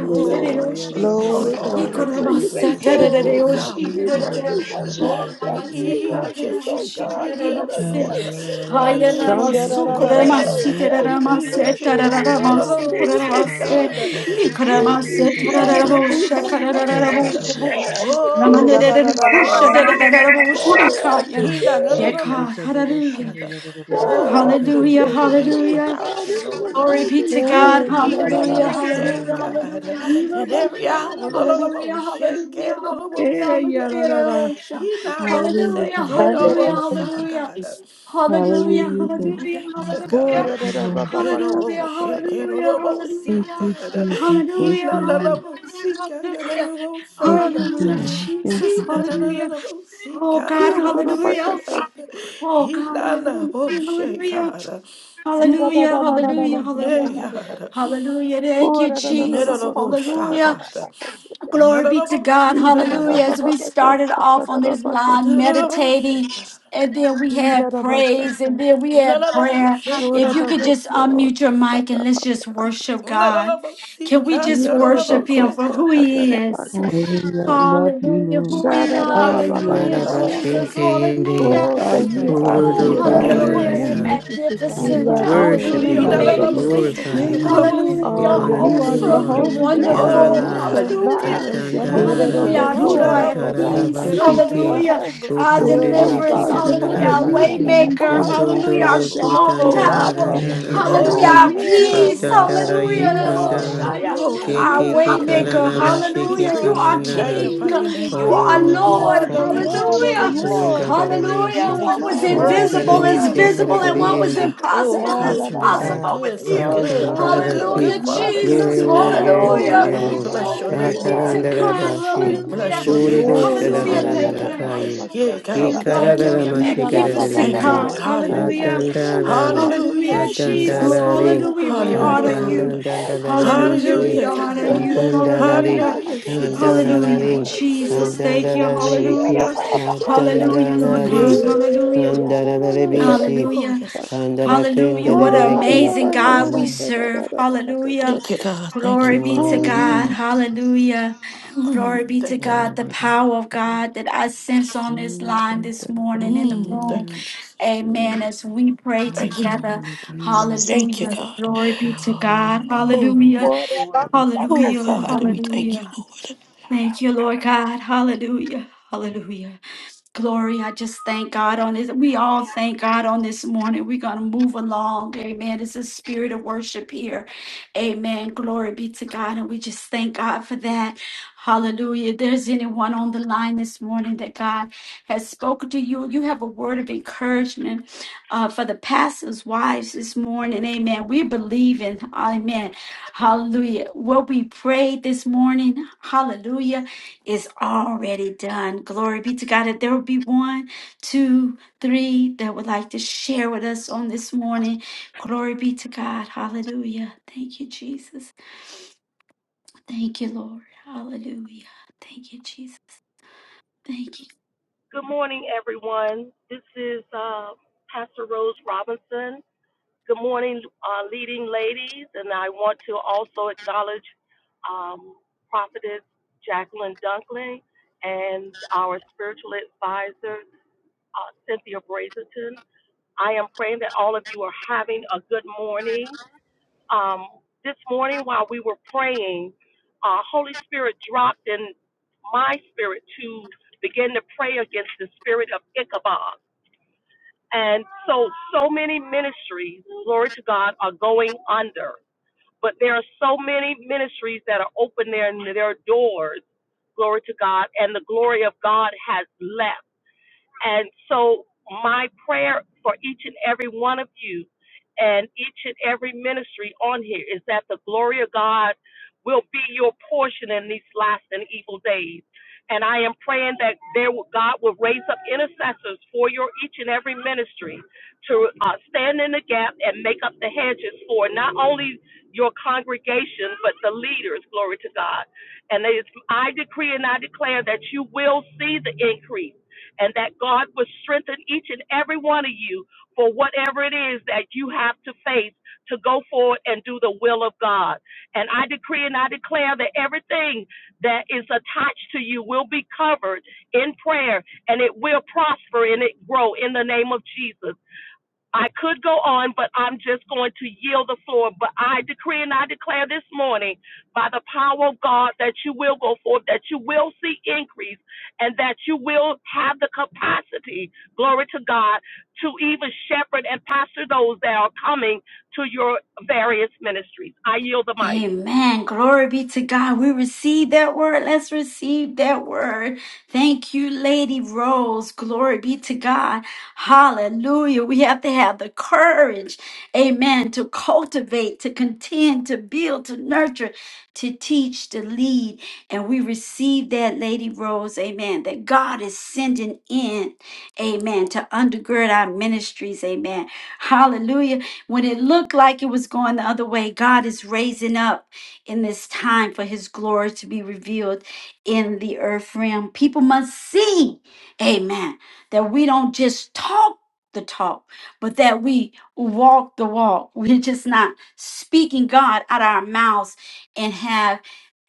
Speaker 5: Manda ya
Speaker 1: Oh,
Speaker 5: ya ya
Speaker 1: help
Speaker 5: ra
Speaker 1: us,
Speaker 5: ba ba
Speaker 2: Lord,
Speaker 1: Lord,
Speaker 7: Glory,
Speaker 5: ba
Speaker 1: oh
Speaker 5: ba
Speaker 2: I
Speaker 5: bi
Speaker 7: glory,
Speaker 1: God.
Speaker 5: bi
Speaker 2: pray
Speaker 5: go
Speaker 7: glory.
Speaker 2: you
Speaker 5: bo
Speaker 2: may
Speaker 5: ro
Speaker 2: send
Speaker 5: shan
Speaker 2: us
Speaker 5: ro
Speaker 2: for
Speaker 1: Oh,
Speaker 5: i
Speaker 1: God,
Speaker 5: hi
Speaker 3: Ikoramasatarereoshi,
Speaker 1: we
Speaker 2: destiny
Speaker 5: go bo
Speaker 1: need you,
Speaker 5: ro
Speaker 3: tererere.
Speaker 2: workers,
Speaker 5: shan
Speaker 2: oh
Speaker 1: Lord.
Speaker 5: ro ye
Speaker 2: God,
Speaker 3: Oh,
Speaker 5: ge
Speaker 1: We
Speaker 5: i
Speaker 2: destiny
Speaker 3: namase,
Speaker 5: hi.
Speaker 1: need you,
Speaker 2: workers, oh
Speaker 3: karereoshi,
Speaker 1: Jesus. We
Speaker 2: God, Send
Speaker 1: need you,
Speaker 2: us
Speaker 5: Cha
Speaker 3: koreramase.
Speaker 1: Lord.
Speaker 5: la la la
Speaker 2: destiny
Speaker 5: la la la
Speaker 1: We
Speaker 5: ya bo
Speaker 2: workers,
Speaker 5: hi
Speaker 1: need
Speaker 7: Shanda
Speaker 1: you,
Speaker 7: da
Speaker 5: go
Speaker 3: Hayanamasu,
Speaker 7: da
Speaker 5: bo
Speaker 7: da
Speaker 5: ro
Speaker 7: da
Speaker 1: Lord.
Speaker 7: da
Speaker 5: shan
Speaker 7: da
Speaker 2: oh
Speaker 7: da
Speaker 3: koremasi,
Speaker 5: ge
Speaker 7: da ba
Speaker 5: de
Speaker 1: We
Speaker 7: haya.
Speaker 5: go
Speaker 2: destiny
Speaker 5: bo ro
Speaker 2: workers,
Speaker 1: need
Speaker 3: tereramase,
Speaker 1: you,
Speaker 2: oh
Speaker 5: shan na na
Speaker 1: Jesus. Oh,
Speaker 5: na
Speaker 1: no,
Speaker 5: ya
Speaker 2: Lord,
Speaker 1: no,
Speaker 2: I
Speaker 3: tarararamasu,
Speaker 2: pray
Speaker 5: ya
Speaker 1: no,
Speaker 2: you
Speaker 5: ba
Speaker 2: may
Speaker 1: say,
Speaker 5: ha
Speaker 2: stop
Speaker 3: koreramase.
Speaker 5: ra
Speaker 1: God.
Speaker 2: the
Speaker 5: ra ba ro
Speaker 2: gifts
Speaker 5: shan
Speaker 1: Ooh.
Speaker 5: ro
Speaker 2: and give
Speaker 5: ro ro
Speaker 2: destiny
Speaker 3: Ikoramase,
Speaker 5: ge ge i.
Speaker 2: sons,
Speaker 1: Nanana,
Speaker 2: you
Speaker 3: tererereoshe,
Speaker 2: hope,
Speaker 1: see
Speaker 2: oh
Speaker 5: Ge go
Speaker 2: God,
Speaker 3: karerererebo.
Speaker 5: bo
Speaker 1: God.
Speaker 5: ro shan
Speaker 2: show up
Speaker 5: ro
Speaker 2: and
Speaker 5: ya.
Speaker 7: Hira
Speaker 1: Oh,
Speaker 2: give,
Speaker 5: Ma
Speaker 7: da da da da da da
Speaker 3: Ramanererehushe,
Speaker 7: da
Speaker 5: ya ya.
Speaker 7: da ba
Speaker 1: God star, God.
Speaker 3: tererereboshi, kaya.
Speaker 5: Thank
Speaker 1: He not
Speaker 2: forgive,
Speaker 3: Yeah,
Speaker 5: you, Lord.
Speaker 1: honorable
Speaker 3: God,
Speaker 1: see,
Speaker 3: hallelujah.
Speaker 1: God.
Speaker 3: Oh,
Speaker 2: show
Speaker 1: Oh
Speaker 2: up and
Speaker 1: God, we
Speaker 3: hallelujah,
Speaker 2: give,
Speaker 1: can't make it
Speaker 2: oh
Speaker 3: hallelujah.
Speaker 2: God,
Speaker 1: without you, Lord.
Speaker 3: Glory be to
Speaker 1: God,
Speaker 2: in
Speaker 3: God.
Speaker 1: we
Speaker 7: haya.
Speaker 1: need you
Speaker 2: the
Speaker 3: Hallelujah.
Speaker 2: name of
Speaker 1: every
Speaker 2: Jesus.
Speaker 1: day,
Speaker 3: Hallelujah.
Speaker 1: God, and
Speaker 3: Hallelujah. Hallelujah.
Speaker 1: every hour. Lord,
Speaker 2: Yirabashararara.
Speaker 3: Hallelujah,
Speaker 1: honorable shake
Speaker 3: hallelujah,
Speaker 1: and honorable
Speaker 2: Eh,
Speaker 1: see,
Speaker 3: hallelujah,
Speaker 1: God.
Speaker 2: yararara.
Speaker 1: He
Speaker 3: hallelujah,
Speaker 1: not honorable
Speaker 2: Hallelujah,
Speaker 3: hallelujah,
Speaker 1: shake
Speaker 2: God.
Speaker 1: and
Speaker 2: Thank you,
Speaker 7: Hallelujah.
Speaker 1: honorable saw,
Speaker 2: Jesus.
Speaker 3: hallelujah,
Speaker 1: God.
Speaker 3: hallelujah, hallelujah,
Speaker 2: Hallelujah. Thank
Speaker 1: Mm,
Speaker 2: you,
Speaker 1: thank you,
Speaker 2: Jesus.
Speaker 3: hallelujah, hallelujah,
Speaker 7: Shada
Speaker 1: God.
Speaker 7: da ba ba
Speaker 3: Hallelujah,
Speaker 1: Yeroboshi,
Speaker 3: hallelujah,
Speaker 1: Yerorobosi,
Speaker 3: hallelujah,
Speaker 1: God.
Speaker 2: Thank
Speaker 3: hallelujah, hallelujah,
Speaker 2: you, Lord.
Speaker 1: Hinananabosi,
Speaker 3: hallelujah,
Speaker 2: Thank
Speaker 1: Yororobosha,
Speaker 2: you,
Speaker 3: hallelujah,
Speaker 1: God.
Speaker 2: Jesus. Thank you, Lord. Thank you,
Speaker 3: Jesus,
Speaker 2: God. Thank you, God.
Speaker 3: hallelujah.
Speaker 1: Hinananabosi,
Speaker 3: Oh God,
Speaker 1: Yorobose,
Speaker 3: hallelujah.
Speaker 1: God.
Speaker 3: Oh God, hallelujah,
Speaker 1: Hinanaboshe,
Speaker 3: hallelujah.
Speaker 1: God.
Speaker 3: Hallelujah, hallelujah,
Speaker 1: Mm, yeah,
Speaker 3: hallelujah,
Speaker 1: God.
Speaker 3: hallelujah. Thank you, Jesus.
Speaker 1: Yerorobosha,
Speaker 3: Hallelujah.
Speaker 1: God.
Speaker 3: Glory be to God.
Speaker 1: Nananabosi,
Speaker 3: Hallelujah.
Speaker 1: God.
Speaker 3: As we started off on this line,
Speaker 1: Nananaboshe,
Speaker 3: meditating,
Speaker 1: God.
Speaker 3: and then we had praise, and then we had prayer.
Speaker 1: Hinanaboshe,
Speaker 3: If
Speaker 1: God.
Speaker 3: you could just unmute your mic and let's just worship God. Can we
Speaker 1: Nadalabosika,
Speaker 3: just worship Him for who
Speaker 1: God.
Speaker 3: He is?
Speaker 2: Hallelujah. I love you,
Speaker 3: Hallelujah,
Speaker 2: Lord.
Speaker 3: hallelujah,
Speaker 1: Yes,
Speaker 2: Honor
Speaker 1: God,
Speaker 2: you,
Speaker 7: ba
Speaker 2: oh
Speaker 1: in
Speaker 3: hallelujah,
Speaker 7: ka
Speaker 1: the
Speaker 7: sa
Speaker 2: God.
Speaker 1: most
Speaker 7: ta.
Speaker 3: Jesus,
Speaker 1: shake, God.
Speaker 9: Arabashikiyende,
Speaker 3: hallelujah.
Speaker 7: Oh,
Speaker 2: Oh,
Speaker 7: thank you,
Speaker 2: you're
Speaker 7: Father.
Speaker 3: Oh,
Speaker 7: We
Speaker 2: awesome,
Speaker 1: Mm, in
Speaker 2: God.
Speaker 7: adore
Speaker 1: the
Speaker 7: you,
Speaker 2: You're
Speaker 5: Hallelujah.
Speaker 3: hallelujah,
Speaker 7: Lord.
Speaker 1: most
Speaker 3: you're
Speaker 1: seek,
Speaker 9: Kurudukundaya.
Speaker 1: God.
Speaker 5: Glory to
Speaker 2: magnificent
Speaker 5: your
Speaker 2: God.
Speaker 7: We
Speaker 9: We
Speaker 5: name.
Speaker 2: You're
Speaker 3: magnificent,
Speaker 7: love you,
Speaker 2: Alpha and
Speaker 3: hallelujah,
Speaker 9: worship
Speaker 7: Lord.
Speaker 9: you,
Speaker 7: You
Speaker 3: you're
Speaker 1: He not
Speaker 9: Lord.
Speaker 7: don't
Speaker 2: Omega.
Speaker 5: Hallelujah.
Speaker 1: in
Speaker 9: We
Speaker 7: know
Speaker 1: the
Speaker 2: You're
Speaker 7: what
Speaker 1: most
Speaker 2: the
Speaker 3: amazing,
Speaker 7: to
Speaker 9: glorify
Speaker 7: say.
Speaker 1: shake,
Speaker 9: you,
Speaker 1: in the
Speaker 2: beginning
Speaker 10: Hallelujah.
Speaker 2: and
Speaker 9: God.
Speaker 1: most
Speaker 5: You're
Speaker 2: end.
Speaker 3: hallelujah,
Speaker 9: We
Speaker 3: you're
Speaker 1: seek,
Speaker 7: Oh,
Speaker 5: worthy
Speaker 7: you're
Speaker 5: of
Speaker 9: honor
Speaker 1: God.
Speaker 5: the
Speaker 7: the
Speaker 2: You
Speaker 9: who
Speaker 2: are
Speaker 9: you
Speaker 7: King
Speaker 5: praise,
Speaker 7: of
Speaker 3: awesome,
Speaker 9: are
Speaker 3: you're
Speaker 5: worthy
Speaker 2: Jehovah
Speaker 5: of
Speaker 7: kings
Speaker 5: the
Speaker 7: and
Speaker 9: in
Speaker 7: Lord of
Speaker 9: our
Speaker 2: Jireh,
Speaker 5: glory.
Speaker 3: wonderful,
Speaker 1: Oh,
Speaker 2: my
Speaker 7: lords.
Speaker 9: lives.
Speaker 1: God, thank
Speaker 3: hallelujah,
Speaker 1: you,
Speaker 2: provider,
Speaker 1: Lord.
Speaker 7: Father. You
Speaker 5: Thank
Speaker 2: Jehovah
Speaker 7: don't
Speaker 5: you,
Speaker 7: know
Speaker 9: Katandarara,
Speaker 3: hallelujah,
Speaker 7: what
Speaker 5: Father.
Speaker 3: our
Speaker 1: Do
Speaker 7: to
Speaker 3: joy,
Speaker 1: not
Speaker 2: Shalom,
Speaker 7: say,
Speaker 1: the
Speaker 3: our
Speaker 7: da, da,
Speaker 1: most
Speaker 2: my
Speaker 5: You're
Speaker 7: da,
Speaker 5: a
Speaker 1: shake,
Speaker 7: da.
Speaker 3: peace,
Speaker 1: in
Speaker 5: good
Speaker 1: the
Speaker 2: peace,
Speaker 1: most
Speaker 9: katararabashiki,
Speaker 5: shepherd,
Speaker 1: shout,
Speaker 3: hallelujah,
Speaker 5: Lord.
Speaker 2: Jehovah.
Speaker 1: God.
Speaker 3: our
Speaker 5: Thank you.
Speaker 7: Oh,
Speaker 2: Oh
Speaker 7: ra, ba,
Speaker 3: deliverance,
Speaker 2: God,
Speaker 7: ba, ba,
Speaker 3: hallelujah,
Speaker 7: da,
Speaker 2: Jehovah
Speaker 5: Thank
Speaker 3: our
Speaker 5: you for
Speaker 9: kutundidikitananaba,
Speaker 7: da,
Speaker 2: Nisi,
Speaker 7: da,
Speaker 5: being
Speaker 7: da,
Speaker 5: our
Speaker 2: you
Speaker 1: Oh,
Speaker 3: waymaker,
Speaker 5: healer.
Speaker 2: fight
Speaker 1: God,
Speaker 2: my
Speaker 1: we
Speaker 3: hallelujah,
Speaker 1: thank
Speaker 3: our
Speaker 1: you,
Speaker 2: battle,
Speaker 9: kutunduru,
Speaker 1: Lord.
Speaker 3: strong
Speaker 2: Jehovah
Speaker 7: Oh,
Speaker 5: You're
Speaker 7: ra, ba,
Speaker 3: tower,
Speaker 2: Rapha,
Speaker 7: ba, ba,
Speaker 10: Thank
Speaker 5: magnificent
Speaker 10: you,
Speaker 7: da,
Speaker 5: in
Speaker 7: sa,
Speaker 5: all
Speaker 1: Oh,
Speaker 5: of
Speaker 10: Jesus.
Speaker 3: hallelujah,
Speaker 2: my
Speaker 7: da,
Speaker 5: your
Speaker 9: kutandararandaraye,
Speaker 7: da,
Speaker 3: our
Speaker 1: God,
Speaker 7: da,
Speaker 1: we
Speaker 2: healer,
Speaker 1: thank
Speaker 7: da.
Speaker 1: you,
Speaker 5: ways.
Speaker 2: oh
Speaker 3: peace,
Speaker 1: Lord.
Speaker 2: God.
Speaker 1: Hallelujah.
Speaker 9: katandaraye
Speaker 2: You
Speaker 5: Wonderful
Speaker 2: are,
Speaker 9: kanda,
Speaker 10: Thank
Speaker 5: Savior.
Speaker 10: you,
Speaker 3: hallelujah,
Speaker 2: you're
Speaker 1: Oh,
Speaker 2: my
Speaker 10: Jesus.
Speaker 1: God, we
Speaker 3: our
Speaker 1: thank
Speaker 9: kekeke
Speaker 2: miracle
Speaker 1: you,
Speaker 5: Thank
Speaker 3: waymaker.
Speaker 2: working
Speaker 1: Lord.
Speaker 5: you,
Speaker 10: Thank
Speaker 2: God.
Speaker 1: We
Speaker 2: You
Speaker 3: Hallelujah.
Speaker 9: kararabashiki
Speaker 3: You
Speaker 2: are
Speaker 5: Jesus.
Speaker 1: praise you.
Speaker 3: are
Speaker 1: We
Speaker 2: the
Speaker 9: kandanara.
Speaker 3: King.
Speaker 1: magnify
Speaker 5: Hallelujah.
Speaker 1: your
Speaker 2: King of
Speaker 1: name, oh,
Speaker 3: You are
Speaker 1: God.
Speaker 2: Kings. You are
Speaker 5: Glory
Speaker 3: Lord.
Speaker 1: We
Speaker 2: the
Speaker 5: to
Speaker 1: thank you
Speaker 5: your
Speaker 1: for
Speaker 2: Lord
Speaker 1: your
Speaker 2: of
Speaker 3: Hallelujah.
Speaker 5: name.
Speaker 1: goodness, oh,
Speaker 2: Lords.
Speaker 9: Wanda
Speaker 1: God.
Speaker 9: dara
Speaker 2: You
Speaker 1: We
Speaker 3: Hallelujah.
Speaker 9: nisi,
Speaker 2: are
Speaker 1: thank you
Speaker 3: What
Speaker 2: my
Speaker 1: for
Speaker 3: was
Speaker 1: your
Speaker 5: Glory,
Speaker 9: wanda
Speaker 2: all
Speaker 1: mercy,
Speaker 9: dara
Speaker 2: in
Speaker 1: your
Speaker 3: invisible
Speaker 5: glory,
Speaker 3: is
Speaker 2: all,
Speaker 9: nishi
Speaker 2: oh
Speaker 1: kindness, oh
Speaker 9: kara
Speaker 3: visible,
Speaker 5: glory,
Speaker 2: God.
Speaker 9: dara
Speaker 3: and
Speaker 2: You
Speaker 3: what
Speaker 1: God.
Speaker 2: are
Speaker 3: was
Speaker 5: glory.
Speaker 2: my
Speaker 9: yindi,
Speaker 1: Oh
Speaker 3: impossible
Speaker 7: Da,
Speaker 2: protector.
Speaker 3: is
Speaker 1: God,
Speaker 7: da,
Speaker 1: you've
Speaker 7: da,
Speaker 1: been
Speaker 7: da.
Speaker 1: so
Speaker 9: wanda
Speaker 5: Ah,
Speaker 3: possible
Speaker 1: good,
Speaker 7: Da,
Speaker 3: with
Speaker 1: so
Speaker 7: da, da,
Speaker 3: you.
Speaker 7: ba,
Speaker 2: Oh
Speaker 9: katan
Speaker 7: ba,
Speaker 1: good. You're
Speaker 2: God,
Speaker 7: ba.
Speaker 9: dara
Speaker 1: good,
Speaker 2: there's
Speaker 9: ki,
Speaker 3: Hallelujah.
Speaker 1: good
Speaker 5: yekabarashabayato.
Speaker 1: Father,
Speaker 2: nothing
Speaker 5: Oh,
Speaker 3: Jesus.
Speaker 1: God.
Speaker 2: too
Speaker 9: yeo
Speaker 7: Da, da, da,
Speaker 2: hard for
Speaker 7: da,
Speaker 1: Oh
Speaker 9: yeo
Speaker 7: ba,
Speaker 5: Glory
Speaker 3: Hallelujah.
Speaker 1: God,
Speaker 2: you,
Speaker 7: ba,
Speaker 5: to
Speaker 1: and
Speaker 5: your
Speaker 1: we
Speaker 2: oh
Speaker 7: ba,
Speaker 9: yeo,
Speaker 7: da,
Speaker 5: name.
Speaker 2: God.
Speaker 1: bless
Speaker 7: sa,
Speaker 1: your
Speaker 2: With
Speaker 7: da,
Speaker 5: Thank
Speaker 3: Glory
Speaker 7: da,
Speaker 2: you,
Speaker 1: name,
Speaker 5: you,
Speaker 1: oh
Speaker 7: da,
Speaker 3: be
Speaker 7: da,
Speaker 2: all
Speaker 9: kataran
Speaker 3: to
Speaker 5: God.
Speaker 7: da.
Speaker 1: God.
Speaker 9: dara
Speaker 2: things
Speaker 3: God.
Speaker 2: are
Speaker 9: bashi,
Speaker 5: Your
Speaker 1: We
Speaker 2: possible.
Speaker 1: bless
Speaker 3: Hallelujah.
Speaker 5: word,
Speaker 1: your
Speaker 5: your
Speaker 9: kuru
Speaker 2: We
Speaker 1: name,
Speaker 5: word,
Speaker 7: Oh,
Speaker 2: only
Speaker 9: dusha
Speaker 5: your
Speaker 7: ra,
Speaker 1: Jesus.
Speaker 7: ra,
Speaker 3: Hallelujah.
Speaker 9: dara
Speaker 7: ra,
Speaker 2: believe,
Speaker 7: ra, ra,
Speaker 3: Thank
Speaker 2: oh
Speaker 7: ra,
Speaker 3: you.
Speaker 1: Hallelujah.
Speaker 7: ra,
Speaker 2: God.
Speaker 7: ra, ra,
Speaker 9: narakayi.
Speaker 7: ra,
Speaker 1: Yeah,
Speaker 3: Hallelujah.
Speaker 1: God,
Speaker 2: Oh
Speaker 1: we
Speaker 7: ra.
Speaker 2: God,
Speaker 1: thank you,
Speaker 2: we
Speaker 9: Ikaradara
Speaker 3: Hallelujah.
Speaker 7: Ee,
Speaker 2: trust
Speaker 1: Lord.
Speaker 7: ra, ra,
Speaker 2: you,
Speaker 7: ba,
Speaker 2: oh
Speaker 7: ba,
Speaker 2: God.
Speaker 3: Magnificent
Speaker 7: ba,
Speaker 1: Thank you,
Speaker 9: mashikaradariende.
Speaker 2: I
Speaker 7: ba,
Speaker 3: God.
Speaker 1: Lord.
Speaker 7: da, sa, da,
Speaker 2: trust
Speaker 3: Hallelujah.
Speaker 7: da,
Speaker 1: Hallelujah.
Speaker 2: in
Speaker 7: da,
Speaker 2: the
Speaker 7: da,
Speaker 9: Katandarari.
Speaker 7: da.
Speaker 2: Lord.
Speaker 1: Hallelujah,
Speaker 3: Hallelujah,
Speaker 2: I
Speaker 1: Jesus.
Speaker 3: Jesus.
Speaker 2: trust
Speaker 9: Katandarari.
Speaker 7: Glory,
Speaker 2: you,
Speaker 3: Hallelujah. We
Speaker 7: glory,
Speaker 2: oh
Speaker 3: honor
Speaker 2: God.
Speaker 1: Hallelujah,
Speaker 7: glory.
Speaker 3: you.
Speaker 1: God.
Speaker 2: I trust
Speaker 3: Hallelujah.
Speaker 9: Katandandandarabishri.
Speaker 2: you,
Speaker 3: We
Speaker 1: Hallelujah,
Speaker 2: oh
Speaker 3: honor
Speaker 1: God.
Speaker 2: God.
Speaker 3: you.
Speaker 9: Katandarari.
Speaker 2: I
Speaker 3: Hallelujah.
Speaker 1: Hallelujah,
Speaker 2: trust you
Speaker 1: Jesus.
Speaker 2: with
Speaker 1: Thank you,
Speaker 3: Hallelujah.
Speaker 9: Katandarari.
Speaker 2: all
Speaker 1: Lord.
Speaker 3: Jesus.
Speaker 2: things,
Speaker 3: Thank you.
Speaker 2: oh God. Yet
Speaker 9: Katandarariki.
Speaker 2: I
Speaker 3: Hallelujah.
Speaker 2: must trust you.
Speaker 3: Hallelujah, Lord
Speaker 1: Mm,
Speaker 9: Katandarari.
Speaker 1: Yes,
Speaker 3: God.
Speaker 1: God.
Speaker 3: Hallelujah.
Speaker 2: Yeah, da, da, da, da.
Speaker 9: Kandararabishi.
Speaker 1: Oh,
Speaker 3: Hallelujah.
Speaker 1: yes, God. Thank you,
Speaker 3: Hallelujah.
Speaker 1: God.
Speaker 3: What an
Speaker 2: Oh,
Speaker 9: Kandarakindarariki.
Speaker 2: yeah,
Speaker 3: amazing
Speaker 2: yeah, yeah,
Speaker 3: God we
Speaker 2: yeah. da.
Speaker 9: Kandar-
Speaker 3: serve. Hallelujah.
Speaker 1: Thank you, God. Thank you,
Speaker 3: Glory be
Speaker 1: Father.
Speaker 3: to
Speaker 9: Glory,
Speaker 3: God.
Speaker 2: Hallelujah.
Speaker 9: glory,
Speaker 3: Hallelujah.
Speaker 5: word.
Speaker 3: Glory be to
Speaker 1: Thank you,
Speaker 3: God. The
Speaker 9: glory.
Speaker 1: Lord.
Speaker 9: glory.
Speaker 3: power of God that I sense on this
Speaker 9: Dun,
Speaker 3: line
Speaker 9: dun,
Speaker 3: this
Speaker 9: dun, dun, dun,
Speaker 3: morning in the
Speaker 9: dun,
Speaker 1: Mm,
Speaker 3: room.
Speaker 1: thank you,
Speaker 9: dun,
Speaker 1: Jesus.
Speaker 3: Amen.
Speaker 7: Mm.
Speaker 3: As we pray
Speaker 9: dun,
Speaker 1: Thank you,
Speaker 9: dun,
Speaker 1: Lord.
Speaker 9: dun, dun,
Speaker 3: together.
Speaker 9: dun. dun, dun.
Speaker 1: Thank you,
Speaker 3: Hallelujah.
Speaker 1: God.
Speaker 3: Glory be to God.
Speaker 1: Oh,
Speaker 3: Hallelujah.
Speaker 6: Yes,
Speaker 7: Ora baba
Speaker 6: Lord.
Speaker 7: baka,
Speaker 1: oh,
Speaker 3: Hallelujah.
Speaker 7: bakasata.
Speaker 1: God, we thank
Speaker 3: Hallelujah.
Speaker 1: you, Lord.
Speaker 3: Thank
Speaker 9: Thank
Speaker 3: you, Lord God. Hallelujah. Hallelujah. Glory, I just thank God on this. We all thank God on this morning. We're going to move along. Amen. It's a spirit of worship here. Amen. Glory be to God. And we just thank God for that. Hallelujah. If there's anyone on the line this morning that God has spoken to you, you have a word of encouragement uh, for the pastors' wives this morning. Amen. We believe in, amen. Hallelujah. What we prayed this morning. Hallelujah is already done. Glory be to God. If there will be one, two, three that would like to share with us on this morning, glory be to God. Hallelujah. Thank you, Jesus. Thank you, Lord. Hallelujah. Thank you, Jesus. Thank you.
Speaker 6: Good morning, everyone. This is uh, Pastor Rose Robinson. Good morning, uh, leading ladies. And I want to also acknowledge um, Prophetess Jacqueline Dunkley and our spiritual advisor, uh, Cynthia Brazelton. I am praying that all of you are having a good morning um, this morning while we were praying, uh, Holy Spirit dropped in my spirit to begin to pray against the spirit of Ichabod. And so, so many ministries, glory to God, are going under. But there are so many ministries that are open their, their doors, glory to God, and the glory of God has left. And so, my prayer for each and every one of you and each and every ministry on here is that the glory of God will be your portion in these last and evil days. And I am praying that there will, God will raise up intercessors for your each and every ministry to uh, stand in the gap and make up the hedges for not only your congregation but the leaders. Glory to God. And it is, I decree and I declare that you will see the increase and that God would strengthen each and every one of you for whatever it is that you have to face to go forward and do the will of God. And I decree and I declare that everything that is attached to you will be covered in prayer and it will prosper and it grow in the name of Jesus. I could go on, but I'm just going to yield the floor. But I decree and I declare this morning by the power of God that you will go forth, that you will see increase, and that you will have the capacity, glory to God, to even shepherd and pastor those that are coming to your various ministries. I yield the mic.
Speaker 3: Amen. Glory be to God. We receive that word. Let's receive that word. Thank you, Lady Rose. Glory be to God. Hallelujah. We have to have the courage, amen, to cultivate, to contend, to build, to nurture, to teach, to lead. And we receive that, Lady Rose, amen, that God is sending in, amen, to undergird our ministries, amen. Hallelujah. When it looked like it was going the other way, God is raising up in this time for his glory to be revealed in the earth realm. People must see, amen, that we don't just talk the talk, but that we walk the walk. We're just not speaking God out of our mouths and have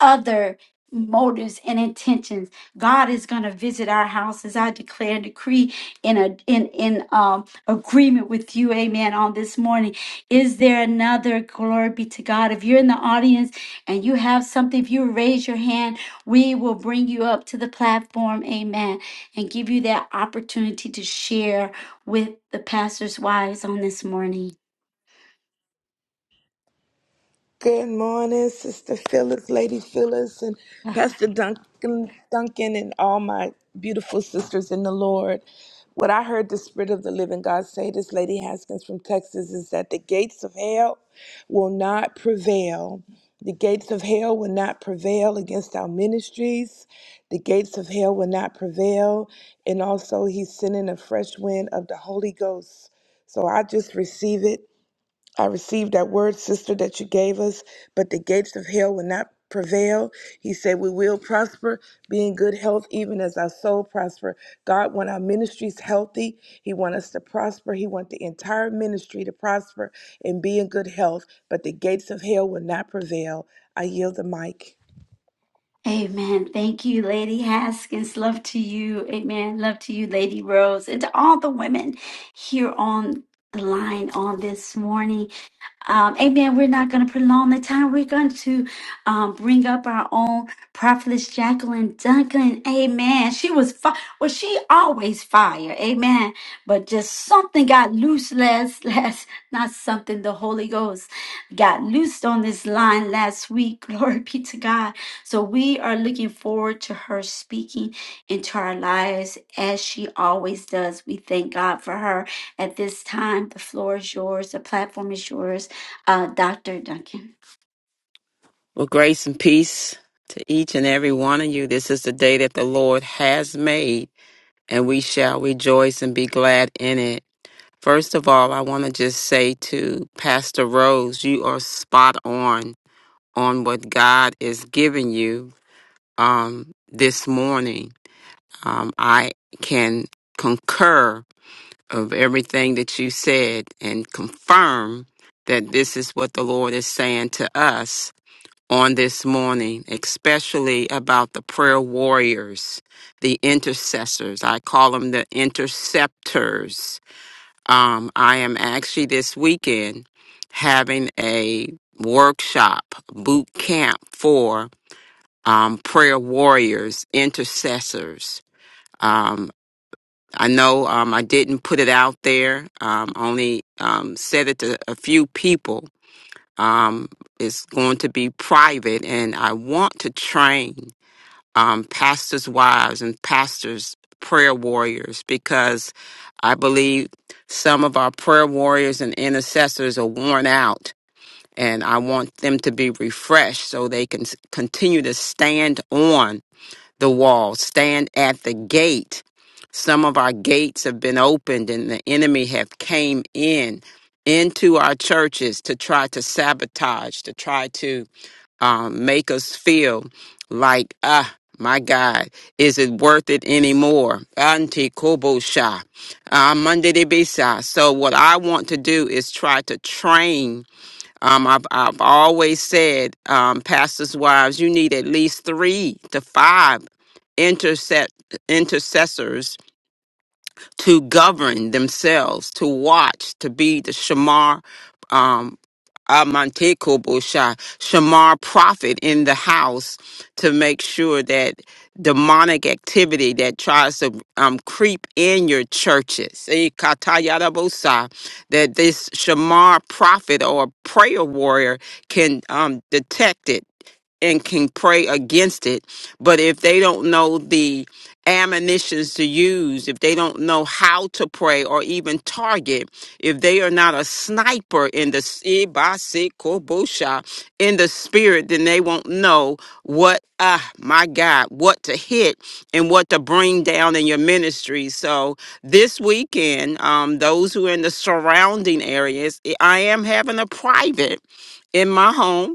Speaker 3: other motives and intentions. God is going to visit our houses. I declare and decree in a in in um agreement with you, amen, on this morning. Is there another glory be to God? If you're in the audience and you have something, if you raise your hand, we will bring you up to the platform, amen, and give you that opportunity to share with the pastor's wives on this morning.
Speaker 7: Good morning, Sister Phyllis, Lady Phyllis, and Pastor Duncan, Duncan, and all my beautiful sisters in the Lord. What I heard the Spirit of the Living God say, this Lady Haskins from Texas, is that the gates of hell will not prevail. The gates of hell will not prevail against our ministries. The gates of hell will not prevail. And also, He's sending a fresh wind of the Holy Ghost. So I just receive it I received that word, sister, that you gave us, but the gates of hell will not prevail. He said, We will prosper, be in good health, even as our soul prosper. God want our ministries healthy. He want us to prosper. He want the entire ministry to prosper and be in good health, but the gates of hell will not prevail. I yield the mic.
Speaker 3: Amen. Thank you, Lady Haskins. Love to you. Amen. Love to you, Lady Rose, and to all the women here on the line on this morning. Um, amen. We're not going to prolong the time. We're going to um, bring up our own prophetess Jacqueline Duncan. Amen. She was fi- well. She always fire. Amen. But just something got loose last last not something. The Holy Ghost got loosed on this line last week. Glory be to God. So we are looking forward to her speaking into our lives as she always does. We thank God for her at this time. The floor is yours. The platform is yours. Uh, Dr. Duncan.
Speaker 4: Well, grace and peace to each and every one of you. This is the day that the Lord has made, and we shall rejoice and be glad in it. First of all, I want to just say to Pastor Rose, you are spot on on what God is giving you um, this morning. Um, I can concur of everything that you said and confirm that this is what the Lord is saying to us on this morning, especially about the prayer warriors, the intercessors. I call them the interceptors. Um, I am actually this weekend having a workshop, boot camp for um, prayer warriors, intercessors. Um, I know um, I didn't put it out there, um, only um, said it to a few people, um, it's going to be private, and I want to train um, pastors' wives and pastors' prayer warriors because I believe some of our prayer warriors and intercessors are worn out, and I want them to be refreshed so they can s- continue to stand on the wall, stand at the gate. Some of our gates have been opened and the enemy have came in into our churches to try to sabotage, to try to um, make us feel like, ah, my God, is it worth it anymore? Anti kobosha, amandidibisa. So what I want to do is try to train um, I've, I've always said, um, pastors' wives, you need at least three to five intercet intercessors to govern themselves, to watch, to be the shamar. Amante Kobosha, Shamar prophet in the house to make sure that demonic activity that tries to um, creep in your churches, eh, Katayarabosa, that this Shamar prophet or prayer warrior can um, detect it and can pray against it. But if they don't know the ammunitions to use, if they don't know how to pray or even target, if they are not a sniper in the Ibasikobosha, in the spirit, then they won't know what ah my God, what to hit and what to bring down in your ministry. So this weekend, um, those who are in the surrounding areas, eh, I am having a private in my home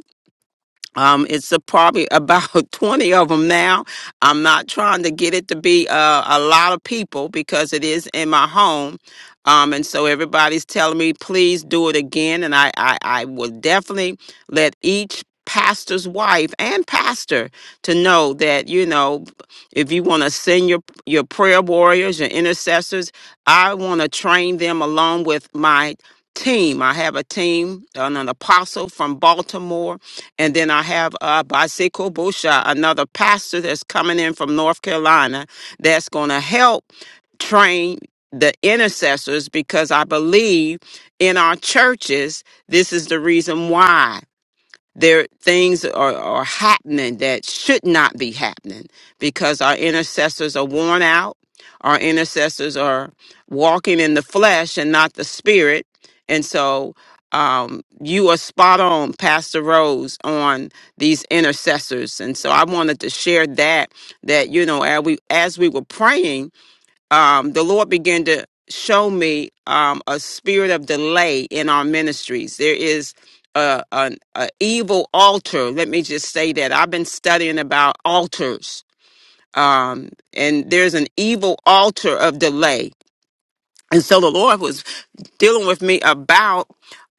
Speaker 4: um, it's a, probably about 20 of them now. I'm not trying to get it to be uh, a lot of people because it is in my home. Um, and so everybody's telling me, please do it again. And I, I, I will definitely let each pastor's wife and pastor to know that, you know, if you want to send your, your prayer warriors, your intercessors, I want to train them along with my team. I have a team, an an apostle from Baltimore and then I have uh, Baseko Bosha, another pastor that's coming in from North Carolina that's going to help train the intercessors because I believe in our churches, this is the reason why there things are, are happening that should not be happening because our intercessors are worn out our intercessors are walking in the flesh and not the spirit and so um, you are spot on pastor rose on these intercessors and so i wanted to share that that you know as we as we were praying um, the Lord began to show me um, a spirit of delay in our ministries. There is a, an a evil altar. Let me just say that I've been studying about altars, um, and there's an evil altar of delay. And so the Lord was dealing with me about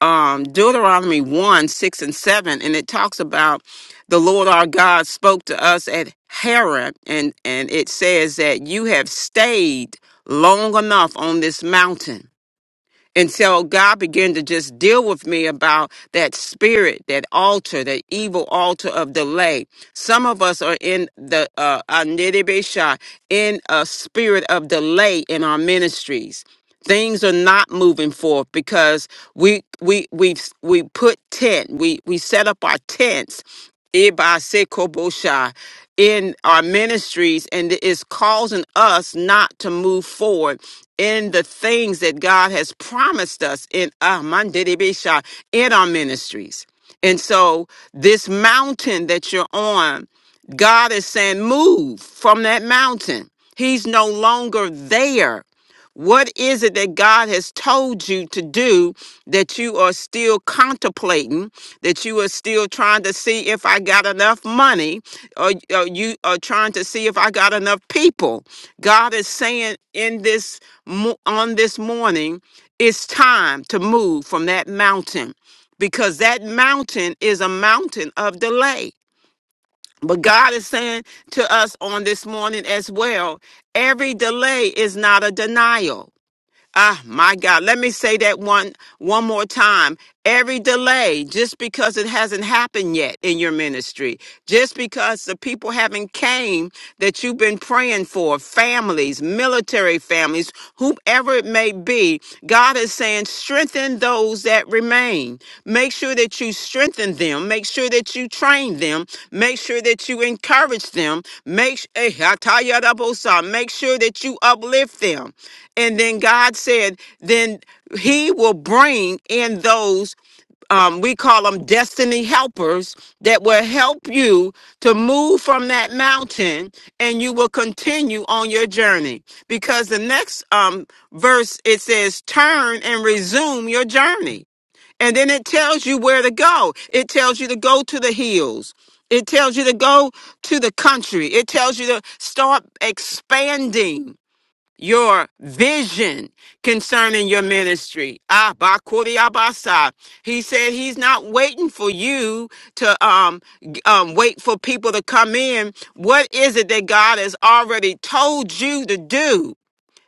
Speaker 4: um, Deuteronomy 1 6 and 7. And it talks about the Lord our God spoke to us at Haran, and, and it says that you have stayed long enough on this mountain. And so God began to just deal with me about that spirit, that altar, that evil altar of delay. Some of us are in the uh, Anidibisha, in a spirit of delay in our ministries things are not moving forth because we we we we put tent we we set up our tents Iba Sekobosha, in our ministries and it is causing us not to move forward in the things that God has promised us in ah, Mandedebesha, in our ministries. And so this mountain that you're on, God is saying move from that mountain. He's no longer there. What is it that God has told you to do that you are still contemplating, that you are still trying to see if I got enough money, or, or you are trying to see if I got enough people? God is saying in this mo- on this morning, it's time to move from that mountain because that mountain is a mountain of delay. But God is saying to us on this morning as well, every delay is not a denial. Ah, my God. Let me say that one one more time. Every delay, just because it hasn't happened yet in your ministry, just because the people haven't came that you've been praying for, families, military families, whoever it may be, God is saying strengthen those that remain. Make sure that you strengthen them. Make sure that you train them. Make sure that you encourage them. Make s- eh, hatayarabosa. make sure that you uplift them. And then God said, then he will bring in those um, we call them destiny helpers that will help you to move from that mountain and you will continue on your journey because the next um, verse it says turn and resume your journey and then it tells you where to go it tells you to go to the hills it tells you to go to the country it tells you to start expanding your vision concerning your ministry. Ah, Bakuri Abasa. He said he's not waiting for you to um, g- um wait for people to come in. What is it that God has already told you to do?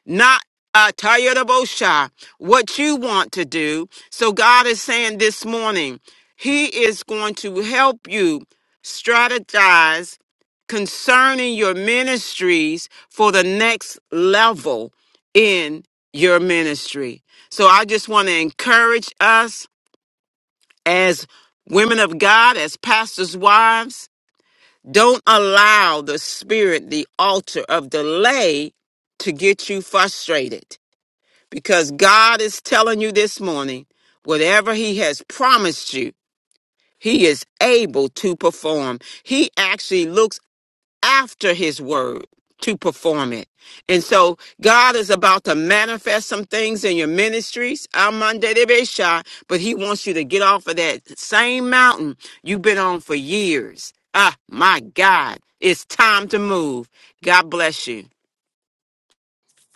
Speaker 4: not uh, tired of Osha, what you want to do. So God is saying this morning, He is going to help you strategize concerning your ministries for the next level in your ministry. So I just want to encourage us as women of God, as pastors' wives, don't allow the spirit, the altar of delay to get you frustrated because God is telling you this morning, whatever He has promised you, He is able to perform. He actually looks after His word to perform it. And so God is about to manifest some things in your ministries, Amande de Besha, but He wants you to get off of that same mountain you've been on for years. Ah, my God, it's time to move. God bless you.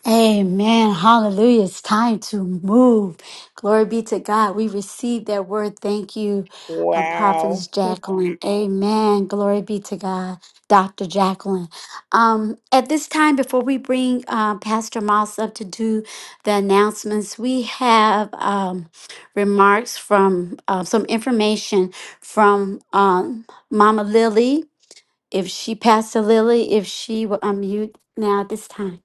Speaker 3: Amen. Hallelujah. It's time to move. Glory be to God. We received that word. Thank you, uh,
Speaker 7: Wow.
Speaker 3: Prophetess Jacqueline. Amen. Glory be to God, Dr. Jacqueline. Um, at this time, before we bring uh, Pastor Moss up to do the announcements, we have um, remarks from uh, some information from um, Mama Lily. If she, Pastor Lily, if she will unmute now at this time.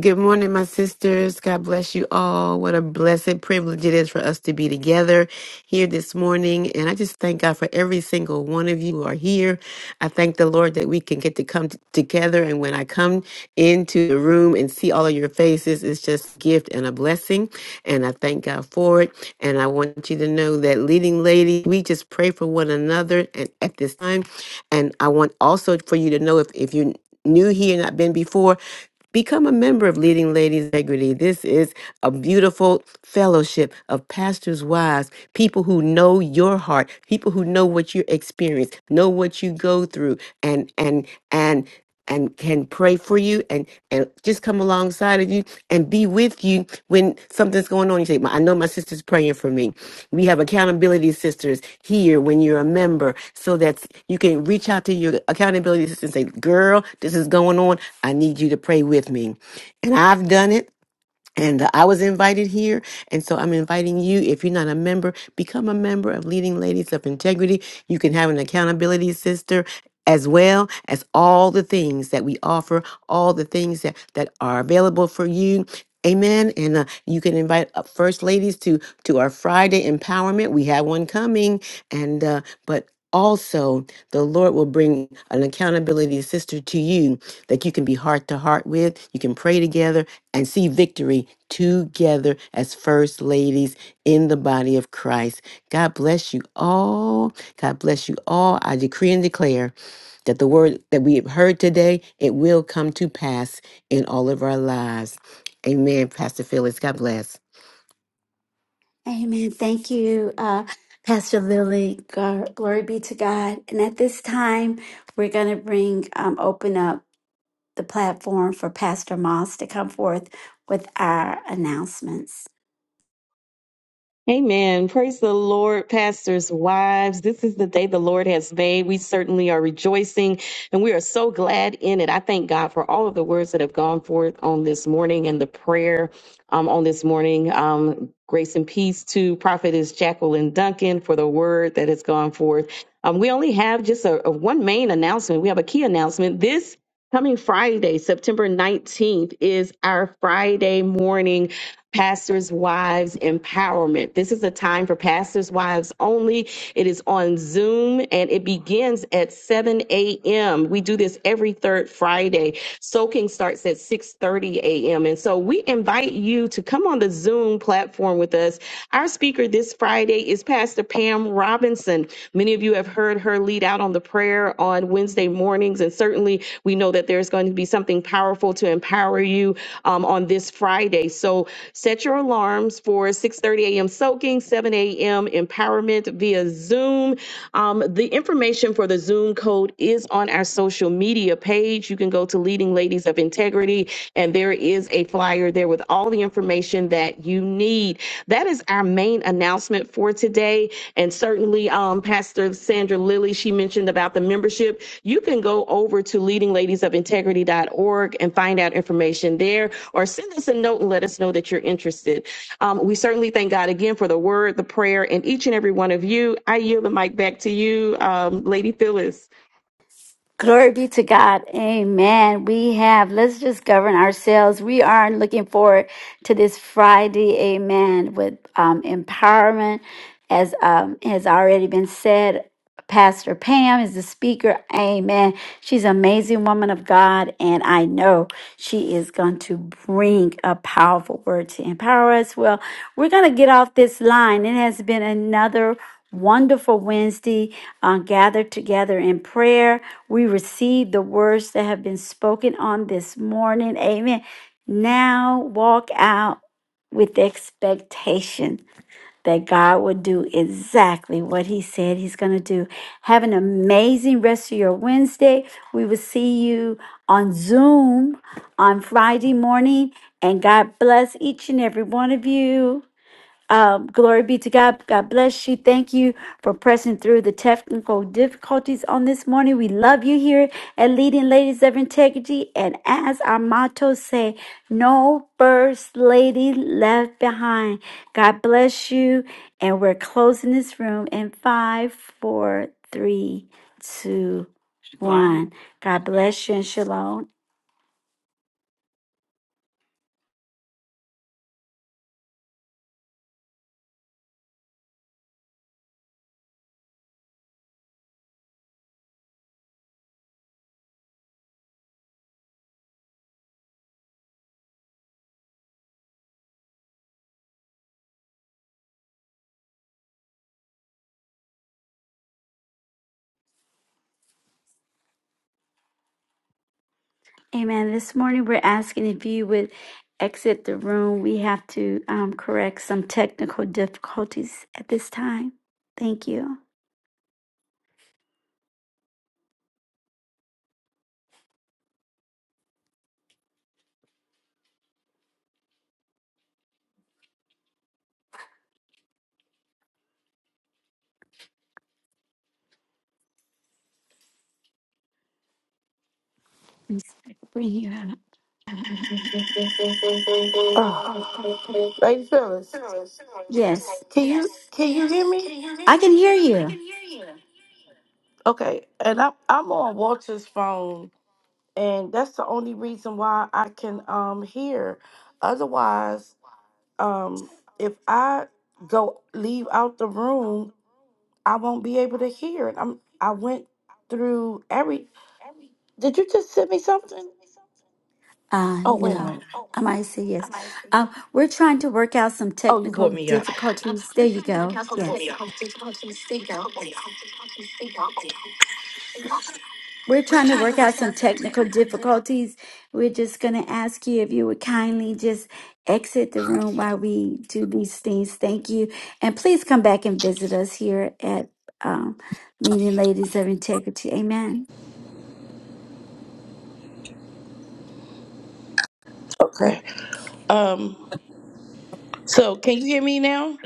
Speaker 9: Good morning, my sisters. God bless you all. What a blessed privilege it is for us to be together here this morning. And I just thank God for every single one of you who are here. I thank the Lord that we can get to come t- together. And when I come into the room and see all of your faces, it's just a gift and a blessing. And I thank God for it. And I want you to know that leading lady, we just pray for one another and at this time. And I want also for you to know if, if you're new here and not been before, Become a member of Leading Ladies Integrity. This is a beautiful fellowship of pastors' wives, people who know your heart, people who know what you experience, know what you go through, and and and and can pray for you and and just come alongside of you and be with you when something's going on. You say, "My- I know my sister's praying for me. We have accountability sisters here when you're a member so that you can reach out to your accountability sister and say, girl, this is going on. I need you to pray with me. And I've done it. And uh, I was invited here. And so I'm inviting you, if you're not a member, become a member of Leading Ladies of Integrity. You can have an accountability sister as well as all the things that we offer, all the things that, that are available for you. Amen. And uh, you can invite uh, first ladies to to our Friday empowerment. We have one coming, and uh, but also, the Lord will bring an accountability sister to you that you can be heart to heart with. You can pray together and see victory together as first ladies in the body of Christ. God bless you all. God bless you all. I decree and declare that the word that we have heard today, it will come to pass in all of our lives. Amen, Pastor Phyllis. God bless.
Speaker 3: Amen. Thank you, uh, Pastor Lily. Gar- Glory be to God. And at this time, we're going to bring, um, open up the platform for Pastor Moss to come forth with our announcements.
Speaker 11: Amen. Praise the Lord, pastors, wives. This is the day the Lord has made. We certainly are rejoicing and we are so glad in it. I thank God for all of the words that have gone forth on this morning and the prayer um, on this morning. Um, grace and peace to Prophetess Jacqueline Duncan for the word that has gone forth. Um, we only have just a, a one main announcement. We have a key announcement. This Coming Friday, September 19th, is our Friday morning Pastors Wives Empowerment. This is a time for Pastors Wives only. It is on Zoom and it begins at 7 a.m. We do this every third Friday. Soaking starts at 6:30 a.m. And so we invite you to come on the Zoom platform with us our speaker this Friday is Pastor Pam Robinson. Many of you have heard her lead out on the prayer on Wednesday mornings, and certainly we know that there's going to be something powerful to empower you um, on this Friday. So set your alarms for 6:30 a.m. soaking, 7 a.m. empowerment via Zoom. Um, the information for the Zoom code is on our social social media page. You can go to Leading Ladies of Integrity, and there is a flyer there with all the information that you need. That is our main announcement for today. And certainly, um, Pastor Sandra Lilly, she mentioned about the membership. You can go over to leadingladiesofintegrity.org and find out information there, or send us a note and let us know that you're interested. Um, we certainly thank God again for the word, the prayer, and each and every one of you. I yield the mic back to you, um, Lady Phyllis.
Speaker 3: Glory be to God. Amen. We have, let's just govern ourselves. We are looking forward to this Friday. Amen. With um, empowerment, as um, has already been said. Pastor Pam is the speaker. Amen. She's an amazing woman of God, and I know she is going to bring a powerful word to empower us. Well, we're going to get off this line. It has been another wonderful Wednesday uh, gathered together in prayer. We receive the words that have been spoken on this morning. Amen. Now walk out with expectation that God will do exactly what He said He's going to do. Have an amazing rest of your Wednesday. We will see you on Zoom on Friday morning. And God bless each and every one of you. Um, glory be to God. God bless you. Thank you for pressing through the technical difficulties on this morning. We love you here at Leading Ladies of Integrity. And as our motto say, no first lady left behind. God bless you. And we're closing this room in five, four, three, two,
Speaker 4: Shalom.
Speaker 3: one. God bless you and shalom. Amen. This morning we're asking if you would exit the room. We have to um, correct some technical difficulties at this time. Thank you. Bring you out.
Speaker 1: Ah, Lady Phyllis,
Speaker 3: Yes,
Speaker 1: can you can you hear me?
Speaker 3: I can hear you.
Speaker 1: Okay, and I'm I'm on Walter's phone, and that's the only reason why I can um hear. Otherwise, um, if I go leave out the room, I won't be able to hear it. I'm I went through every Did you just send me something?
Speaker 3: Uh,
Speaker 1: Oh wait a
Speaker 3: no,
Speaker 1: minute.
Speaker 3: I might say yes. Um, we're trying to work out some
Speaker 1: Oh, you
Speaker 3: technical
Speaker 1: brought me up.
Speaker 3: difficulties. There you go. Yes. We're trying to work out some technical difficulties. We're just going to ask you if you would kindly just exit the room while we do these things. Thank you. And please come back and visit us here at um, Leading Ladies of Integrity. Amen. Oh,
Speaker 12: Okay. Um. So, can you hear me now?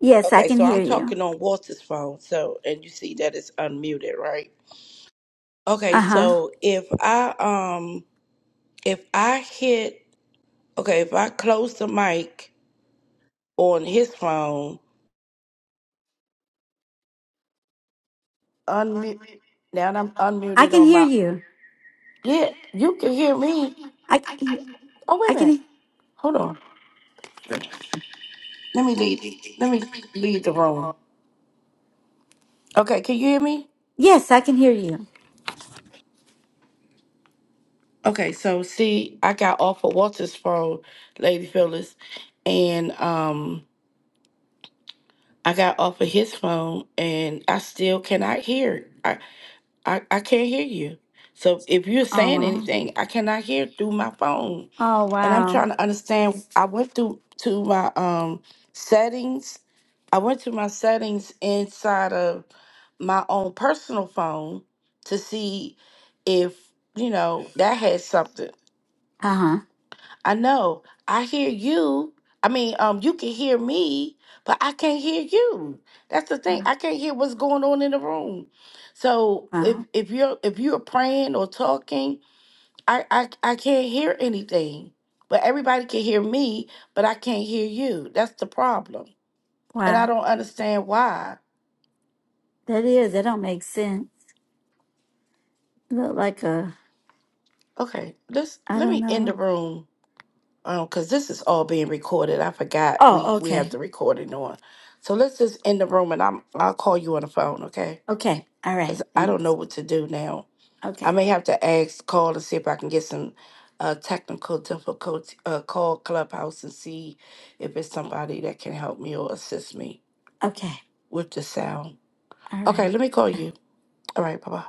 Speaker 3: yes, I
Speaker 12: Okay.
Speaker 3: can
Speaker 12: So
Speaker 3: hear
Speaker 12: I'm
Speaker 3: you.
Speaker 12: talking on Walter's phone. So, and you see that it's unmuted, right? Okay.
Speaker 3: Uh huh.
Speaker 12: So if I um if I hit okay if I close the mic on his phone
Speaker 1: Unmute now that I'm
Speaker 3: I
Speaker 1: unmuted
Speaker 3: can
Speaker 1: on
Speaker 3: hear
Speaker 1: my
Speaker 3: you.
Speaker 1: Yeah, you can hear me.
Speaker 3: I, c-
Speaker 1: Oh wait
Speaker 3: I
Speaker 1: a minute.
Speaker 3: can,
Speaker 1: Hold on. Let me leave. Let me leave the room. Okay, can you hear me?
Speaker 3: yes, I can hear you.
Speaker 1: Okay, so see, I got off of Walter's phone, Lady Phyllis, and um, I got off of his phone, and I still cannot hear. I, I I can't hear you. So if you're
Speaker 3: Oh,
Speaker 1: saying
Speaker 3: wow.
Speaker 1: anything, I cannot hear through my phone,
Speaker 3: Oh,
Speaker 1: and I'm
Speaker 3: wow.
Speaker 1: trying to understand. I went through to my um settings. I went to my settings inside of my own personal phone to see if you know that had something.
Speaker 3: Uh huh.
Speaker 1: I know. I hear you. I mean, um, you can hear me, but I can't hear you. That's the thing.
Speaker 3: Wow.
Speaker 1: I can't hear what's going on in the room. So
Speaker 3: Wow.
Speaker 1: if if you're if you're praying or talking, I I, I can't hear anything. But everybody can hear me, but I can't hear you. That's the problem. And I
Speaker 3: Wow.
Speaker 1: don't understand why.
Speaker 3: That is, that don't make sense. Look like a,
Speaker 1: Okay, let's
Speaker 3: I
Speaker 1: let
Speaker 3: don't
Speaker 1: me end the
Speaker 3: know.
Speaker 1: room. Um, because this is all being recorded. I forgot
Speaker 3: Oh,
Speaker 1: we we have
Speaker 3: okay.
Speaker 1: the recording on. So let's just end the room, and I'm I'll call you on the phone, okay?
Speaker 3: Okay. All
Speaker 1: Because
Speaker 3: right.
Speaker 1: I don't know
Speaker 3: Thanks.
Speaker 1: what to do now. I
Speaker 3: Okay.
Speaker 1: may have to ask, call to see if I can get some uh technical difficulty. Uh, call Clubhouse and see if it's somebody that can help me or assist me
Speaker 3: Okay.
Speaker 1: with the sound.
Speaker 3: All
Speaker 1: Okay,
Speaker 3: right.
Speaker 1: let me call you. All right, bye bye.